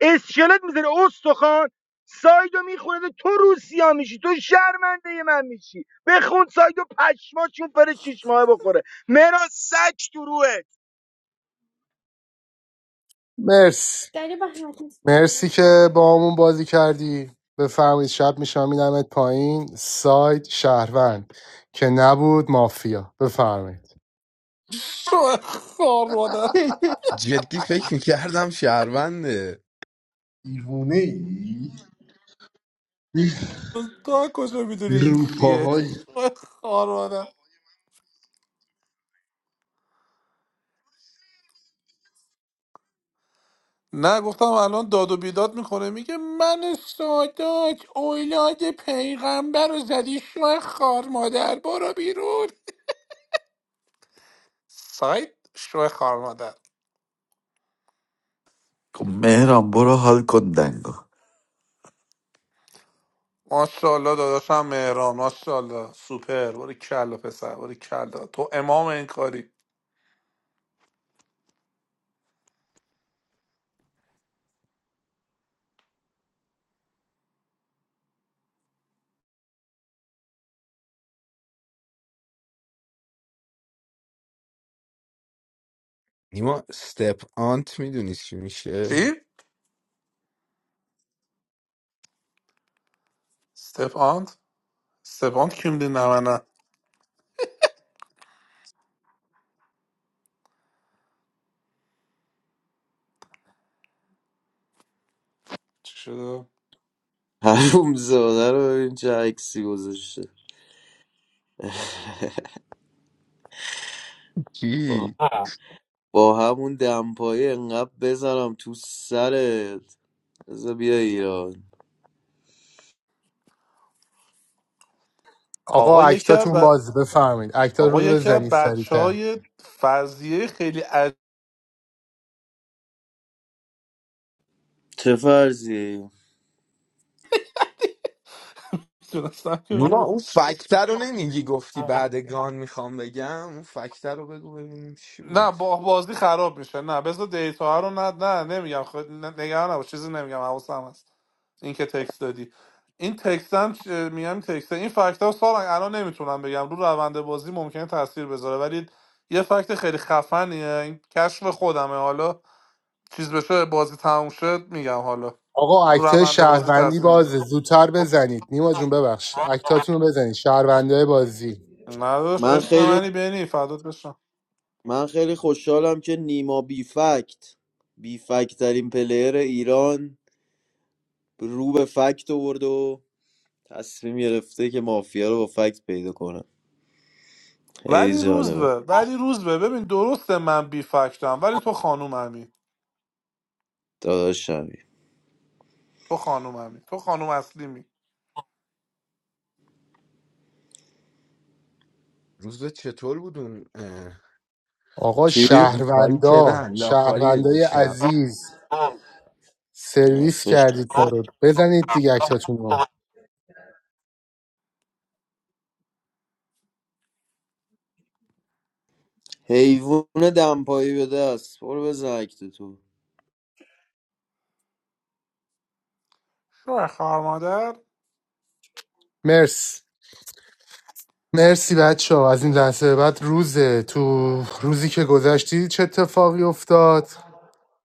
S7: اسکلت میذاره استخوان سایدو میخونه تو روسیا میشی تو شرمنده من میشی بخون سایدو پشما چون پر شیش ماه بخوره مرا سک تو روحت
S2: مرسی مرسی که با همون بازی کردی بفهمید شب میشم میدمت پایین سایت شهروند که نبود مافیا بفرمایید
S23: شو خار مادر
S22: جدی فکر میکردم شهرونده
S12: دیوونه ای
S23: تا کجا میدونی این
S12: رو
S23: چیه
S12: پاهای
S23: شوه خار مادر نه گفتم الان داد و بیداد میکنه میگه من سادات اولاد پیغمبر رو زدی شوه خار مادر برو بیرون سایت شوه خار مادر
S16: خب مهران برو حال کن دنگو
S23: ماشاءالله داداشم مهران ماشاءالله سوپر باری کلا پسر باری کلا تو امام این کاری
S22: نیما استپ آنت میدونی چی میشه
S23: چی؟ استفاند استفاند کیم دی نه من نه. چی شده؟
S24: حروم زاده رو ببین چه عکسی گذاشته با
S22: چی؟
S24: آه. با همون دمپایی انقدر بزنم تو سرت بذار بیا ایران
S2: آقا
S23: آقا یکی
S2: اکتاتون
S23: بر...
S2: باز بفرمایید اکتا
S23: آقا
S2: رو
S23: یکی از
S2: بزنید
S23: بچه
S2: سریعتر
S23: های فرضیه خیلی عجیب
S24: چه فرضی
S23: تونستم که
S22: نیما
S23: بگم.
S22: اون فکتر رو نمیگی گفتی بعد گان میخوام بگم اون فکتر رو بگو ببینیم چی
S23: نه
S22: بود
S23: با بازی خراب میشه نه بذار دیتا رو نه نه نمیگم خود نه- نگران نباش چیزی نمیگم حواسم هست این که تکست دادی این تکست هم چ- میگم تکست این فکت ها سارنگ الان نمیتونم بگم رو روند بازی ممکنه تاثیر بذاره ولی یه فکت خیلی خفنیه این کشف خودمه حالا چیز بشه بازی تموم شد میگم حالا
S2: آقا
S23: رو
S2: اکتای
S23: روند بازی
S2: شهروندی
S23: تاثیر
S2: بازه
S23: میذاره
S2: زودتر بزنید نیما جون ببخش اکتاتون رو بزنید شهروندای بازی
S23: نداشت
S24: من
S23: عشق
S24: خیلی
S23: منی بینی فدات بشم
S24: من خیلی خوشحالم که نیما بی فکت بی فکت ترین پلیر ایران رو به فکت آورد و تصمیم گرفته که مافیا رو با فکت پیدا کنه خیلی
S23: ولی روز
S24: جالبه
S23: به ولی روز به ببین درسته من بی فکتم ولی تو خانوممی
S24: داداشم
S23: تو خانوممی تو خانوم اصلیمی
S22: روز چطور بود اون اه،
S2: آقا
S24: چی؟
S22: روپایی که
S2: شهروندا
S22: نه لاپایی
S2: شهروندای
S22: دیشب
S2: عزیز سرویس
S24: افش
S2: کردید ما رو بزنید دیگه اکتاتون رو
S24: حیوون دمپایی به دست برو بزن اکت تو
S23: شو خواهر مادر
S2: مرس مرسی بچه ها از این لحظه به بعد روزه تو روزی که گذشتی چه اتفاقی افتاد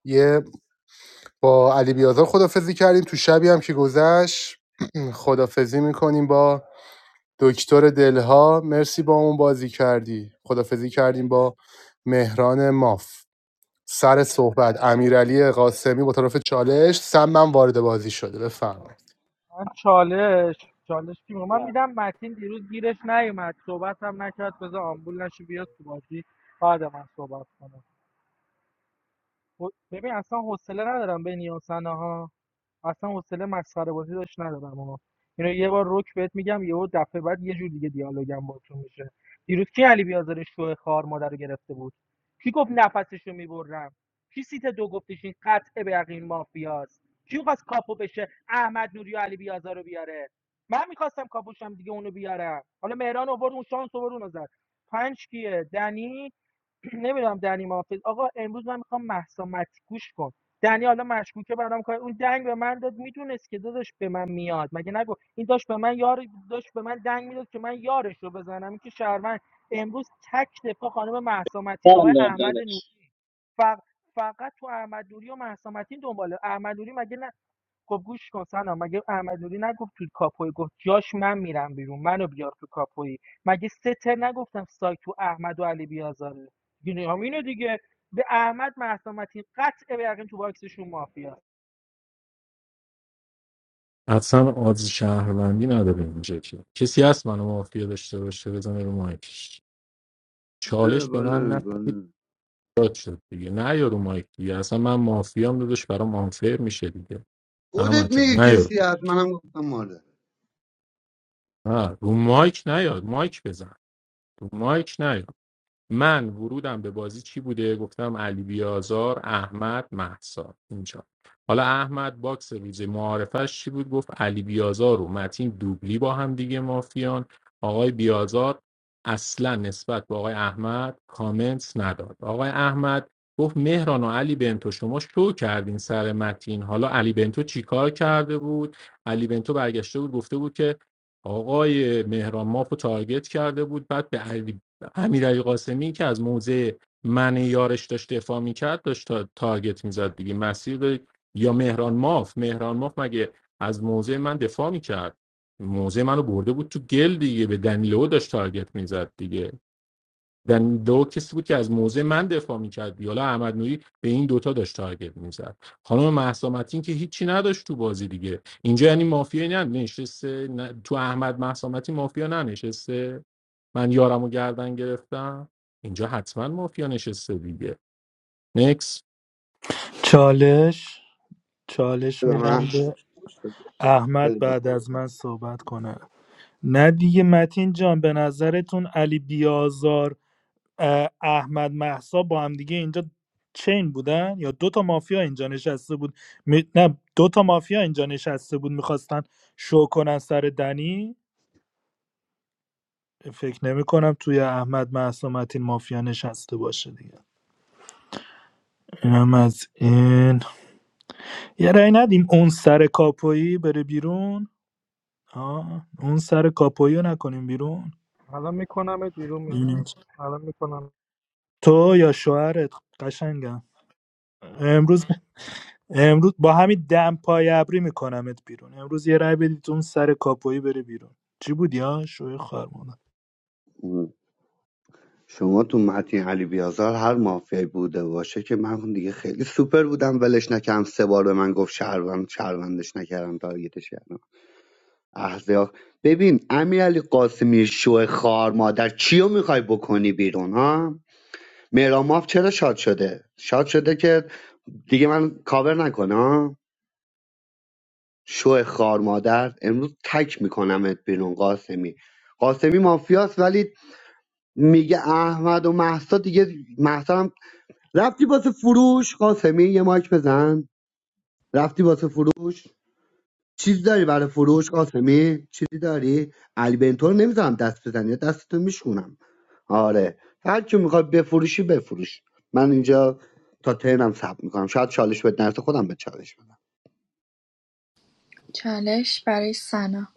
S2: یه با علی بیازار خدافزی کردیم تو شبی هم که گذشت خدافزی میکنیم با دکتر دلها مرسی با اون بازی کردی خدافزی کردیم با مهران ماف سر صحبت امیرعلی قاسمی با طرف چالش سم من وارد بازی شده بفرمایید
S19: من چالش چالش کی می‌خوام؟ من میدم متین دیروز گیرش نیومد صحبت هم نکرد بذار آمبول نشه بیاد تو بازی بعد من صحبت کنم خب، ببین اصلا حوصله ندارم بین این و ثنا ها اصلا حوصله مسخره بازی داشت ندارم آقا اینو یه بار رک بهت میگم یهو دفعه بعد یه جور دیگه دیالوگم باتون میشه دیروز کی علی بیازار شو خار مادر رو گرفته بود کی گفت نفسشو میبرم کی سیت دو گفتش این قطع به یقین مافیاست کی خواست کاپو بشه احمد نوری و علی بیازار رو بیاره من میخواستم کاپوشم دیگه اونو بیارم حالا مهران آورد اون شانس آورد اونو زد پنج کیه دنی نمیدونم دنی محافظ آقا امروز من میخوام محسا مت- گوش کن دنی حالا مشکوکه برام کار اون دنگ به من داد میدونست که داداش به من میاد مگه نگو این داشت به من یار داشت به من دنگ میداد که من یارش رو بزنم این که شهروند امروز تک دفاع خانم مهسا متین
S10: سلام
S19: آقای
S10: داد
S19: احمد
S10: داداش.
S19: نوری فقط فقط تو احمد نوری و مهسا متین دنباله احمد نوری مگه نه خب گوش کن سنا مگه احمد نوری نگفت تو کاپوی گفت جاش من میرم بیرون منو بیار تو کاپوی مگه ستر نگفتم سایت تو احمد و علی بیازاره دیگه هم دیگه به احمد مهسا متین قطع به یقین تو باکسشون مافیا
S6: اصلا آز شهروندی نداره اینجا که کسی هست منو مافیا داشته باشه بزنه رو مایکش
S9: بله
S6: چالش به
S9: بله
S6: من
S9: بله
S6: داد شد دیگه نه یارو مایک دیگه اصلا من مافیام دادش برام آنفر میشه دیگه
S9: خودت
S6: احمد جان
S9: میگی
S6: نه یارو
S9: کسی هست منم گفتم ماده بده
S6: نه رو مایک نیاد مایک بزن رو مایک نیاد من ورودم به بازی چی بوده گفتم علی بیازار احمد مهسا اینجا حالا احمد باکس روز معارفش چی بود گفت علی بیازار و متین دوبلی با هم دیگه مافیان آقای بیازار اصلا نسبت به آقای احمد کامنت نداد آقای احمد گفت مهران و علی بنتو شما شو کردین سر متین حالا علی بنتو چیکار کرده بود علی بنتو برگشته بود گفته بود که آقای مهران ماف رو تارگت کرده بود بعد به علی امیرعلی قاسمی که از موضع من یارش داشت دفاع میکرد داشت تا تارگت میزد دیگه مسیر رو- یا مهران ماف مهران ماف مگه از موضع من دفاع میکرد موضع منو برده بود تو گل دیگه به دنیلو داشت تارگت میزد دیگه یعنی دو کسی بود که از موضع من دفاع میکرد یالا احمد نوری به این دوتا داشت تارگت میزد خانم مهسا متین که هیچی نداشت تو بازی دیگه اینجا یعنی مافیا نه نه- تو احمد مهسا متین مافیا ننشسته من یارم و گردن گرفتم اینجا حتما مافیا نشسته دیگه نکس
S3: چالش چالش
S9: به
S3: میدم
S9: من
S3: به احمد
S9: بده به
S3: بعد از من صحبت کنه نه دیگه متین جان به نظرتون علی بیازار اه، احمد محسا با هم دیگه اینجا چین بودن یا دو تا مافیا اینجا نشسته بود می... نه دو تا مافیا اینجا نشسته بود میخواستن شو کنن سر دنی فکر نمی کنم توی احمد محسا متین مافیا نشسته باشه دیگه اینم از این یه رأی ندیم اون سر کاپویی بره بیرون آه. اون سر کاپویی رو نکنیم بیرون
S19: الان میکنم بیرون میکنم
S3: ببینیم چی.
S19: الان میکنم
S3: تو یا شوهرت قشنگم امروز امروز با همین دم پای ابری میکنمت بیرون امروز یه رای بدید اون سر کاپویی بره بیرون چی بود یا شوی خارمونه
S9: من. شما تو متین علی بیازار هر مافیایی بوده باشه که من دیگه خیلی سوپر بودم ولش نکردم سه بار به من گفت شهروند شهروندش نکردم تارگتش کردم احزیا ببین امیر علی قاسمی شو خار مادر کیو میخوای بکنی بیرون ها مهراماف چرا شاد شده شاد شده که دیگه من کاور نکنه ها شو خار مادر امروز تک میکنمت بیرون قاسمی قاسمی مافیاست ولی میگه احمد و محسا دیگه محسا رفتی واسه فروش قاسمی یه مایک بزن رفتی واسه فروش چیز داری برای فروش قاسمی چیزی داری علی بنتور رو نمیذارم دست بزنی دستتو میشکونم آره هر کی میخواد بفروشی بفروش من اینجا تا ترنم صبر میکنم شاید چالش بهت نرسه خودم به چالش بدم
S1: چالش برای سنا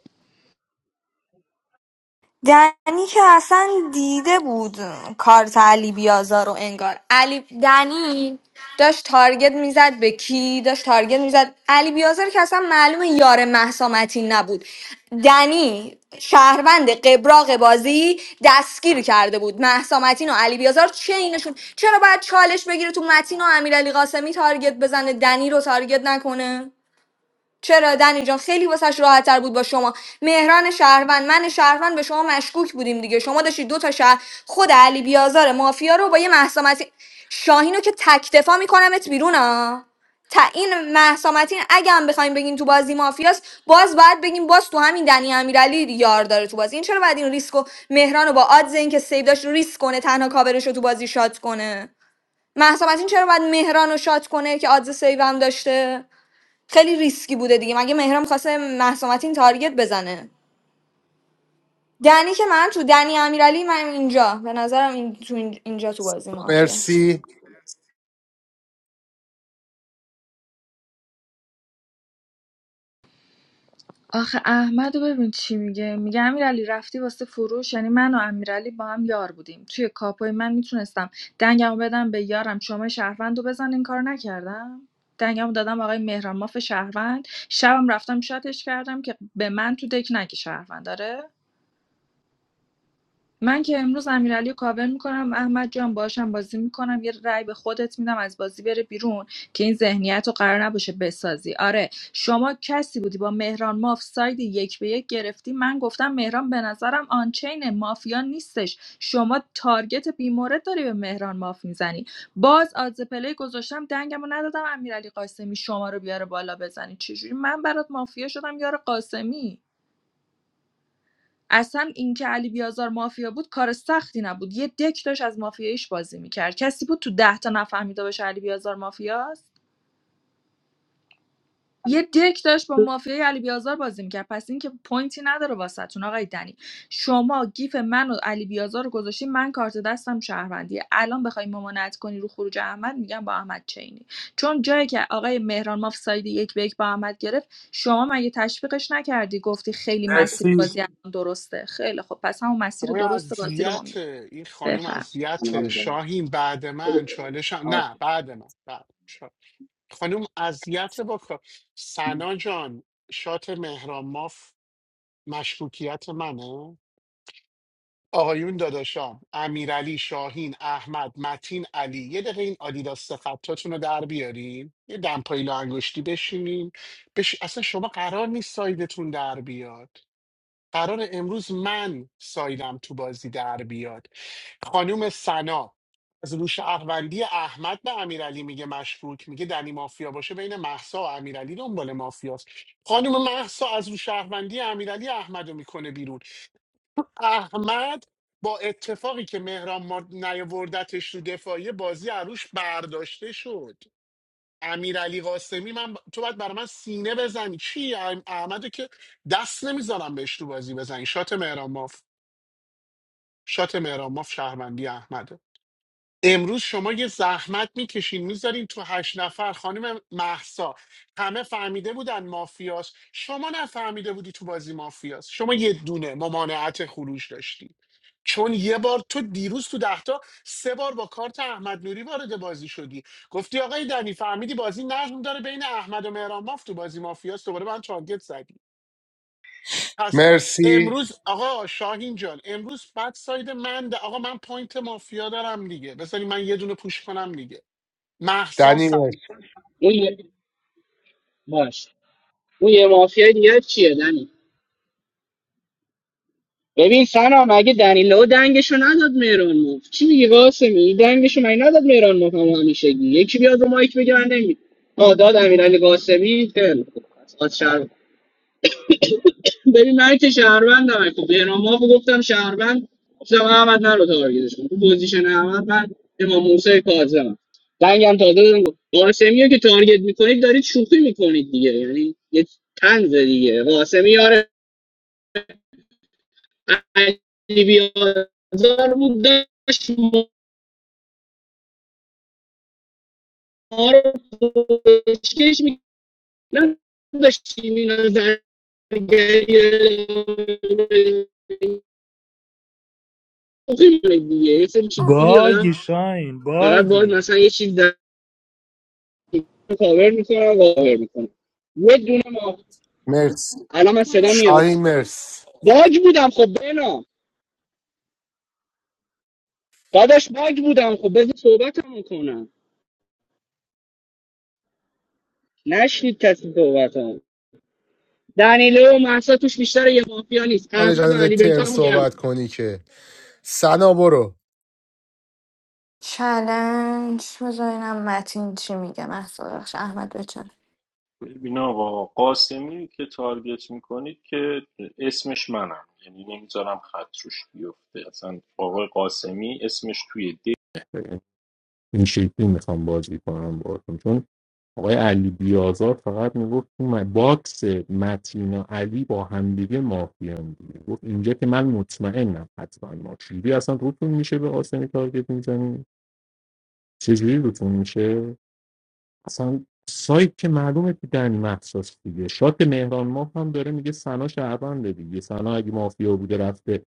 S20: دنی که اصلا دیده بود کارت علی بیازار رو انگار علی دنی داشت تارگت میزد به کی داشت تارگت میزد علی بیازار که اصلا معلومه یار مهسا متین نبود دنی شهروند قبراق بازی دستگیر کرده بود مهسا متین و علی بیازار چه اینشون چرا باید چالش بگیره تو متین و امیرعلی قاسمی تارگت بزنه دنی رو تارگت نکنه چرا دنی جان خیلی واسش راحتتر بود با شما مهران شهروند من شهروند به شما مشکوک بودیم دیگه شما داشتی دو تا شهر خود علی بیازار مافیا رو با یه محسامتی شاهینو که تک دفاع میکنمت بیرون ها تا این محسامتین اگه هم بخوایم بگین تو بازی مافیاست باز باید بگیم باز تو همین دنی امیرعلی یار داره تو بازی این چرا باید این ریسک مهران رو با آدز اینکه سیو داشت ریسک کنه تنها کاورش رو تو بازی شات کنه محسامتین چرا باید مهران رو شات کنه که آدز سیو هم داشته خیلی ریسکی بوده دیگه مگه مهرم خواسته مهسا متین تارگت بزنه دنی که من تو دنی امیرعلی من اینجا به نظرم این تو این- اینجا تو بازی مافی است
S2: مرسی
S1: آخه احمد رو ببین چی میگه میگه امیرعلی رفتی واسه فروش یعنی من و امیرعلی با هم یار بودیم توی کاپوی من میتونستم دنگمو بدم به یارم شما شهروند رو بزن این کار نکردم دنگمو دادم آقای مهران ماف شهروند شبم رفتم شاتش کردم که به من تو دک نگه شهروند داره من که امروز امیرعلی رو کاور میکنم احمد جان باشم بازی میکنم یه رأی به خودت میدم از بازی بره بیرون که این ذهنیت رو قرار نباشه بسازی آره شما کسی بودی با مهران ماف ساید یک به یک گرفتی من گفتم مهران به نظرم آنچین مافیا نیستش شما تارگت بیمورد داری به مهران ماف میزنی باز آدز پلی گذاشتم دنگم ندادم امیرعلی قاسمی شما رو بیاره بالا بزنی چجوری من برات مافیا شدم یار قاسمی اصلا اینکه علی بیازار مافیا بود کار سختی نبود یه دک داشت از مافیاییش بازی میکرد کسی بود تو ده تا نفهمیده باشه علی بیازار مافیاست یه دک داشت با مافیای علی بیازار بازی میکرد پس اینکه پوینتی نداره واسهتون آقای دنی شما گیف من و علی بیازار رو گذاشتی من کارت دستم شهروندیه الان بخوای ممانعت کنی رو خروج احمد میگم با احمد چینی چون جایی که آقای مهران ماف ساید یک به یک با احمد گرفت شما مگه تشویقش نکردی گفتی خیلی مسیر
S2: مرسی
S1: بازی الان درسته خیلی خب پس همون مسیر
S17: آقای
S1: درست بازی رو ما
S17: اذیت
S1: می‌ریم.
S17: این خانم
S1: بفرمایید
S17: اذیت
S10: سلام
S17: شاهین بعد من چالشم
S10: داد.
S17: نه بعد من بعد. خانم اذیت با کار سنا جان شات مهران ماف مشکوکیت منه آقایون داداشام امیرعلی شاهین احمد متین علی یه دقیقه این آدیداس خطاتون رو در بیارین یه دمپایی لا انگشتی بشینین بش... اصلا شما قرار نیست سایدتون در بیاد قرار امروز من سایدم تو بازی در بیاد خانوم سنا از روش شهروندی احمد به امیرعلی میگه مشکوک میگه دنی مافیا باشه بین محسا و امیرعلی دنبال مافیاست خانم محسا از روش شهروندی امیرعلی احمد رو میکنه بیرون احمد با اتفاقی که مهران ما نیاوردتش رو دفاعی بازی عروش برداشته شد امیرعلی قاسمی من تو باید برای من سینه بزنی چی ام- احمدو که دست نمیذارم بهش تو بازی بزنی شات مهران ماف شات مهران ماف شهروندی احمده امروز شما یه زحمت میکشین میذارین تو هشت نفر خانم محسا همه فهمیده بودن مافیاس شما نفهمیده بودی تو بازی مافیاس شما یه دونه ممانعت خروج داشتی چون یه بار تو دیروز تو دهتا سه بار با کارت احمد نوری وارد بازی شدی گفتی آقای دنی فهمیدی بازی نظم داره بین احمد و مهران ماف تو بازی مافیاس دوباره من تارگت زدی پس
S2: مرسی
S17: امروز آقا شاهین جان امروز بعد ساید من ده. آقا من پوینت مافیا دارم دیگه بذاری من یه دونه پوش کنم دیگه محسا
S2: دنی
S17: سن
S2: مرسی
S10: اون یه- باش اون یه مافیا دیگه چیه دنی ببین سنا مگه دنیلو دنگشو نداد مهران موف چی میگی قاسمی این دنگشو مگه نداد مهران موف هم همیشگی یکی بیاد رو مایک بگه من نمی آ داد امیرعلی قاسمی خیلی خوب. از شهر ببین من که شهروندم خب مهران موف گفتم شهروند گفتم احمد نرو تارگیزش کن تو پوزیشن احمد من امام موسی کاظمم دنگم تازه دادم قاسمی رو که تارگت میکنید دارید شوخی میکنید دیگه یعنی یه طنز دیگه قاسمی علی بیازار بود داشت ما رو پشکش میکنم داشتیم این رو زرگری مخیلی دیگه یه سری چیزی دیگه
S3: باگی
S10: آدم
S3: شاین
S10: فقط باید
S3: باگی
S10: مثلا یه چیز در کاور میکنم و کاور میکنم یه دونه ما
S2: مرسی
S10: الان من صدا میاد
S2: شاهین مرسی
S10: باگ بودم خب بنا داداش باگ بودم خب بذار صحبتمو کنم نشنید کسی صحبتمو دنیله و محسا توش بیشتر یه مافیا نیست
S2: حالا
S10: احمد و
S2: جان
S10: علی
S2: ترن
S10: بنتامو
S2: صحبت
S10: گردن
S2: کنی که سنا برو
S20: چلنج بذارینم متین چی میگه محسا بخش احمد بچن
S6: ببین آقا قاسمی که تارگت میکنید که اسمش منم یعنی نمیذارم خط روش بیفته اصلا آقای قاسمی اسمش توی دی این شکلی میخوام بازی کنم باهاتون چون آقای علی بیازار فقط میگفت تو م- باکس متینا علی با همدیگه مافیان دیگه گفت اینجا که من مطمئنم حتما ما چجوری اصلا روتون میشه به آسمی تارگت میزنی چجوری روتون میشه اصلا سایت که معلومه که دنی مخصاص دیگه شات مهران ماه هم داره میگه سنا شهرونده دیگه سنا اگه مافیا بوده رفته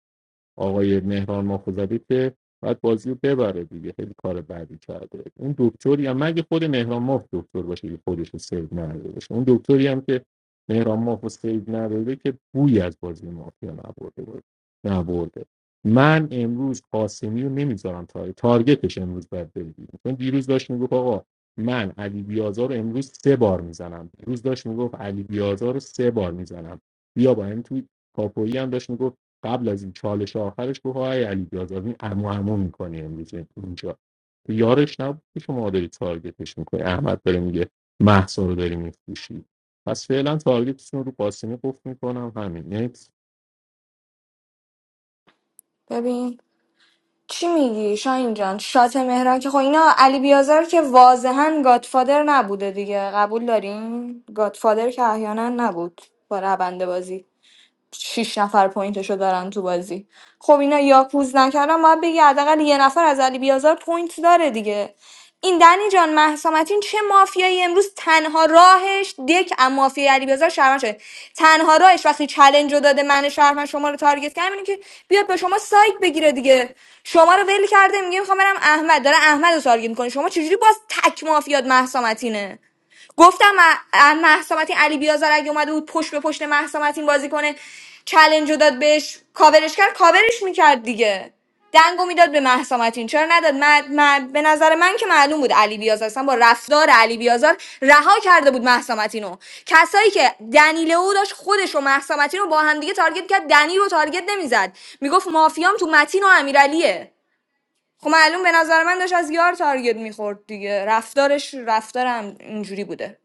S6: آقای مهران ماخوذلی که باید بازی رو ببره دیگه خیلی کار بعدی کرده اون دکتری هم مگه خود مهران ماخ دکتر باشه که خودش رو سیو نداده باشه اون دکتری هم که مهران ماخ رو سیو نداده که بوی از بازی مافیا نبرده بود نبرده من امروز قاسمی رو نمیذارم تا تارگتش امروز باید بره بیرون. چون دیروز داشت میگفت آقا من علی بیازار رو امروز سه بار میزنم دیروز داشت میگفت علی بیازار رو سه بار میزنم بیا با هم توی کاپویی هم داشت میگفت قبل از این چالش آخرش گفت های علی بیاز از این عمو عمو میکنی امروز اینجا یارش نبود که شما داری تارگتش میکنی احمد داره میگه محسا رو داری میفروشی پس فعلا تارگتشون رو قاسمی قفل میکنم همین یعنی
S20: ببین چی میگی شاین جان شات مهران که خب اینا علی بیازار که واضحا گادفادر نبوده دیگه قبول دارین گادفادر که احیانا نبود با رونده بازی شیش نفر پوینتشو دارن تو بازی خب اینا یاکوز نکردن باید بگی حداقل یه نفر از علی بیازار پوینت داره دیگه این دنی جان محسامتین چه مافیایی امروز تنها راهش دک از مافیای علی بیازار شهروند شده تنها راهش وقتی چلنج رو داده من شهروند شما رو تارگت کردم اینه که بیاد به شما سایت بگیره دیگه شما رو ول کرده میگه میخوام برم احمد داره احمد رو تارگت میکنه شما چجوری باز تک مافیات محسامتینه گفتم م- مهسا متین علی بیازار اگه اومده بود پشت به پشت مهسا متین بازی کنه چلنج رو داد بهش کاورش کرد کاورش میکرد دیگه دنگو میداد به مهسا متین چرا نداد من, من- به نظر من که معلوم بود علی بیازار اصلا با رفتار علی بیازار رها کرده بود مهسا متین رو کسایی که دنیله او داشت خودش و مهسا متین رو با هم دیگه تارگت کرد دنی رو تارگت نمیزد میگفت مافیام تو متین و امیرعلیه خب معلوم به نظر من داشت از یار تارگت میخورد دیگه رفتارش رفتارم اینجوری بوده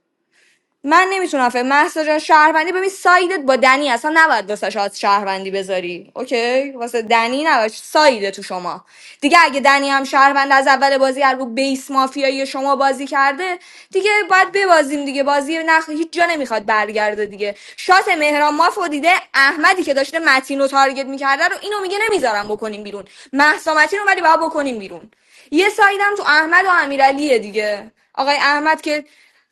S20: من نمیتونم فکر محسا جان شهروندی ببین سایدت با دنی اصلا نباید واسه شاد شهروندی بذاری اوکی واسه دنی نباش سایده تو شما دیگه اگه دنی هم شهروند از اول بازی هر رو بیس مافیایی شما بازی کرده دیگه باید ببازیم دیگه بازی نخ هیچ جا نمیخواد برگرده دیگه شات مهران مافو دیده احمدی که داشته متین رو تارگت میکرده رو اینو میگه نمیذارم بکنیم بیرون مهسا متین رو ولی باید بکنیم بیرون یه سایدم تو احمد و امیرعلیه دیگه آقای احمد که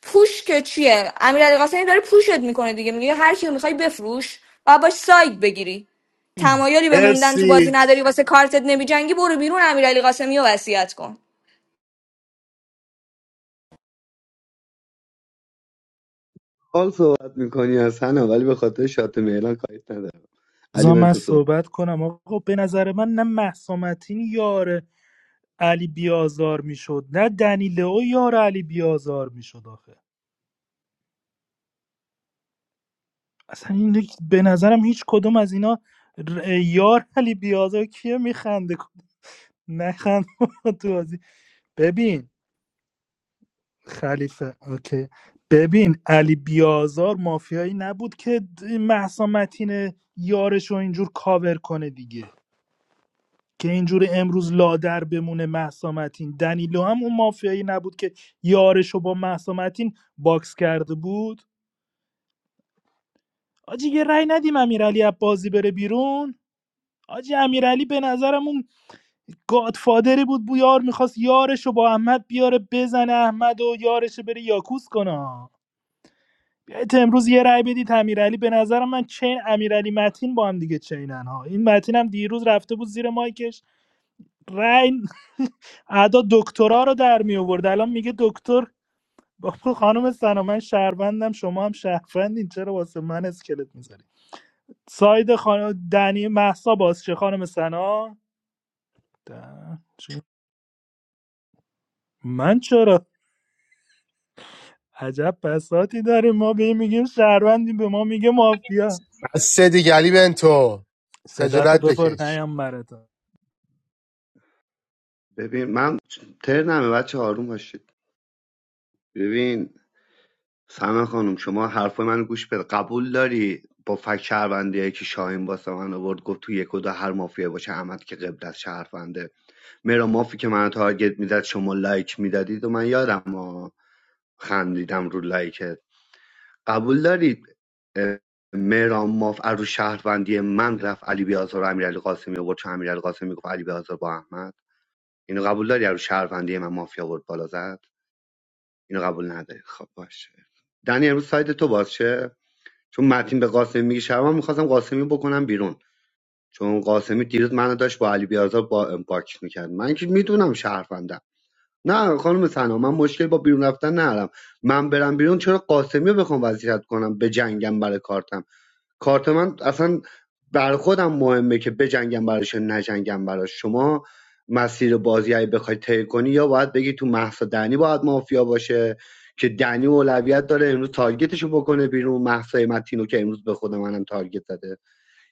S20: پوش که چیه امیرعلی قاسمی داره پوشت میکنه دیگه میگه هر کیو میخوای بفروش و باش ساید بگیری تمایلی به موندن تو بازی
S2: مرسی
S20: نداری واسه کارتت نمیجنگی برو بیرون امیرعلی قاسمی رو وصیت کن
S9: حال صحبت میکنی از هنا ولی به خاطر شات میلان کاریت ندارم علی
S3: بذار من
S9: بنت صحبت کن.
S3: صحبت کنم آقا به نظر من نه محسامتین یار علی بیازار میشد نه دنیلو یار علی بیازار میشد آخه اصلا این یک- به نظرم هیچ کدوم از اینا ر- یار علی بیازار کیه میخنده نخند تو بازی ببین خلیفه اوکی ببین علی بیازار مافیایی نبود که محسا متین یارش رو اینجور کاور کنه دیگه که اینجور امروز لادر بمونه محسا متین دنیلو هم اون مافیایی نبود که یارش رو با محسا متین باکس کرده بود آجی یه رأی ندیم امیرعلی از بازی بره بیرون آجی امیرعلی به نظرم اون گادفادری بود بو یار میخواست یارش رو با احمد بیاره بزنه احمد و یارش رو بره یاکوس کنه بیایید امروز یه رأی بدید امیرعلی به نظرم من چین امیرعلی متین با هم دیگه چینن ها این متین هم دیروز رفته بود زیر مایکش رأی ادا دکترا رو در می آورد الان میگه دکتر بابا خانم سنا من شهروندم شما هم شهروندین چرا واسه من اسکلت میذاری ساید خانم دنی محسا باز چه خانم سنا ده- چی؟ من چرا عجب بساتی داریم ما به این میگیم شهروندیم به ما میگه مافیا
S2: از سه دیگلی بنتو
S3: صدا تو
S2: خجالت
S3: ببر
S2: بکش
S3: نیام برات
S9: ببین من ترنمه بچه آروم باشید ببین سمه خانم شما حرف منو گوش بده قبول داری با فک شهروندی که شاهین واسه من آورد گفت تو یک و دو هر مافیا باشه احمد که قبل از شهرونده مرا مافی که من تارگت میداد شما لایک میدادید و من یادم ها خندیدم رو لایک قبول دارید اه، مهران ماف از رو شهروندی من رفت علی بیازار و امیرعلی قاسمی آورد چون امیرعلی قاسمی گفت علی بیازار با احمد اینو قبول داری از رو شهروندی من مافیا آورد بالا زد اینو قبول نداری خب باشه دنی امروز سایت تو باز شه چون متین به قاسمی میگه شهروند میخواستم قاسمی بکنم بیرون چون قاسمی دیروز منو داشت با علی بیازار با باکس میکرد من که میدونم شهروندم نه خانم سنا من مشکل با بیرون رفتن ندارم من برم بیرون چرا قاسمی رو بخوام وضعیت کنم به جنگم برای کارتم کارت من اصلا بر خودم مهمه که بجنگم براش یا نجنگم براش شما مسیر بازی اگه بخوای طی کنی یا باید بگی تو محسا دنی باید مافیا باشه که دنی اولویت داره امروز تارگتشو بکنه بیرون محسا متینو که امروز به خود منم تارگت زده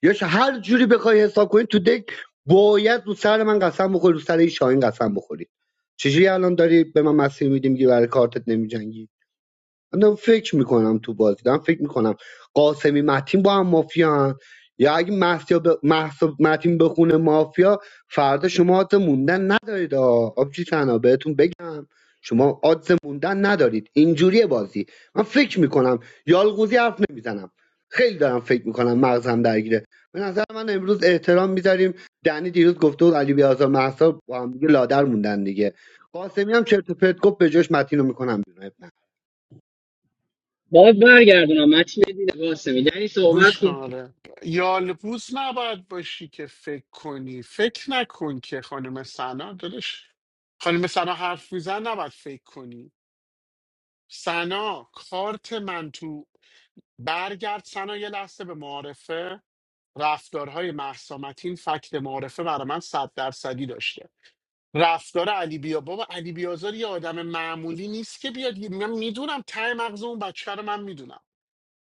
S9: یا ش- هر جوری بخوای حساب کنی تو دک باید رو سر من قسم بخوری رو سر این شاهین قسم بخوری چجوری الان داری به من مسیر میدی میگی برای کارتت نمیجنگی من دارم فکر میکنم تو بازی دارم فکر میکنم قاسمی متین با هم مافیان یا اگه محسیا ب... محسا متین بخونه مافیا فردا شما آدز موندن ندارید آه. آبجی تنها بهتون بگم شما آدز موندن ندارید اینجوریه بازی من فکر میکنم یالغوزی حرف نمیزنم خیلی دارم فکر میکنم مغزم درگیره به نظر من امروز احترام میذاریم دنی دیروز گفته بود علی بیازار محسا با هم دیگه لادر موندن دیگه قاسمی هم چرت و پرت گفت به جاش متین رو میکنم بیرون
S10: باید برگردونم متین دیده قاسمی دنی
S17: گوش
S10: صحبت
S17: کن
S10: کن
S17: آره یالبوز نباید باشی که فکر کنی فکر نکن که خانم سنا دلش خانم سنا حرف میزن نباید فکر کنی سنا کارت من تو برگرد سنا یه لحظه به معارفه رفتارهای محسامتین فکت معارفه برای من صد درصدی داشته رفتار علی بیا بابا علی بیازار یه آدم معمولی نیست که بیاد من میدونم ته مغز اون بچه رو من میدونم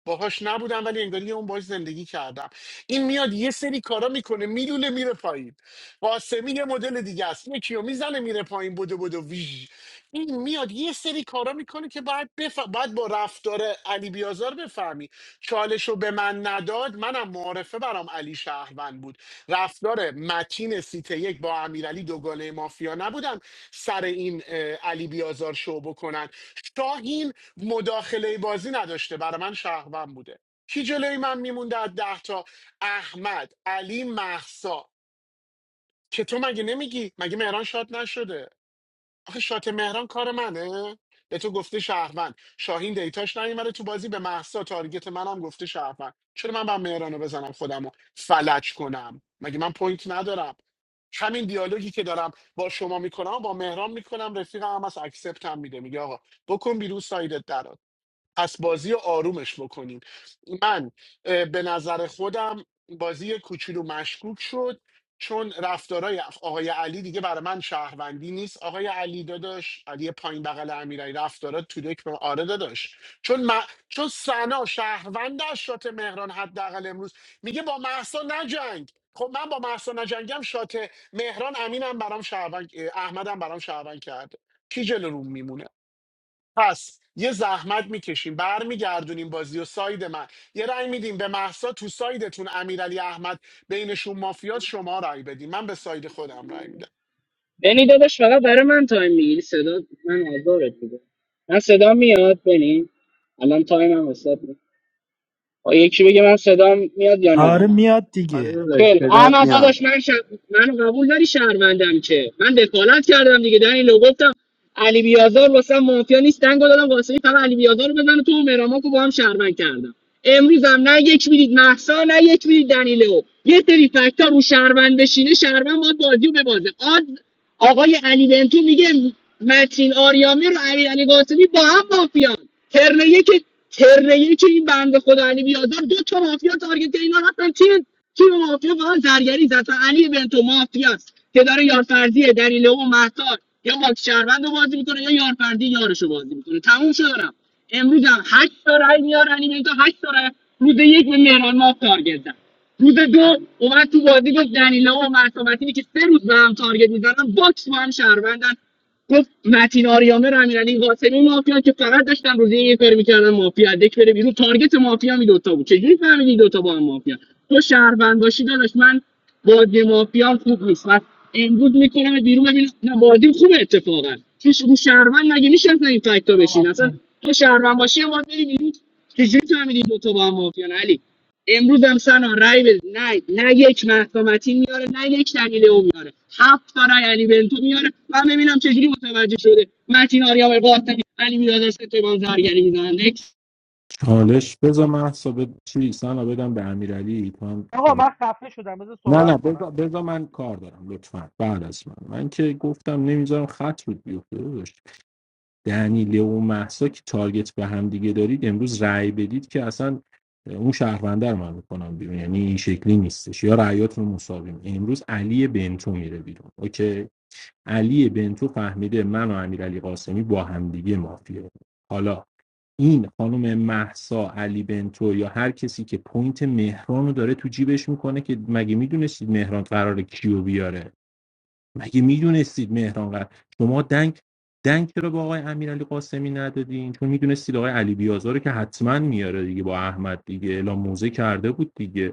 S17: باهاش نبودم ولی انگاری اون باش زندگی کردم این میاد یه سری کارا میکنه میلوله میره پایین قاسمی یه مدل دیگه است یکی رو میزنه میره پایین بودو بودو ویژ این میاد یه سری کارا میکنه که باید, بف... باید با رفتار علی بیازار بفهمی چالش رو به من نداد منم معارفه برام علی شهروند بود رفتار متین سیت یک با امیرعلی دوگانه مافیا نبودن سر این اه، علی بیازار شو بکنن شاهین مداخله بازی نداشته برای من شهروند بوده کی جلوی من میمونده از ده تا احمد علی محسا که تو مگه نمیگی مگه مهران شاد نشده آخه شات مهران کار منه به تو گفته شهروند شاهین دیتاش نیومده تو بازی به محسا تارگت منم گفته شهروند چرا من با مهرانو بزنم خودمو فلج کنم مگه من پوینت ندارم همین دیالوگی که دارم با شما میکنم با مهران میکنم رفیقم هم از اکسپت هم میده میگه آقا بکن بیرون سایدت در پس بازی رو آرومش بکنیم من اه، به نظر خودم بازی کوچولو مشکوک شد چون رفتارای آقای علی دیگه برای من شهروندی نیست آقای علی داداش علی پایین بغل امیرعلی رفتارا تو دک به- آره داداش چون من چون سنا شهروند از شات مهران حداقل امروز میگه با محسا نجنگ خب من با محسا نجنگم شات مهران امینم برام شهروند احمدم برام شهروند کرده کی جلو روم میمونه پس یه زحمت میکشیم برمیگردونیم بازی و ساید من یه رأی میدیم به محسا تو سایدتون امیرعلی احمد بینشون مافیات شما رأی بدیم من به ساید خودم رأی میدم
S10: بنی داداش فقط برای من تایم میگیری صدا من آزارت میده من صدا میاد بنی الان تایم هم حساب یکی بگه من صدام میاد یا نه
S3: آره میاد
S9: آره
S3: دیگه
S9: داداش
S10: خیلی خوب.
S9: صدات
S10: احمد
S9: میاد
S10: داداش من ش... منو قبول داری شهروندم که من دخالت کردم دیگه در اینو گفتم علی بیازار واسه مافیا نیست دنگو دادم واسه این فقط علی بیازار رو بزنه تو مهراماکو با هم شهروند کردم امروز هم نه یک میدید محسا نه یک میدید دنیلو یه سری فکتا رو شهروند بشینه شهروند باید بازیو رو ببازه آقای علی بنتو میگه متین آریامه رو علی علی قاسمی با هم مافیان ترنیه که ترنیه که این بنده خدا علی بیازار دو تا مافیا تارگت اینا رفتن تیم تیم مافیا فقط زرگری زد اصلا علی بنتو مافیاست که داره یارفرزی دلیله و مهتار یا ماکس شهروند رو بازی میکنه یا یارفرزی یارش رو بازی میکنه تموم شد رفت امروز هم 8 تا رای میاره علی بنتو 8 تا رای روز یک به مهران ماف تارگت زد روز دو اومد تو بازی گفت دنیلا و مسامتینی که سه روز به هم تارگت میزنن باکس با هم شهروندن گفت متین آریامه رمیرعلی قاسمی مافیا که فقط داشتن روزی یه کاری میکردن مافیا دک بره بیرون تارگت مافیا می دوتا بود چجوری فهمیدی دوتا با هم مافیا تو شهروند باشی داداش من بازی مافیا خوب نیست و امروز میکنم بیرون ببینم نه بازی خوبه اتفاقا چش رو شهروند مگه میشه اصلا این فکتا بشین اصلا تو شهروند باشی یه بار بری بیرون چجوری فهمیدی دوتا با هم مافیا علی امروز هم سنا رای بده نه نه یک محکمتی میاره نه یک دلیل او میاره هفت تا رای علی بنتو میاره من ببینم چجوری متوجه شده متین آریام قاسمی علی میداد استفان زرگری میزنن نکس.
S6: چالش بذار من حساب چی سنا بدم به امیرعلی تو هم
S19: آقا
S6: چالش.
S19: من خفه شدم بذار
S6: نه نه
S19: صحبت کنم
S6: بذار, بذار من کار دارم لطفا بعد از من من که گفتم نمیذارم خط رود بیفته دنیله و محسا که تارگت به هم دیگه دارید امروز رأی بدید که اصلا اون شهرونده رو من میکنم بیرون یعنی این شکلی نیستش یا رأیاتون رو مساویم امروز علی بنتو میره بیرون اوکی علی بنتو فهمیده من و امیرعلی قاسمی با هم دیگه مافیا حالا این خانم محسا علی بنتو یا هر کسی که پوینت مهران رو داره تو جیبش میکنه که مگه میدونستید مهران قراره کیو بیاره مگه میدونستید مهران قرار شما دنگ دنگ چرا با آقای امیرعلی قاسمی ندادین چون میدونستید آقای علی بیازار رو که حتما میاره دیگه با احمد دیگه اعلام موزه کرده بود دیگه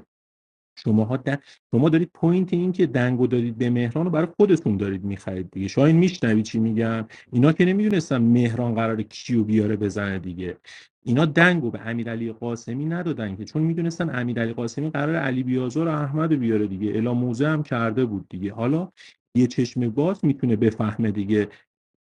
S6: شماها دن... شما دارید پوینت این که دنگو دارید به مهران رو برای خودتون دارید میخرید دیگه شاید میشنوی چی میگم اینا که نمیدونستن مهران قراره کیو بیاره بزنه دیگه اینا دنگو به امیرعلی قاسمی ندادن که چون میدونستن امیرعلی قاسمی قراره علی بیازار و احمد بیاره دیگه الا موزه هم کرده بود دیگه حالا یه چشم باز میتونه بفهمه دیگه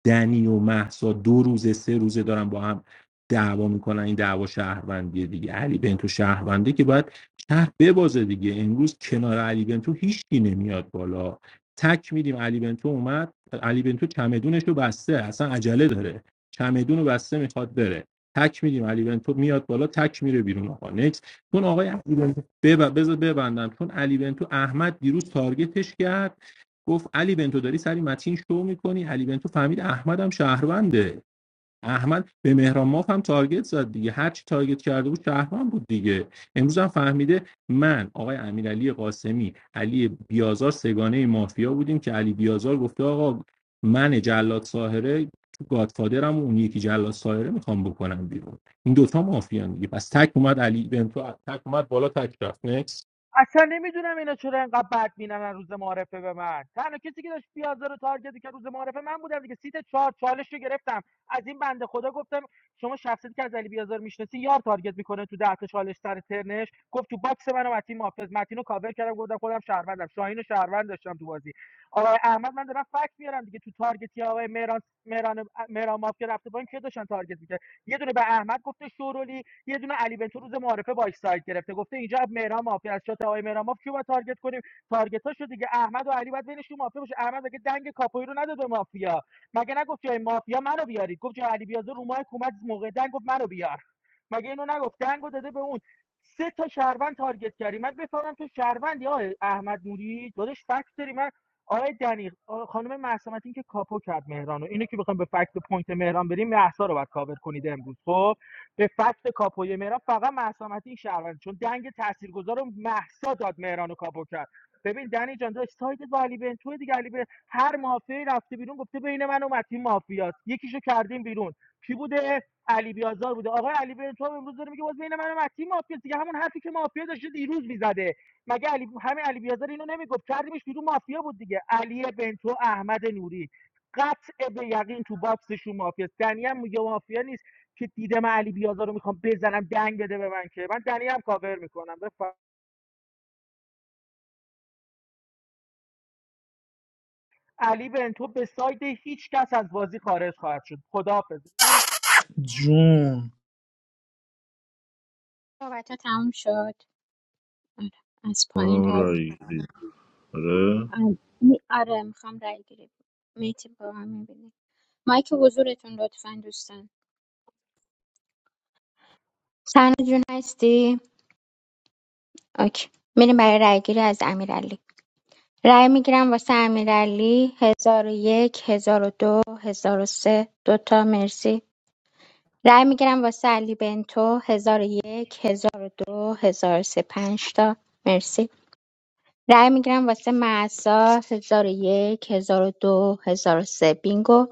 S6: دنی و محسا دو روزه سه روزه دارن با هم دعوا میکنن این دعوا شهروندیه دیگه علی بنتو شهرونده که باید شهر ببازه دیگه امروز کنار علی بنتو هیچکی نمیاد بالا تک میدیم علی بنتو اومد علی بنتو چمدونش رو بسته اصلا عجله داره چمدون رو بسته میخواد بره تک میدیم علی بنتو میاد بالا تک میره بیرون آقا نکس چون آقای علی بنتو بب... بذار ببندم چون علی بنتو احمد دیروز تارگتش کرد گفت علی بنتو داری سری متین شو میکنی علی بنتو فهمید احمدم شهرونده احمد به مهران ماف هم تارگت زد دیگه هر چی تارگت کرده بود شهرمان بود دیگه امروز هم فهمیده من آقای امیرعلی قاسمی علی بیازار سگانه مافیا بودیم که علی بیازار گفته آقا من جلاد ساهره تو گادفادرم و اون یکی جلاد ساهره میخوام بکنم بیرون این دوتا مافیا دیگه پس تک اومد علی بنتو تک اومد بالا تک رفت نکس
S19: اصلا نمیدونم اینا چرا اینقدر بد مینن روز معارفه به من تنها کسی که داشت پیازه رو تارگت که روز معارفه من بودم دیگه سیت چهار چالش رو گرفتم از این بنده خدا گفتم شما شخصیتی که از علی بیازار میشناسی یار تارگت میکنه تو ده تا چالش سر ترنش گفت تو باکس منو و متین محافظ متین کاور کردم گفتم خودم شهروندم شاهینو رو شهروند داشتم تو بازی آقای احمد من دارم فکت میارم دیگه تو تارگتی آقای مهران مهران مهران ماف که رفته با این که داشتن تارگت میکرد یه دونه به احمد گفته شورولی یه دونه علی بنتو روز معارفه باش سایت گرفته گفته اینجا مهران مافی از شات آقای مهران مافی رو باید تارگت کنیم تارگتاشو دیگه احمد و علی باید بینشون مافیا باشه احمد مگه دنگ کاپوی رو نداد به مافیا مگه نگفت جای مافیا منو بیارید گفت جای علی بیازو رو ماه کومت موقع دنگ گفت منو بیار مگه اینو نگفت دنگو داده به اون سه تا شهروند تارگت کردی من بفهمم تو شهروند یا احمد نوری دادش فکت داری من آقای دنی خانم مهسا متین که کاپو کرد مهران رو اینو که بخوام به فکت پوینت مهران بریم مهسا رو باید کاور کنید امروز خب به فکت کاپوی مهران فقط مهسا متین شهروند چون دنگ تاثیرگذار رو مهسا داد مهران رو کاپو کرد ببین دنی جان داشت سایدت با علی بنتو دیگه علی بن هر مافیایی رفته بیرون گفته بین من و متین مافیاست یکیشو کردیم بیرون کی بوده علی بیازار بوده آقای علی بنتو هم امروز داره میگه باز بین من و متین مافیاست دیگه همون حرفی که مافیا داشته دیروز میزده مگه علی همه علی بیازار اینو نمیگفت کردیمش بیرون مافیا بود دیگه علی بنتو احمد نوری قطع به یقین تو باکسشون مافیاست دنی هم میگه مافیا نیست که دیدم علی بیازار رو میخوام بزنم دنگ بده به من که من دنی هم کاور میکنم بفر... علی بنتو به ساید هیچ کس از بازی خارج خواهد شد خداحافظ نقش
S3: جون
S15: صحبت ها تموم شد آره. از پایین رای
S12: آرایی آره
S15: گیری. آره آره، میخوام رای گیری میتی با هم می‌بینی. مایک حضورتون لطفا دوستان سرنا جون هستی اوکی میریم برای رای گیری از امیرعلی رای میگیرم واسه امیرعلی هزار و یک هزار و دو هزار و سه دوتا مرسی رای میگیرم واسه علی بنتو هزار و یک هزار و دو هزار و سه پنج تا مرسی رای میگیرم واسه معصا هزار و یک هزار و دو هزار و سه بینگو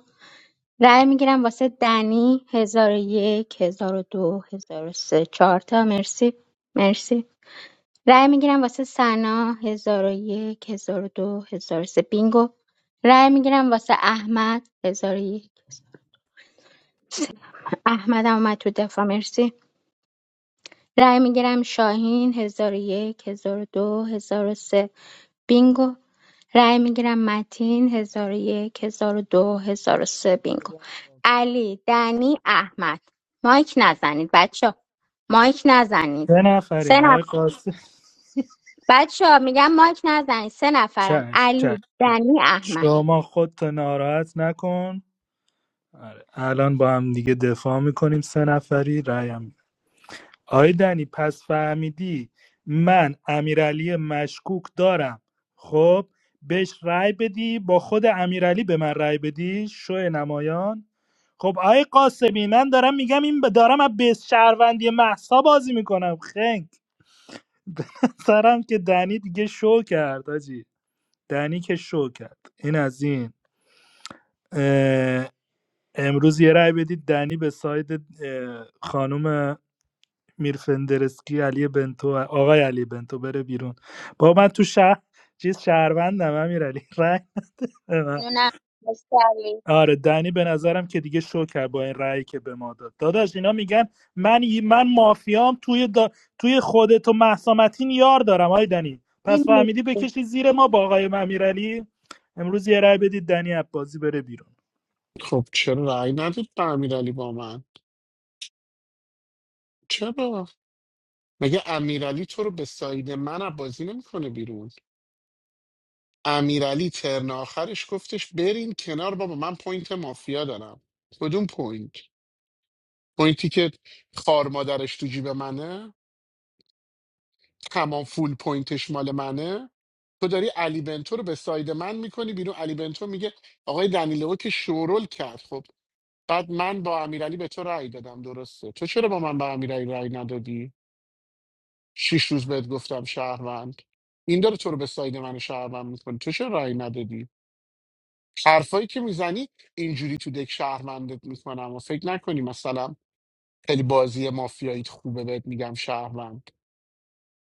S15: رأی میگیرم واسه دنی 1001 1002 1003 4 تا مرسی مرسی رأی میگیرم واسه سنا 1001 1002 1003 بینگو رأی میگیرم واسه احمد هزار و یک احمد هم اومد تو دفاع مرسی رأی میگیرم شاهین 1001 1002 1003 بینگو رای میگیرم متین هزار و یک هزار و دو هزار و سه بینگو
S19: بده
S15: علی دنی احمد مایک نزنید بچه مایک نزنید
S3: سه
S15: سه
S3: نفریم آقای
S15: نفر
S3: قاسم
S15: بچه میگم مایک نزنید سه نفرن
S3: چش چش
S15: علی
S3: چش.
S15: دنی احمد
S3: شما خودتو ناراحت نکن آره. الان با هم دیگه دفاع میکنیم سه نفری رایم میدم آقای دنی پس فهمیدی من امیرعلی مشکوک دارم خب بهش رأی بدی با خود امیرعلی به من رأی بدی شو نمایان خب آقای قاسمی من دارم میگم این ب- دارم از بیس شهروندی محسا بازی میکنم خنگ سرم که دنی دیگه شو کرد آجی دنی که شو کرد این از این اه، امروز یه رأی بدید دنی به ساید اه، خانم میرفندرسکی علی بنتو آقای علی بنتو بره بیرون با من تو شهر چیز شهروندم امیرعلی رأی
S15: ممنونم مرسی علی
S3: آره دنی به نظرم که دیگه شو کرد با این رأیی که به ما داد داداش اینا میگن من من مافیام توی دا... توی خودت و مهسا متین یار دارم آی دنی
S15: علی
S3: پس
S15: مرسی.
S3: فهمیدی بکشی زیر ما با آقای امیرعلی امروز یه رأی بدید دنی از بازی بره بیرون
S17: خب چرا رأی ندید به امیرعلی با من چرا مگه امیرعلی تو رو به ساید من از بازی نمیکنه بیرون امیرعلی ترن آخرش گفتش برین کنار بابا من پوینت مافیا دارم کدوم پوینت پوینتی که خار مادرش تو جیب منه تمام فول پوینتش مال منه تو داری علی بنتو رو به ساید من میکنی بیرون علی بنتو میگه آقای دنیلو که شورول کرد خب بعد من با امیرعلی به تو رأی دادم درسته تو چرا با من با امیرعلی رأی ندادی شیش روز بهت گفتم شهروند این داره تو رو به ساید من شهروند میکنی تو چرا رأی ندادی حرفایی که میزنی اینجوری تو دک شهروندت میکنم و فکر نکنی مثلا خیلی بازی مافیایی خوبه بهت میگم شهروند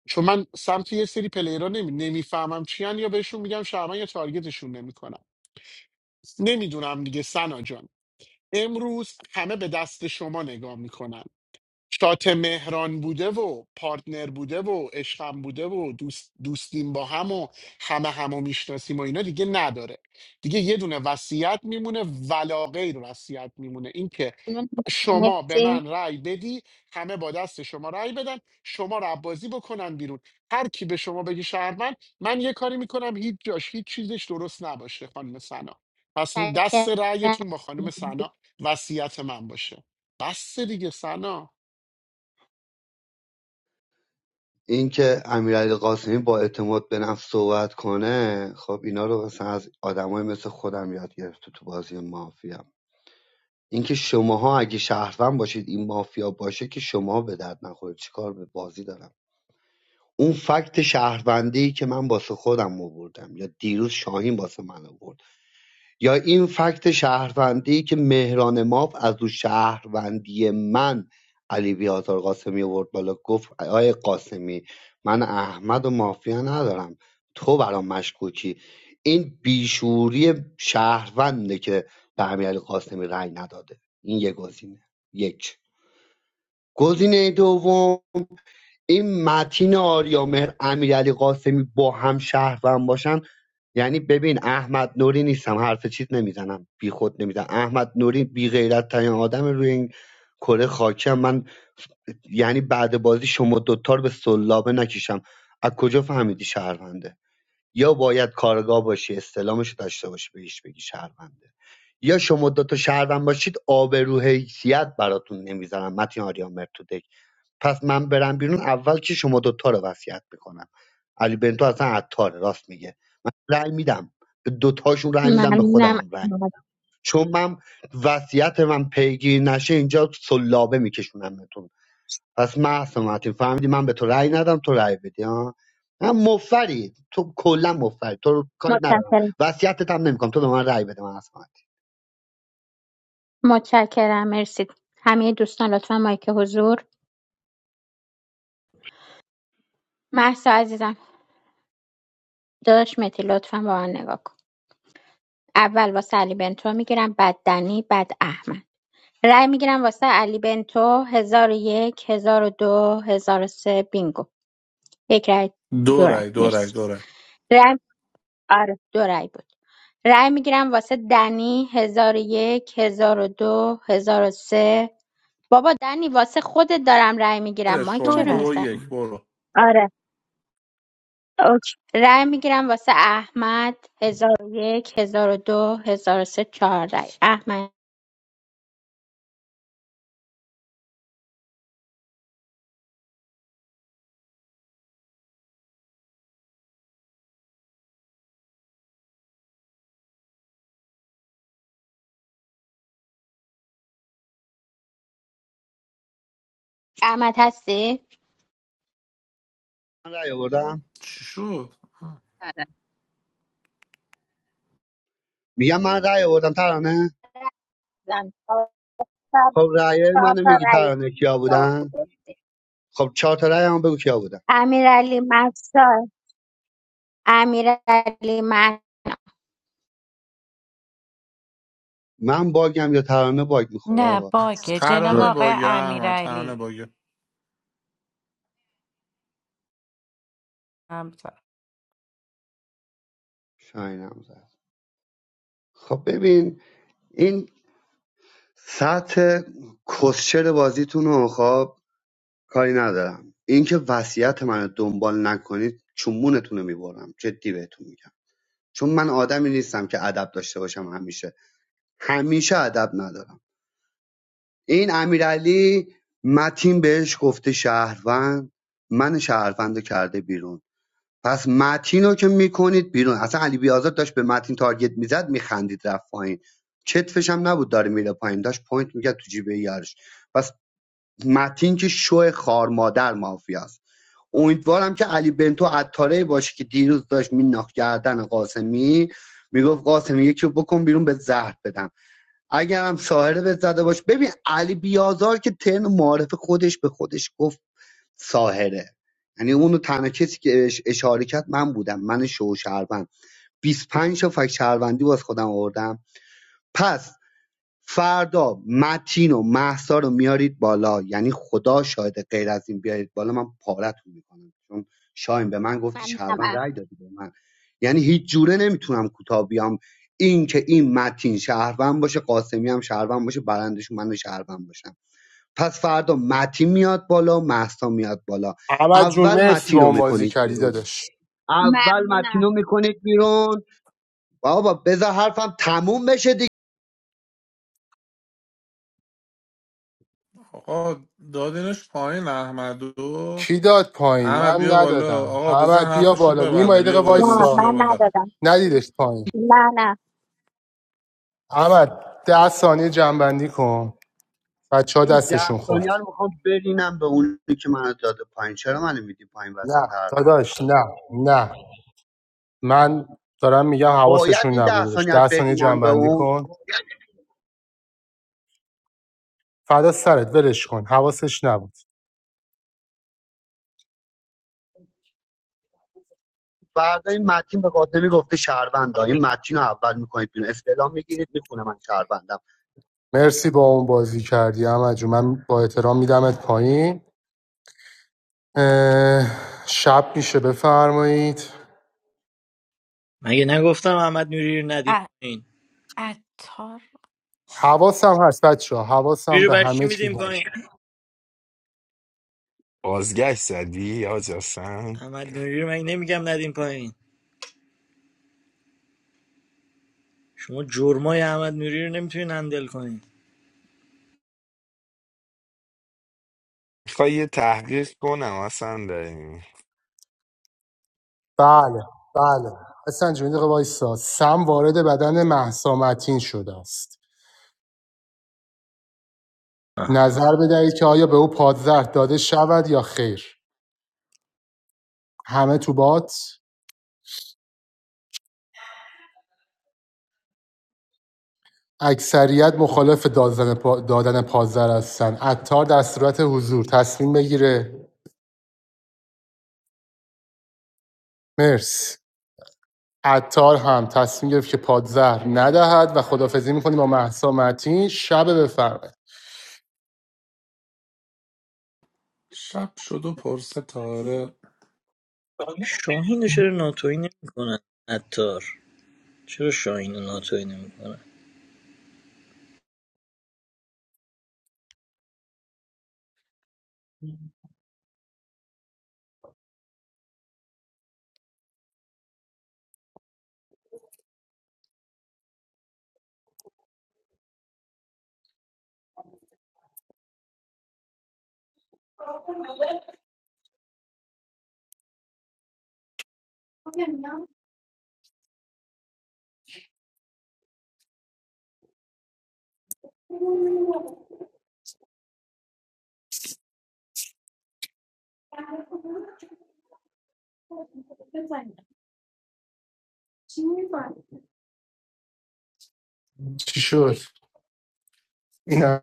S17: چون من سمت یه سری پلیرها نمی... نمیفهمم چیان یا بهشون میگم شرمن یا تارگتشون نمیکنم نمیدونم دیگه سنا جان امروز همه به دست شما نگاه میکنن شات مهران بوده و پارتنر بوده و عشقم بوده و دوست دوستیم با هم و همه همو میشناسیم و اینا دیگه نداره دیگه یه دونه وصیت میمونه ولا غیر وصیت میمونه اینکه
S15: ممنونم
S17: شما به
S15: مرسی
S17: من رأی بدی همه با دست شما رأی بدن شما رو عبازی بکنن بیرون هر کی به شما بگه شهروند من یه کاری میکنم هیچ جاش هیچ چیزش درست نباشه خانم سنا پس دست
S15: متشکرم.
S17: رأیتون با خانم سنا وصیت من باشه بس دیگه سنا
S9: اینکه امیرعلی قاسمی با اعتماد به نفس صحبت کنه خب اینا رو مثلا از آدمای مثل خودم یاد گرفته تو بازی مافیا اینکه شماها اگه شهروند باشید این مافیا باشه که شما به درد نخورید چیکار به بازی دارم اون فکت شهروندی که من واسه خودم آوردم یا دیروز شاهین واسه من آورد یا این فکت شهروندی که مهران ماف از او شهروندی من علی بیازار قاسمی آورد بالا گفت آقای قاسمی من احمد و مافیا ندارم تو برام مشکوکی این بیشوری شهرونده که به امیر علی قاسمی رأی نداده این یه گزینه یک گزینه دوم این متین آریامهر امیرعلی قاسمی با هم شهروند باشن یعنی ببین احمد نوری نیستم حرف چیز نمیزنم بی خود نمیزنم احمد نوری بی غیرت ترین آدم روی این کره خاکم من یعنی بعد بازی شما دوتا رو به سلابه نکشم از کجا فهمیدی شهرونده یا باید کارگاه باشی استلامش رو داشته باشی بهش بگی شهرونده یا شما دوتا شهروند باشید آبرو حیثیت براتون نمیذارم متین آریان مرتودک پس من برم بیرون اول که شما دوتا رو وصیت میکنم علی بنتو اصلا عطاره راست میگه من رأی میدم به دوتاشون رأی میدم به خودم
S15: ممنونم
S9: هم رأی میدم چون من وصیت من پیگیر نشه اینجا سلابه میکشونمتون پس محسن متین فهمیدی من به تو رأی ندم تو رأی بدی ها من مفری تو کلا مفری تو رو کاری ندارم
S15: متشکرم
S9: وصیتت هم نمیکنم تو به من رأی بده من اصلا
S15: متشکرم مرسی همه دوستان لطفا مایک حضور محسا عزیزم داداش مهدی لطفا با من نگاه کن اول واسه علی بنتو میگیرم بعد دنی بعد احمد رأی میگیرم واسه علی بنتو هزار و یک هزار و دو هزار و سه بینگو یک رأی دو
S23: دو
S15: رأی
S23: رای دو رای
S15: مرسی
S23: دو رای
S15: رأی آره دو رأی بود رأی میگیرم واسه دنی هزار و یک هزار و دو هزار و سه بابا دنی واسه خودت دارم رأی میگیرم
S23: برش
S15: مایک
S21: دو
S23: کن
S15: چرا
S23: دو
S21: رای
S15: میزنی
S23: یک
S21: بود
S23: برو
S15: آره اوکی رأی میگیرم واسه احمد هزار و یک هزار و دو هزار و سه چهار رأی احمد احمد هستی؟
S9: من رأی آوردم
S23: چی شد
S15: آره
S9: میگم من رأی آوردم ترانه
S15: زن. چهار
S9: خب رأی
S15: چهار
S9: منو
S15: تا
S9: میگی
S15: رأی
S9: ترانه کیا بودن
S15: آورده
S9: خب چهار تا رأی هم بگو کیا بودن
S15: امیرعلی مهسا امیرعلی مهسا
S9: من باگم یا ترانه باگ میخوره
S21: نه
S9: آقا
S21: باگه جناب
S23: ترانه
S12: نه.
S21: آقای
S23: باگه احمد ترانه
S21: امیرعلی
S23: باگه
S21: هم
S9: شاینم زد خب ببین این سطح کسچر بازیتون رو خب کاری ندارم اینکه وصیت من دنبال نکنید چونمونتون رو میبرم جدی بهتون میگم چون من آدمی نیستم که ادب داشته باشم همیشه همیشه ادب ندارم این امیرعلی متین بهش گفته شهروند من شهروند رو کرده بیرون پس متین رو که میکنید بیرون اصلا علی بیازار داشت به متین تارگت میزد میخندید رفت پایین چتفش هم نبود داره میره پایین داشت پوینت میگه تو جیب یارش پس متین که شو خار مادر مافیاست امیدوارم که علی بنتو عطاره باشه که دیروز داشت میناخت گردن قاسمی میگفت قاسمی یکی رو بکن بیرون به زهر بدم اگرم ساهره به زده باش ببین علی بیازار که ترن معارف خودش به خودش گفت ساهره یعنی اونو تنها کسی که بهش اشاره کرد من بودم من شو شهروند 25 تا فک شهروندی باز خودم آوردم پس فردا متین و محسا رو میارید بالا یعنی خدا شاید غیر از این بیارید بالا من پارتون میکنم چون شاین به من گفتی
S15: ممنونم
S9: شهروند
S15: احمد.
S9: رای دادی به من یعنی هیچ جوره نمیتونم کوتاه بیام این که این متین شهروند باشه قاسمی هم شهروند باشه برندشون من شهروند باشم پس فردا متین میاد بالا محسا میاد بالا
S2: احمد جون
S9: اول
S2: مرسی با
S9: متین رو
S2: اون بازی
S9: میکنید
S2: کردی
S9: بیرون
S2: داداش
S9: اول متین
S15: ممنونم
S9: رو میکنید بیرون بابا بذار حرفم تموم بشه دیگه
S23: آقا دادینش پایین احمدو
S2: کی داد پایین
S23: احمد
S2: من
S23: بیا بالا
S2: ندادم
S23: آقا بزن
S2: احمد بیا
S23: حرفش رو
S2: بالا نیما یه
S23: ببنده
S2: دقیقه
S23: بیا بالا
S15: نه
S23: دادش
S2: وایسا
S23: بیا
S15: من
S23: بالا
S15: ندادم
S2: ندیدش پایین
S15: نه نه
S2: احمد ده ثانیه جنبندی کن بچه ها
S9: این ده
S2: دستشون
S9: ثانیه
S2: خورد
S9: رو میخوام برینم به اونی که منو داده پایین چرا منو میدی پایین
S2: نه
S9: وسط حرفم
S2: داداش نه نه من دارم میگم
S9: باید
S2: حواسشون
S9: این
S2: نبود
S9: ده
S2: داداش
S9: ثانیه رو
S2: ده ثانیه
S9: برینم به
S2: جنبندی
S9: اون
S2: کن فدا سرت ولش کن حواسش نبود
S9: فردا این متین به قاتلی گفته شهروندا این متین رو اول میکنید بیرون استعلام میگیرید میخونه من شهروندم
S2: مرسی با اون بازی کردی احمد جون من با احترام میدمت پایین اه، شب میشه بفرمایید
S25: مگه نگفتم احمد نوری رو ندیم پایین
S2: حواسم هست بچه ها
S25: نوری
S2: حواسم
S25: رو
S2: به
S25: برای چی
S2: همه چیز
S25: میدیم
S2: هست
S25: پایین
S22: بازگشت زدی حاج حسن
S25: احمد نوری رو مگه نمیگم ندیم پایین شما جرمای احمد نوری رو نمیتونین هندل کنین
S22: میخوای یه تحقیق کنم اصلا داریم
S2: بله بله حسن جون یه دقیقه وایسا سم وارد بدن مهسا متین شده است نظر بدهید که آیا به او پادزهر داده شود یا خیر همه تو بات اکثریت مخالف دادن, پا... دادن پازر هستن عطار در صورت حضور تصمیم بگیره مرس عطار هم تصمیم گرفت که پادزهر ندهد و خدافزی میکنه با محسا متین شب بفرمایید
S23: شب شد و پرسه تاره
S25: شاهین رو چرا ناتوی نمیکنن عطار چرا شاهین رو ناتوی نمیکنن
S2: چی شد اینا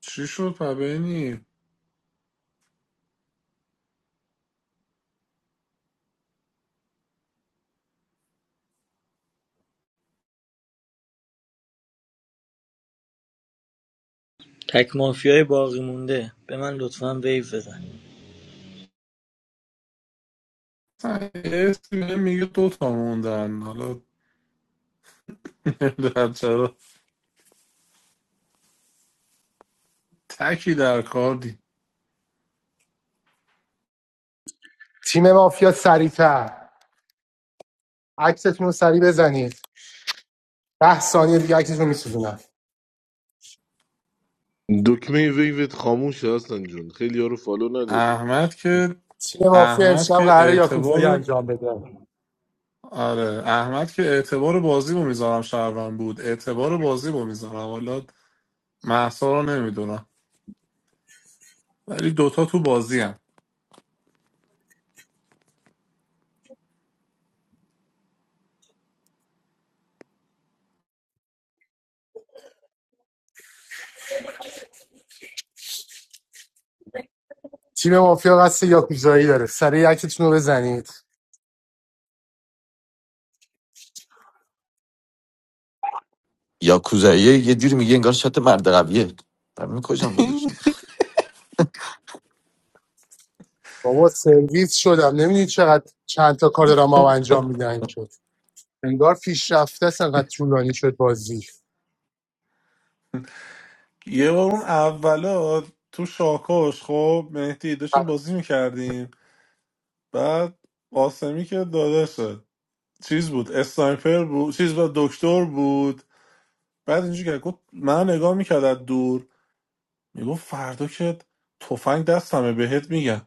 S23: چی شد پبینی
S25: تک مافیای باقی مونده به من لطفا ویو بزن
S23: اصلا یه اسمی میگه دو تا موندن حالا بچه رو تکی در کار دی
S2: تیم مافیا سریعتر عکستون رو سریع بزنید ده ثانیه دیگه عکستون رو میسوزونم
S12: دکمه ویوت خاموشه هستن جون خیلی یارو فالو نداری
S23: احمد که
S2: تیم مافیا
S23: احمد
S2: امشب
S23: که
S2: قراره یاکوزایی
S23: اعتبار
S2: انجام بده
S23: آره احمد که اعتبار بازی رو میذارم شهروند بود اعتبار بازی رو میذارم حالا محسا رو نمیدونم ولی دوتا تو بازی هم
S2: تیم مافیا قصد یاکوزایی داره سریع عکستون رو بزنید
S16: یا کوزاییه یه جوری میگه انگار شات مرد قویه برای میکشم خودشون
S2: بابا سرویس شدم نمیدونی چقدر چند تا کار دارم ما انجام میدن شد انگار پیشرفته است انقدر طولانی شد بازی
S23: یه بار اون اولا تو شاکاش خب مهدی داشتیم بازی میکردیم بعد قاسمی که داداشه چیز بود اسنایپر بود چیز بود دکتر بود بعد اینجوری که گفت من نگاه میکرد از دور میگفت فردا که تفنگ دستمه بهت میگم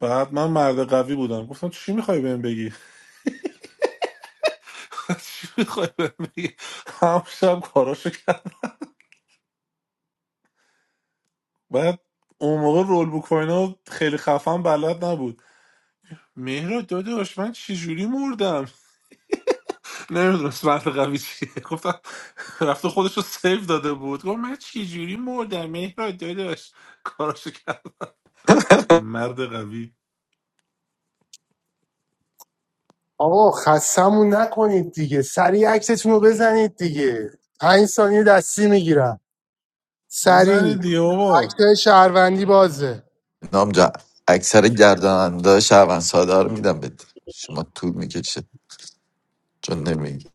S23: بعد من مرد قوی بودم گفتم چی میخوای بهم بگی چی میخوای بهم بگی هم شب کاراشو کرد بعد اون موقع رول بوکوینو خیلی خفن بلد نبود مهرا داداش من چجوری مردم نمیدونست مرد قوی چیه گفتم رفته خودش رو سیف داده بود گفت من چجوری مردم مهرا داداش کاراشو کرد مرد قوی
S2: آقا خستمون نکنید دیگه سریع عکستون رو بزنید دیگه پنج ثانیه دستی میگیرم سریع
S23: بزنید دیگه بابا.
S2: اکتای شهروندی بازه
S16: نام جا اکثر گرداننده شهروند ساده رو میدم بده شما طول میکشه چون نمیگی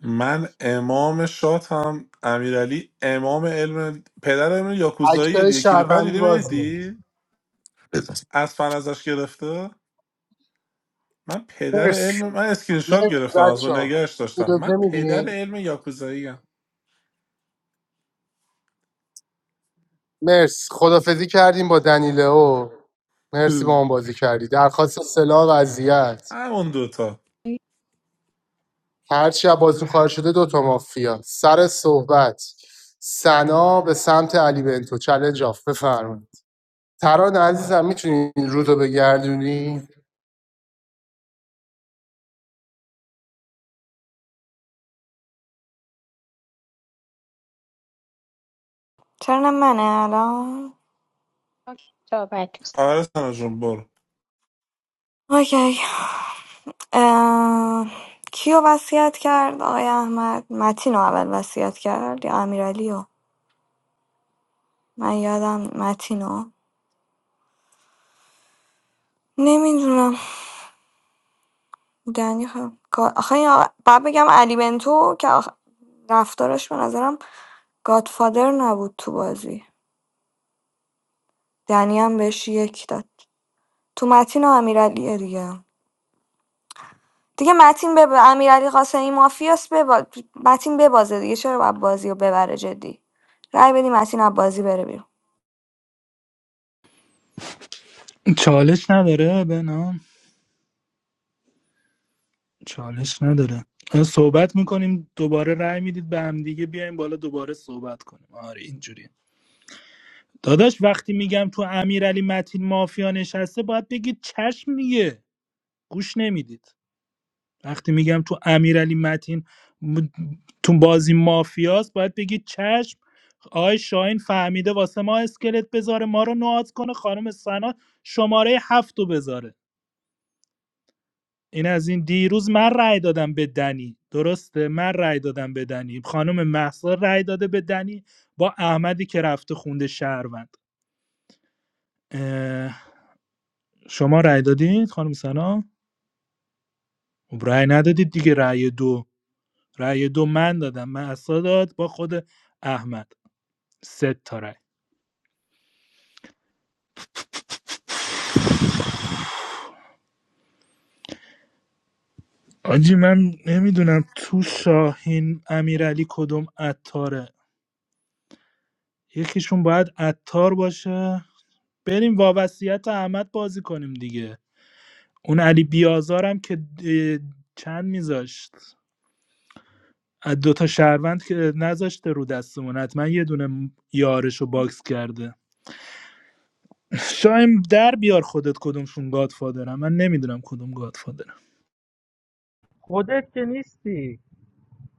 S23: من امام شاتم امیرعلی امام علم پدر علم یاکوزایی
S2: اکتای
S23: دیگه کلیپ رو
S2: شهروندی
S23: دیدی
S2: بازه
S23: مهدی
S16: بزن
S23: از فن ازش گرفته من پدر
S2: مرس
S23: علم من اسکرین شات
S2: مرس
S23: گرفتم از
S2: بچه
S23: اون
S2: ها
S23: نگهش داشتم
S2: اجازه
S23: من پدر
S2: میدین
S23: علم یاکوزایی هم
S2: مرس خدافزی کردیم با دنیلو مرسی با اون بازی کردی درخواست سلاح وضعیت
S23: همون دوتا
S2: هرچی از بازی خارج شده دوتا مافیا سر صحبت سنا به سمت علی بنتو چلنج آف بفرمایید تران عزیزم میتونی رو رو بگردونی
S20: چرا منه الان
S15: اوکی، صحبت کن.
S23: آره سنا جون برو
S20: اوکی اه، کیو وصیت کرد آقای احمد متینو اول وصیت کرد یا امیرعلیو من یادم متینو نمیدونم یعنی خ کا آخه یا باید بگم علی بنتو که آخ رفتارش به نظرم گادفادر نبود تو بازی دنی هم بهش یک داد تو متین و امیرعلیه دیگه دیگه متین به امیرعلی قاسمی مافیاس ببا... متین ببازه دیگه چرا باید بازی رو ببره جدی رأی بدی متین از بازی بره بیرون
S3: چالش نداره بنام چالش نداره صحبت میکنیم دوباره رأی میدید به هم دیگه بیایم بالا دوباره صحبت کنیم آره اینجوری داداش وقتی میگم تو امیرعلی متین مافیا نشسته باید بگید چشم دیگه گوش نمیدید وقتی میگم تو امیرعلی متین م- تو بازی مافیاست باید بگی چشم آقای شاهین فهمیده واسه ما اسکلت بذاره ما رو نواد کنه خانم سنا شماره هفت رو بذاره این از این دیروز من رأی دادم به دنی درسته من رأی دادم به دنی خانم محسا رأی داده به دنی با احمدی که رفته خونده شهروند اه، شما رأی دادید خانم سنا خب رأی ندادید دیگه رأی دو رأی دو من دادم محسا داد با خود احمد سه تا رای آجی من نمیدونم تو شاهین امیرعلی کدوم عطاره یکیشون باید عطار باشه بریم وابستیت احمد بازی کنیم دیگه اون علی بیازارم که اه، چند میذاشت از دوتا شهروند که نذاشته رو دستمون حتما یه دونه یارش رو باکس کرده شایم در بیار خودت کدومشون گادفادرم من نمیدونم کدوم گادفادرم
S19: خودت که نیستی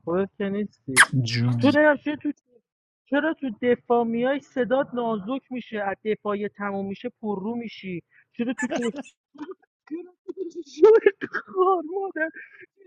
S19: خودت که نیستی
S3: جون
S19: تو نمیشه تو چرا تو دفاع میای صدات نازک میشه از دفاع تموم میشه پررو میشی چرا تو دفاع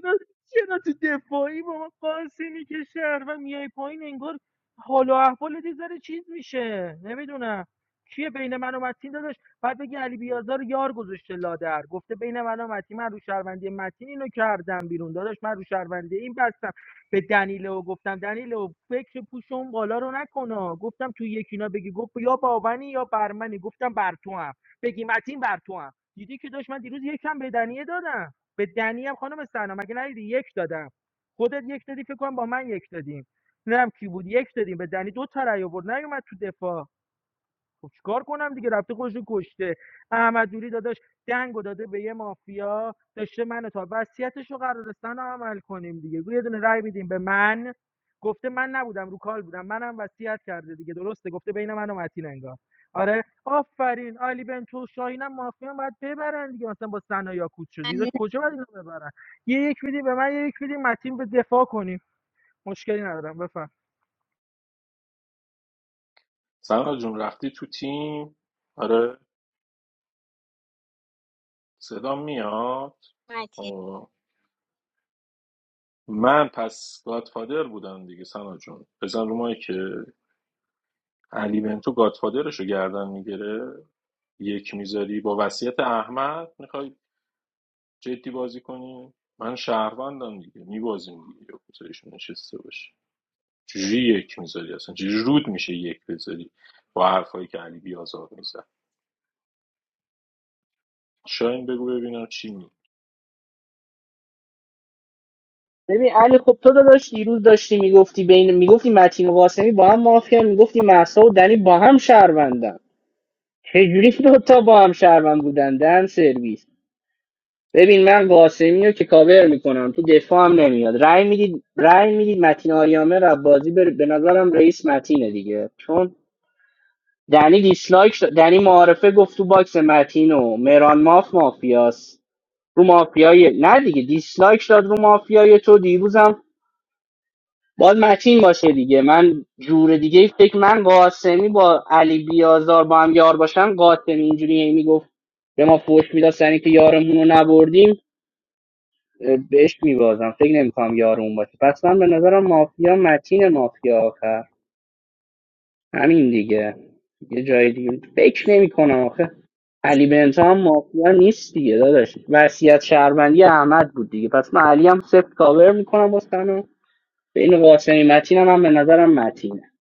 S19: چرا چرا تو دفاعی با ما قاسمی که شهر و میای پایین انگار حال و احوالت یه ذره چیز میشه نمیدونم کیه بین من و متین داداش بعد بگی علی بیازار یار گذاشته لادر گفته بین من و متین من رو شهروندی متین اینو کردم بیرون داداش من رو شهروندی این بستم به دنیلو گفتم دنیلو فکر پوش اون بالا رو نکنا گفتم تو یکینا بگی گفت یا باونی یا برمنی گفتم بر تو هم بگی متین بر تو هم دیدی که داشت من دیروز یکم به دنیه دادم به دنی هم خانم سنا مگه ندیدی یک دادم خودت یک دادی فکر کنم با من یک دادیم نمیدونم کی بود یک دادیم به دنی دو تا رأی آورد نیومد تو دفاع خب چیکار کنم دیگه رفته خودش رو کشته احمد دوری داداش دنگو داده به یه مافیا داشته منو تا وصیتش رو قرارستان رو عمل کنیم دیگه یه دونه رای میدیم به من گفته من نبودم رو کال بودم منم وصیت کرده دیگه درسته گفته بین من و متین انگار آره آفرین علی بنتو شاهینم مافیا هم باید ببرن دیگه مثلا با سنا یاکوت شدی
S15: ممنونم
S19: داشت کجا باید اینو ببرن یه یک میدی به من یه یک میدی متین به دفاع کنیم مشکلی ندارم بفهم
S6: سارا جون رفتی تو تیم آره صدا میاد
S15: مهدی.
S6: من پس گادفادر بودم دیگه سنا جون بزن رو مایی که علی بنتو گادفادرش رو گردن میگیره یک میذاری با وصیت احمد میخوای جدی بازی کنی من شهروندم دیگه میبازیم دیگه یا گزارش نشسته باشه چجوری یک میذاری اصلا چجوری رود میشه یک بذاری با حرفایی که علی بیازار میزد شاین بگو ببینم چی می
S10: ببین علی خب تو داداش دیروز داشتی میگفتی بین میگفتی متین و قاسمی با هم مافیا میگفتی محسا و دنی با هم شهروندن چجوری دو تا با هم شهروند بودن دن سرویس ببین من قاسمی رو که کاور میکنم تو دفاع هم نمیاد رأی میدید رأی میدید متین آریامه رو بازی بر... به نظرم رئیس متینه دیگه چون دنی دیسلایک داد- دنی معارفه گفت تو باکس متین و مهران ماف مافیاس رو مافیای نه دیگه دیسلایک داد رو مافیای تو دیروزم باید متین باشه دیگه من جور دیگه ای فکر من قاسمی با علی بیازار با هم یار باشن قاسمی اینجوری هی میگفت به ما فوش میداد سر اینکه یارمون رو نبردیم بهش میبازم فکر نمیکنم یار اون باشه پس من به نظرم مافیا متین مافیا آخر همین دیگه یه جای دیگه فکر نمیکنم آخه علی بنتا هم مافیا نیست دیگه داداش وصیت شهروندی احمد بود دیگه پس من علی هم سفت کاور میکنم واسه بین قاسمی متین هم, هم به نظرم متینه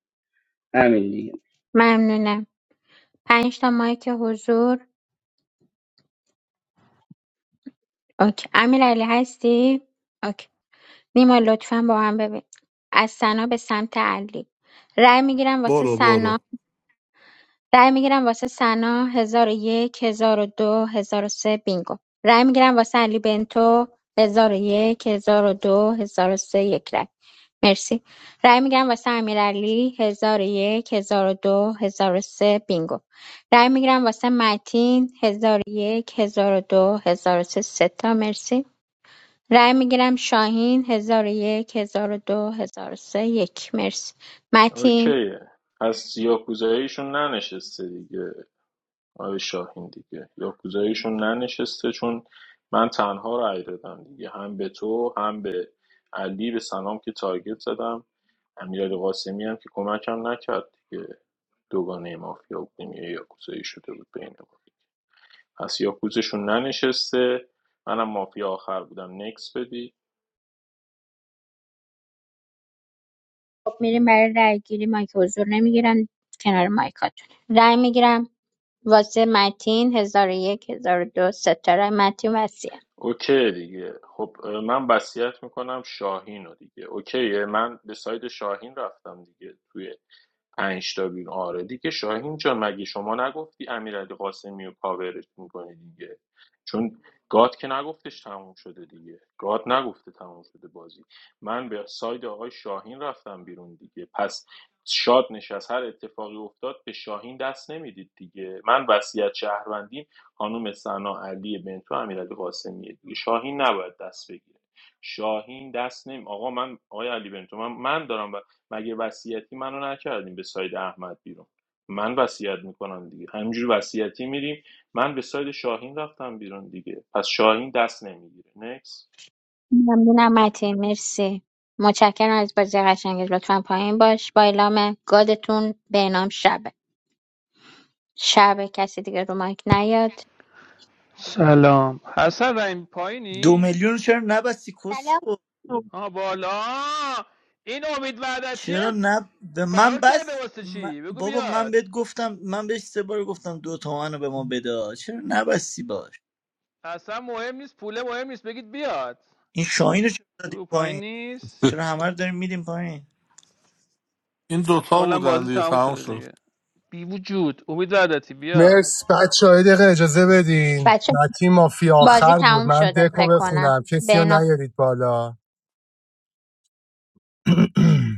S10: همین دیگه
S15: ممنونم پنج تا مایک حضور اوکی امیرعلی هستی اوکی نیما لطفا با هم ببین از سنا به سمت علی رأی میگیرم واسه
S23: برو
S15: سنا
S23: برو
S15: رای میگیرم واسه ثنا 1001 1002 1003 بینگو رای میگیرم واسه علی بنتو 1001 1002 1003 یک رای مرسی رای میگیرم واسه امیرعلی 1001 1002 1003 بینگو رای میگیرم واسه متین 1001 1002 1003 سه سه تا مرسی رای میگیرم شاهین 1001 1002 1003 یک مرسی متین
S6: اوکیه پس یاکوزاییشون ننشسته دیگه آقای شاهین دیگه یاکوزاییشون ننشسته چون من تنها رأی دادم دیگه هم به تو هم به علی به سلام که تارگت زدم امیرعلی قاسمی هم که کمکم نکرد دیگه دوگانه مافیا بودیم یه یاکوزایی شده بود بین ما پس یاکوزشون ننشسته منم مافیا آخر بودم نکس بدی
S15: خب میریم برای رای گیری مایک حضور نمیگیرن کنار مایکاتون رای میگیرم واسه متین هزار و یک هزار و دو سه تا رای متین وسیع
S6: اوکی دیگه خب اه، من وصیت میکنم شاهین رو دیگه اوکیه من به ساید شاهین رفتم دیگه توی پنج تا بیرون آره دیگه شاهین جان مگه شما نگفتی امیرعلی قاسمی رو کاورش میکنی دیگه چون گاد که نگفتش تموم شده دیگه گاد نگفته تموم شده بازی من به ساید آقای شاهین رفتم بیرون دیگه پس شاد نشست هر اتفاقی افتاد به شاهین دست نمیدید دیگه من وصیت شهروندیم خانم سنا علی بنتو امیرعلی قاسمیه دیگه شاهین نباید دست بگیره شاهین دست نمی آقا من آقای علی بنتو من, من دارم مگه وصیتی منو نکردیم به ساید احمد بیرون من وصیت میکنم دیگه همینجوری وصیتی میریم من به ساید شاهین رفتم بیرون دیگه پس شاهین دست نمیگیره نکس
S15: ممنونم متین مرسی متشکرم از بازی قشنگت لطفا پایین باش با اعلام گادتون به اعلام شبه شبه کسی دیگه رو مایک نیاد
S26: سلام حسن رحیم
S25: دو
S26: پایینی؟
S25: میلیون رو چرا نبستی کس
S15: سلام
S25: خود؟
S26: آه بالا این امید وعدتیه
S25: چرا نب به من
S26: فرار کرده
S25: بس
S26: واسه
S25: من-
S26: چی؟ بگو
S25: بابا من
S26: بیاد
S25: بهت گفتم من بهش سه بار گفتم دو تومن رو به ما بده چرا نبستی باش
S26: اصلا مهم نیست پوله مهم نیست بگید بیاد
S25: این شاهین رو چرا
S26: بگو
S25: دادیم
S26: پایین نیست
S25: چرا همه رو داریم میدیم پایین
S23: این دوتا
S26: احتمالا
S23: بودن
S26: بازی
S23: دیگه
S26: تموم
S23: تمام
S26: شده
S23: شد
S26: دیگه بی وجود امید وعدتی بیا
S2: مرس بچه های دقیقه اجازه بدین
S15: بچه
S2: متی مافی
S15: بازی
S2: آخر بود
S15: تموم
S2: من
S15: شده
S2: دکو
S15: فکر کنم
S2: بخونم
S15: به
S2: کسی رو
S15: اعلام
S2: نیارید بالا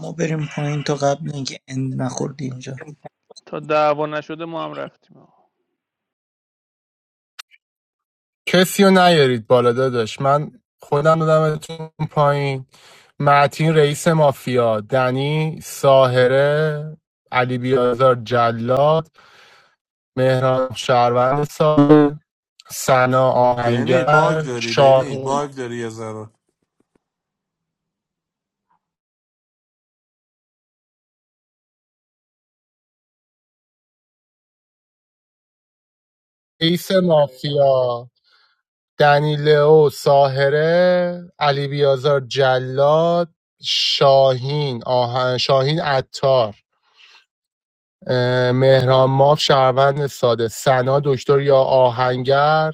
S25: ما بریم پایین تا قبل اینکه اند نخوردی اینجا
S26: تا دعوا نشده ما هم رفتیم آقا.
S2: کسی رو نیارید بالا داداش من خودم دادمتون پایین معتین رئیس مافیا دنی ساهره علی بیازار جلاد مهران شهروند ساده سنا
S23: بینی باگ
S2: آهنگر
S23: داری بینی
S2: شاهین
S23: باگ داری یه ذره
S2: ایس مافیا دنی ساهره علی بیازار جلاد شاهین آهن شاهین عطار اه، مهران ماف شهروند ساده سنا دکتر یا آهنگر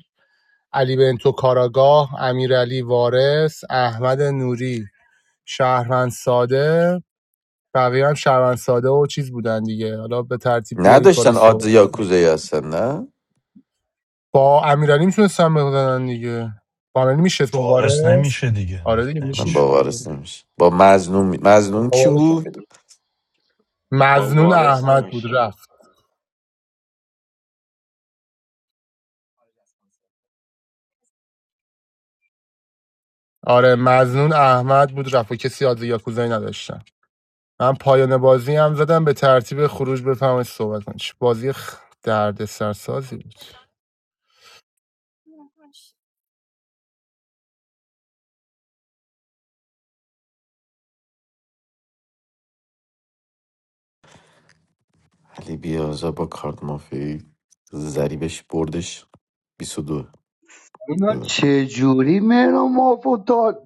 S2: علی بنتو کاراگاه امیرعلی وارث احمد نوری شهروند ساده بقیه هم شهروند ساده و چیز بودن دیگه حالا به ترتیب بیارید بالا
S16: نداشتن آدز
S2: صحبت
S16: یا کوزایی هستن نه
S2: با امیرعلی میتونستن بزنن دیگه با امیرعلی میشست
S4: وارث
S2: مبارز
S4: نمیشه دیگه
S2: آره دیگه
S4: دیگه
S2: میشست
S16: من
S4: نمیشه
S16: باورس
S2: دیگه.
S16: نمیشه با مزنون می- مزنون کی
S2: مبارز.
S16: بود
S6: با
S2: مظنون
S6: وارث
S2: احمد بود
S6: نمیشینه
S2: رفت آره مظنون احمد بود رفت و کسی آدز یاکوزایی نداشتن من پایان بازی هم زدم به ترتیب خروج بفهمید صحبت کنم چه بازی خ... درد سرسازی بود
S16: علی بیازا با کارت مافی زریبش بردش 22
S9: اینا چجوری مهران مافو تا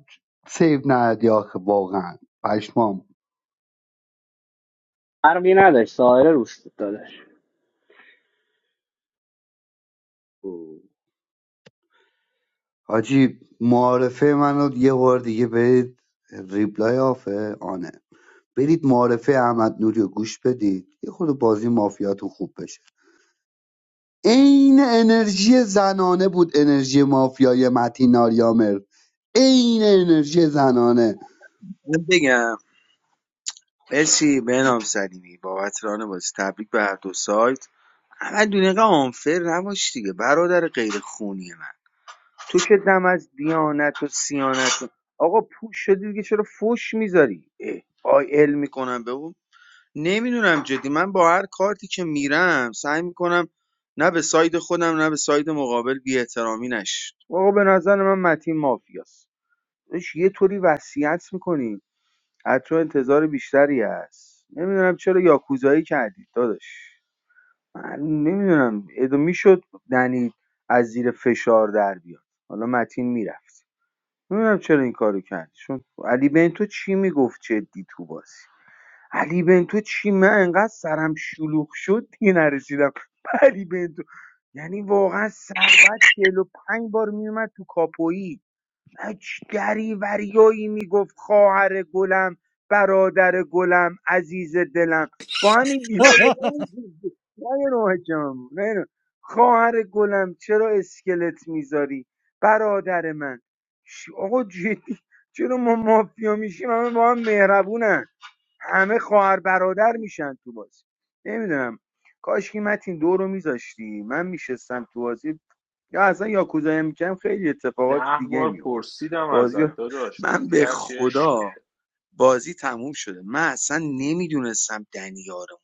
S9: سیو ندی آخه واقعا پشمام
S10: فرقی نداشت سایر روست داداش
S9: اوه. حاجی معارفه منو یه بار دیگه برید ریپلای آفه آنه برید معارفه احمد نوری رو گوش بدید یه خود بازی مافیاتون خوب بشه عین انرژی زنانه بود انرژی مافیای متین آریامر عین انرژی زنانه
S7: باز تبریک به هر دو سایت فر نباش دیگه برادر غیر خونی من تو که دم از دیانت و سیانت و- آقا پوش شدی دیگه چرا فوش میذاری آی ال میکنم به اون نمیدونم جدی من با هر کارتی که میرم سعی میکنم نه به ساید خودم نه به ساید مقابل بی احترامی نش آقا به نظر من متین مافیاست اش یه طوری وصیت میکنی از انتظار بیشتری هست نمیدونم چرا یاکوزایی کردید داداش من نمیدونم ادو میشد دنی از زیر فشار در بیاد حالا متین میرفت نمیدونم چرا این کارو کردی چون علی بنتو چی میگفت جدی تو بازی علی بنتو چی من انقدر سرم شلوغ شد دیگه نرسیدم به علی بنتو یعنی واقعا سر بعد چهل و پنج بار میومد تو کاپویی هیچ دریوریایی میگفت خواهر گلم برادر گلم عزیز دلم با همین دیالوگا می‌کرد. نه نه حکم، نه نه. خواهر گلم چرا اسکلت میذاری برادر من ش- آقا جدی چرا ما مافیا میشیم همه با هم مهربونن همه خواهر برادر میشن تو بازی نمیدونم کاش که متین دو رو میذاشتی من میشستم تو بازی یا اصلا یاکوزایی میکردم خیلی اتفاقات
S6: ده
S7: دیگه
S6: بار
S7: میفت
S6: پرسیدم
S7: بازی
S6: ازت داداش
S7: من
S6: گفتی
S7: به
S6: هرچی
S7: خدا
S6: عشقته
S7: بازی تموم شده من اصلا نمیدونستم دنیارم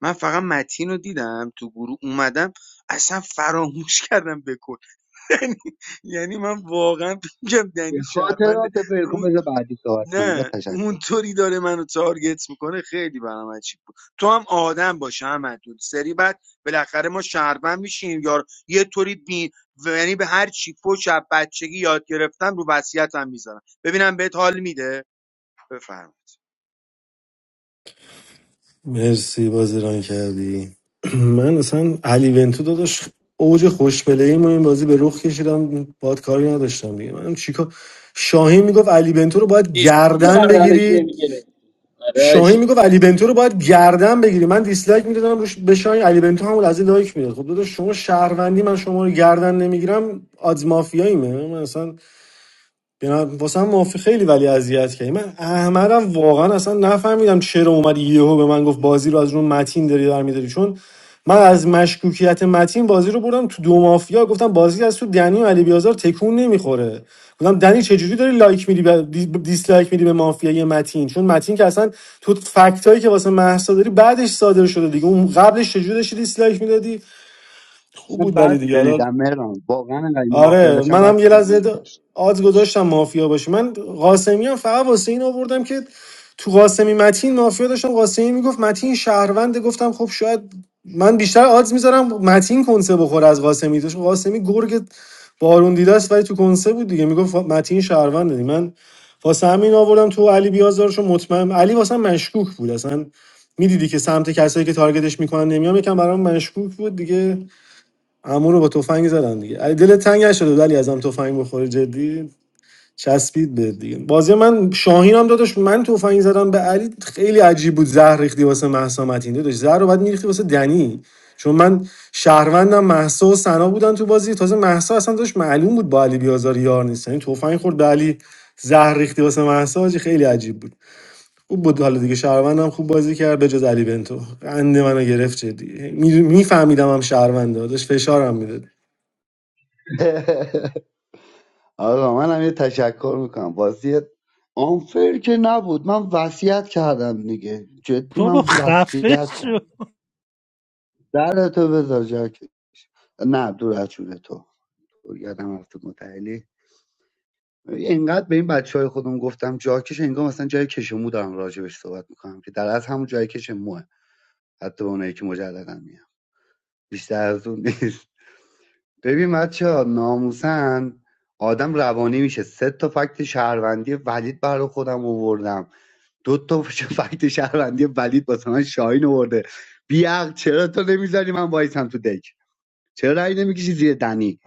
S7: من فقط متین رو دیدم تو گروه اومدم اصلا فراموش کردم بکن یعنی یعنی من واقعا میگم
S9: یه
S7: دنی شهرمند
S9: خاطرات
S7: اون
S9: فرکن بذار بعدی صحبت کنم با
S7: نه
S9: تشکر
S7: اونطوری داره منو تارگت میکنه خیلی برام عجیب بود تو هم آدم باشه احمد دود سری بعد بالاخره ما شهروند میشیم یار یه طوری بی و یعنی به هر چی پشت از بچگی یاد گرفتم رو وصیت میذارم ببینم بهت حال میده بفرم
S11: مرسی بازیران کردی من اصلا علی ونتو داداش اوج خوشبلهی ما این بازی به رخ کشیدم باد کاری نداشتم دیگه من چیکار شاهین میگفت علی بنتو رو باید گردن
S10: گردنش
S11: بگیری
S10: نمیگیره
S11: شاهین میگفت علی بنتو رو باید گردن بگیری من دیسلایک میدادم روش به شاهین علی بنتو همون لحظه لایک میداد خب داداش شما شهروندی من شما رو گردن نمیگیرم آدز مافیاییمه من اصلا واسه هم معافی خیلی ولی اذیت کردی من احمدم واقعا اصلا نفهمیدم چرا اومد یهو به من گفت بازی رو از اون متین داری در میداری چون من از مشکوکیت متین بازی رو بردم تو دو مافیا گفتم بازی از تو دنی و علی بیازار تکون نمیخوره گفتم دنی چجوری داری لایک میدی به دیسلایک میدی به مافیای متین چون متین که اصلا تو فکتایی که واسه مهسا داری بعدش صادر شده دیگه اون قبلش چجوری داشتی دیسلایک میدادی خوب
S9: من
S11: بود ولی
S9: بعد
S11: دیگه حالا
S9: شنیدم مهران واقعا انقدر اینو مافیا
S11: آره
S9: داشتم بعد
S11: منم یه لحظه د-
S9: شنیدم
S11: آز گذاشتم مافیا باشه من قاسمی هم فقط واسه این آوردم که تو قاسمی متین مافیا داشتم قاسمی میگفت متین شهرونده گفتم خب شاید من بیشتر آدز میذارم متین کنسه بخوره از قاسمی داشت قاسمی گرگ بارون دیده است ولی تو کنسه بود دیگه میگفت متین شهرونده من واسه همین آوردم تو علی بیازارشو مطمئن علی واسه من مشکوک بود اصلا میدیدی که سمت کسایی که تارگتش میکنن نمیام یکم برام مشکوک بود دیگه عمو رو با تفنگ زدن دیگه علی دل تنگ شده ولی ازم تفنگ بخوره جدی چسبید به دیگه بازی من شاهینم هم داداش من تفنگ زدم به علی خیلی عجیب بود زهر ریختی واسه مهسا متین داداش زهر رو بعد میریختی واسه دنی چون من شهروندم مهسا و سنا بودن تو بازی تازه مهسا اصلا داشت معلوم بود با علی بیازار یار نیست یعنی تفنگ خورد به علی زهر ریختی واسه مهسا حاجی، خیلی عجیب بود خوب بود حالا دیگه شهروندم خوب بازی کرد بجز علی بنتو قند منو گرفت جدی میفهمیدم هم شهرونده داشت فشارم میداد
S9: آقا من هم یه تشکر میکنم بازی آنفر که نبود من وصیت کردم دیگه جدی
S3: بابا
S9: من
S3: خفه
S9: وصیت
S3: شو
S9: کردم در تو بذار جاکش نه دور از جون تو یادم رفت متعلی اینقدر به این بچه های خودم گفتم جاکش انگار مثلا جای کشمو دارم راجبش صحبت میکنم که در از همون جای کشموه حتی به اونایی که مجردن میام بیشتر از اون نیست ببین بچه ها ناموسن آدم روانی میشه سه تا فکت شهروندی ولید برای خودم آوردم دو تا فکت شهروندی ولید واسه من شاهین آورده بیعق چرا تو نمیذاری من وایسم تو دک چرا رأی نمیکشی زیر دنی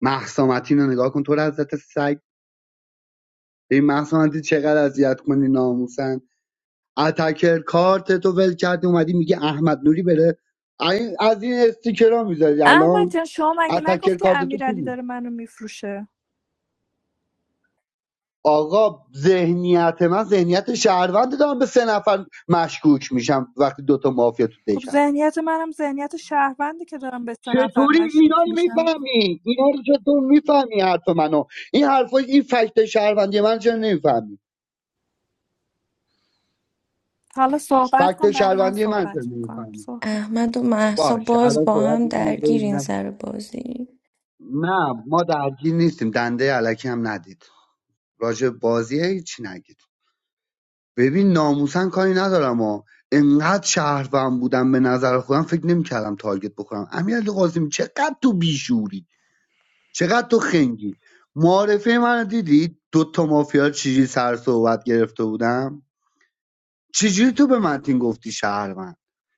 S9: مهسا متین رو نگاه کن تو رو حضرت سگ به این مهسا متین چقدر اذیت کنی ناموسن اتکر کارت تو ول کردی اومدی میگه احمد نوری بره این- از این استیکرها میذاری
S1: احمد
S9: الان
S1: جان شما مگه
S9: اتکر
S1: نگفتی
S9: کارت تو کی
S1: امیرعلی
S9: بود؟
S1: داره منو میفروشه
S9: آقا ذهنیت من ذهنیت شهروند دارم به سه نفر مشکوک میشم وقتی دوتا مافیا تو دک
S1: خب
S9: هست
S1: ذهنیت منم ذهنیت شهرونده که دارم به سه نفر
S9: چطوری اینا
S1: مشکوک
S9: رو
S1: میشم
S9: میفهمی اینا رو چطور میفهمی حرف منو این حرفا این فکت شهروندی من چرا نمیفهمی
S1: حالا صحبت
S9: فکت
S1: کن بر من
S9: شهروندی من چرا
S1: صحبت میکنم
S9: نمیفهمی
S1: صحبت
S27: احمد و مهسا
S9: باش
S27: باز
S9: الان
S27: با
S9: صحبت
S27: هم
S9: می‌کنم
S27: درگیرین
S9: ببینم
S27: سر بازی
S9: نه ما درگیر نیستیم دنده علکی هم ندید راجع به بازی هیچی نگید ببین ناموسن کاری ندارم ها انقدر شهروند بودم به نظر خودم فکر نمیکردم تارگت بخورم امیرعلی قاسمی چقدر تو بیشوری چقدر تو خنگی معارفه من دیدی دو تا مافیا چجوری سر صحبت گرفته بودم چجوری تو به متین گفتی شهروند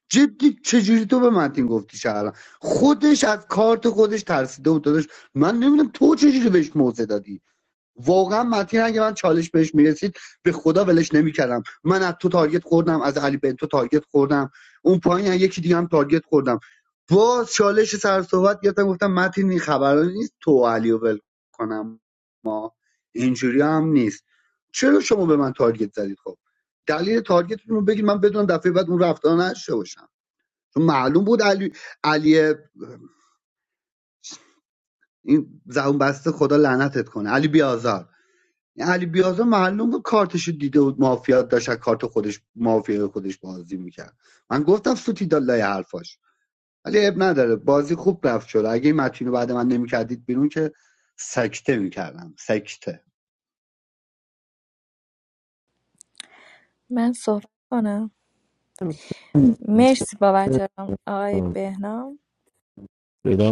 S9: جدی چجوری تو به متین گفتی شهروند خودش از کارت خودش ترسیده بود داداش من نمیدونم تو چجوری بهش موضع دادی واقعا متین اگه من چالش بهش میرسید به خدا ولش نمیکردم من از تو تارگت خوردم از علی بنتو تارگت خوردم اون پایین یکی دیگه هم تارگت خوردم با چالش سر صحبت گرفتم گفتم متین این خبرا نیست تو علیو علی رو ول کنم اینجوری هم نیست چرا شما به من تارگت زدید خب دلیل تارگتتون رو بگید من بدونم دفعه بعد اون رفتار نشه باشم چون معلوم بود علی علی این زبون بسته خدا لعنتت کنه علی بیازار این علی بیازا معلوم بود کارتشو دیده بود مافیا داشت کارت خودش مافیا خودش بازی میکرد من گفتم سوتی لای حرفاش ولی اب نداره بازی خوب رفت شد اگه این متینو بعد من نمیکردید بیرون که سکته میکردم سکته
S1: من صحبت کنم مرسی بابت ران- آقای بهنام
S6: صدا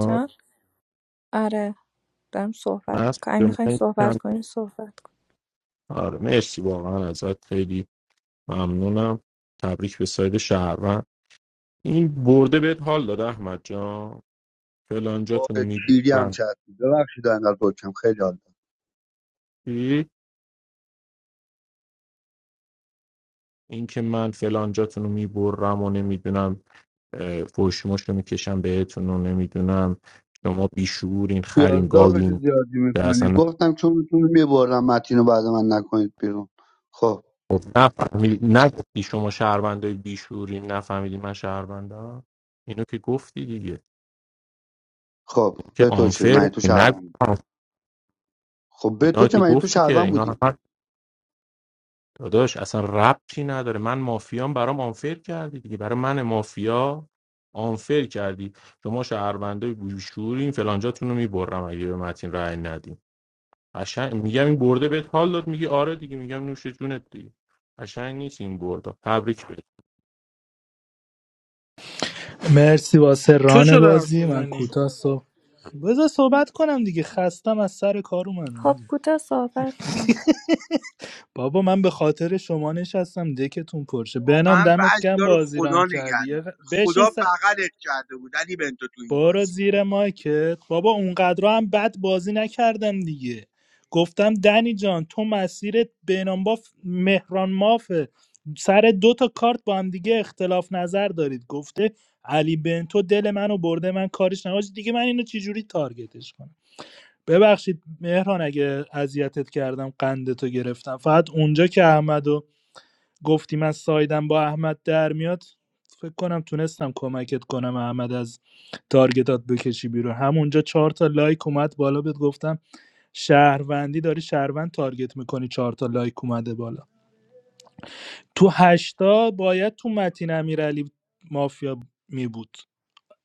S1: چون آره دارم صحبت
S6: مست
S1: میکنم اگه
S6: که
S1: میخوایی
S6: من
S1: صحبت
S6: کم
S1: کنی صحبت کن
S6: آره مرسی واقعا ازت خیلی ممنونم تبریک به ساید شهروند این برده بهت حال داد احمد جان فلانجاتون رو
S9: وای، پیری هم
S6: میبرم
S9: چت بود. ببخشید انقدر برکم خیلی حال داد.
S6: چی؟ اینکه من فلانجاتون رو میبرم و نمیدونم فوشموش رو میکشم بهتون و نمیدونم شما بیشورین خرین
S9: پیاز داغشو
S6: گاوین
S9: زیادی
S6: که
S9: میکنی
S6: اصلا
S9: گفتم چون میتونی میبرم متینو بعد من نکنید بیرون خب
S6: خب نفهمیدی نگفتی شما شهروندای بیشورین نفهمیدی من شهروندم اینو که گفتی دیگه
S9: خب
S6: که
S9: به تو چه من
S6: آنفر
S9: تو
S6: نگفتی
S9: شهروند خب به
S6: اینا
S9: تو چه
S6: که
S9: من تو
S6: گفتی که
S9: شهروند بودی
S6: اینا داداش اصلا ربطی نداره من مافیام برام آنفر کردی دیگه برای من مافیا آنفر کردی شما شهروندای بوشورین فلانجاتون رو میبرم اگه به متین رأی ندیم قشنگ میگم این برده بهت حال داد میگی آره دیگه میگم نوش جونت دیگه قشنگ نیست این برده تبریک بگو.
S3: مرسی واسه
S19: تو
S3: ران
S19: چرا حرف
S3: بازی من
S19: میزنی
S3: کوتاه صبح بذار صحبت کنم دیگه خستم از سر کار اومدم
S1: خب
S3: آجی.
S1: کوتاه صحبت کن
S3: بابا من به خاطر شما نشستم دکتون پرشه بنام
S7: واقعا
S3: دمت
S7: بعضی
S3: گم
S7: رو
S3: بازی ران
S7: خدا
S3: کردی
S7: نگه
S3: یه غ-
S7: می‌داره.
S3: بشین
S7: خدا بغلت کرده بود علی بنتو تو این
S3: برو
S7: بازی
S3: زیر مایکت بابا اونقدر هم بد بازی نکردم دیگه گفتم دنی جان تو مسیرت بینانباف مهران مافه سر دو تا کارت با هم دیگه اختلاف نظر دارید گفته علی بنتو دل منو برده من کارش نباشه دیگه من اینو چجوری تارگتش کنم ببخشید مهران اگه اذیتت کردم قندتو گرفتم فقط اونجا که احمد گفتیم از سایدم با احمد در میاد فکر کنم تونستم کمکت کنم احمد از تارگتات بکشی بیرون همونجا چهار تا لایک اومد بالا بهت گفتم شهروندی داری شهروند تارگت میکنی چهار تا لایک اومده بالا تو هشتا باید تو متین امیرعلی مافیا می بود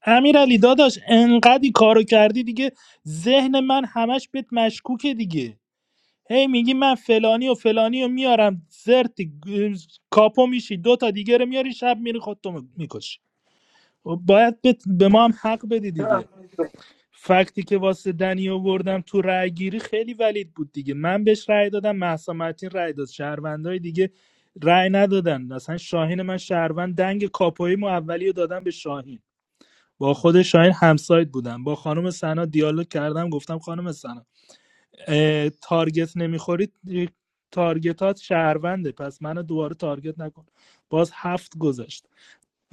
S3: امیرعلی داداش انقدی کارو کردی دیگه ذهن من همش بهت مشکوکه دیگه هی میگی من فلانی و فلانی رو میارم زرت گ- کاپو میشی دو تا دیگه رو میاری شب میری خودتو میکشی خب باید بت- به ما هم حق بدی دیگه فکتی که واسه دنی آوردم تو رأی گیری خیلی ولید بود دیگه من بهش رأی دادم مهسا متین رأی داد شهروندای دیگه رأی ندادن مثلا شاهین من شهروند دنگ کاپوی مو اولی رو دادم به شاهین با خود شاهین همسایت بودم با خانم سنا دیالوگ کردم گفتم خانم سنا تارگت نمیخورید تارگتات شهرونده پس منو دوباره تارگت نکن باز هفت گذشت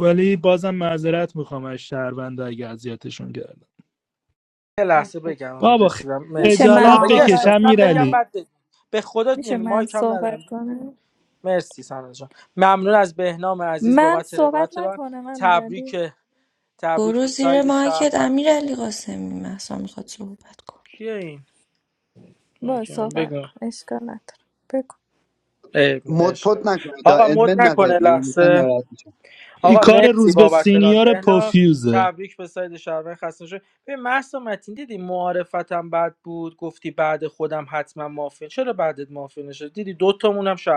S3: ولی بازم معذرت میخوام از شهرونده اگه اذیتشون کردم
S19: یه لحظه بگم
S3: بابا
S19: رسیدم
S1: میشه
S19: مرسی
S1: من
S3: خجالت
S19: بابا
S20: نه
S19: یه
S3: بکش
S19: سال
S1: صحبت
S19: من
S3: امیر
S19: بگم
S3: علی
S1: کنم
S19: بعد بگم به خدا
S1: میشه
S19: نمی
S1: من
S19: مایک هم ندارم
S1: صحبت
S19: دیدی که بود.
S1: کنم
S19: مرسی سانا جان ممنون از بهنام عزیز
S1: من
S19: بابت
S1: صحبت
S19: روایت ران
S1: نکنم
S19: تبریک
S1: امیرعلی
S19: تبریک
S27: برو
S19: به
S27: زیر
S19: ساید
S27: مایکت
S19: شهروند
S27: امیرعلی قاسمی مهسا میخواد صحبت کنه
S19: کیه این
S1: با
S19: مایک من
S1: صحبت
S19: بگو
S1: کن اشکال نداره بگو.
S19: عیب نه،
S9: مد پد
S19: عشق من.
S9: نکنید دا
S19: آقا
S9: ادمن
S19: مد نکنه
S9: نزدید نه من مثلا
S19: لحظه
S9: ناراحت میشم
S3: این
S19: آقا
S3: کار
S19: مرسی
S3: روز به
S19: بابت ران
S3: سینیور
S19: بهنام
S3: پوفیوزه
S19: تبریک به ساید شهروند خسته شد به محسا متین دیدی معارفتم بد بود گفتی بعد خودم حتما مافین چرا بعدت مافین نشد دیدی دوتامون هم شهر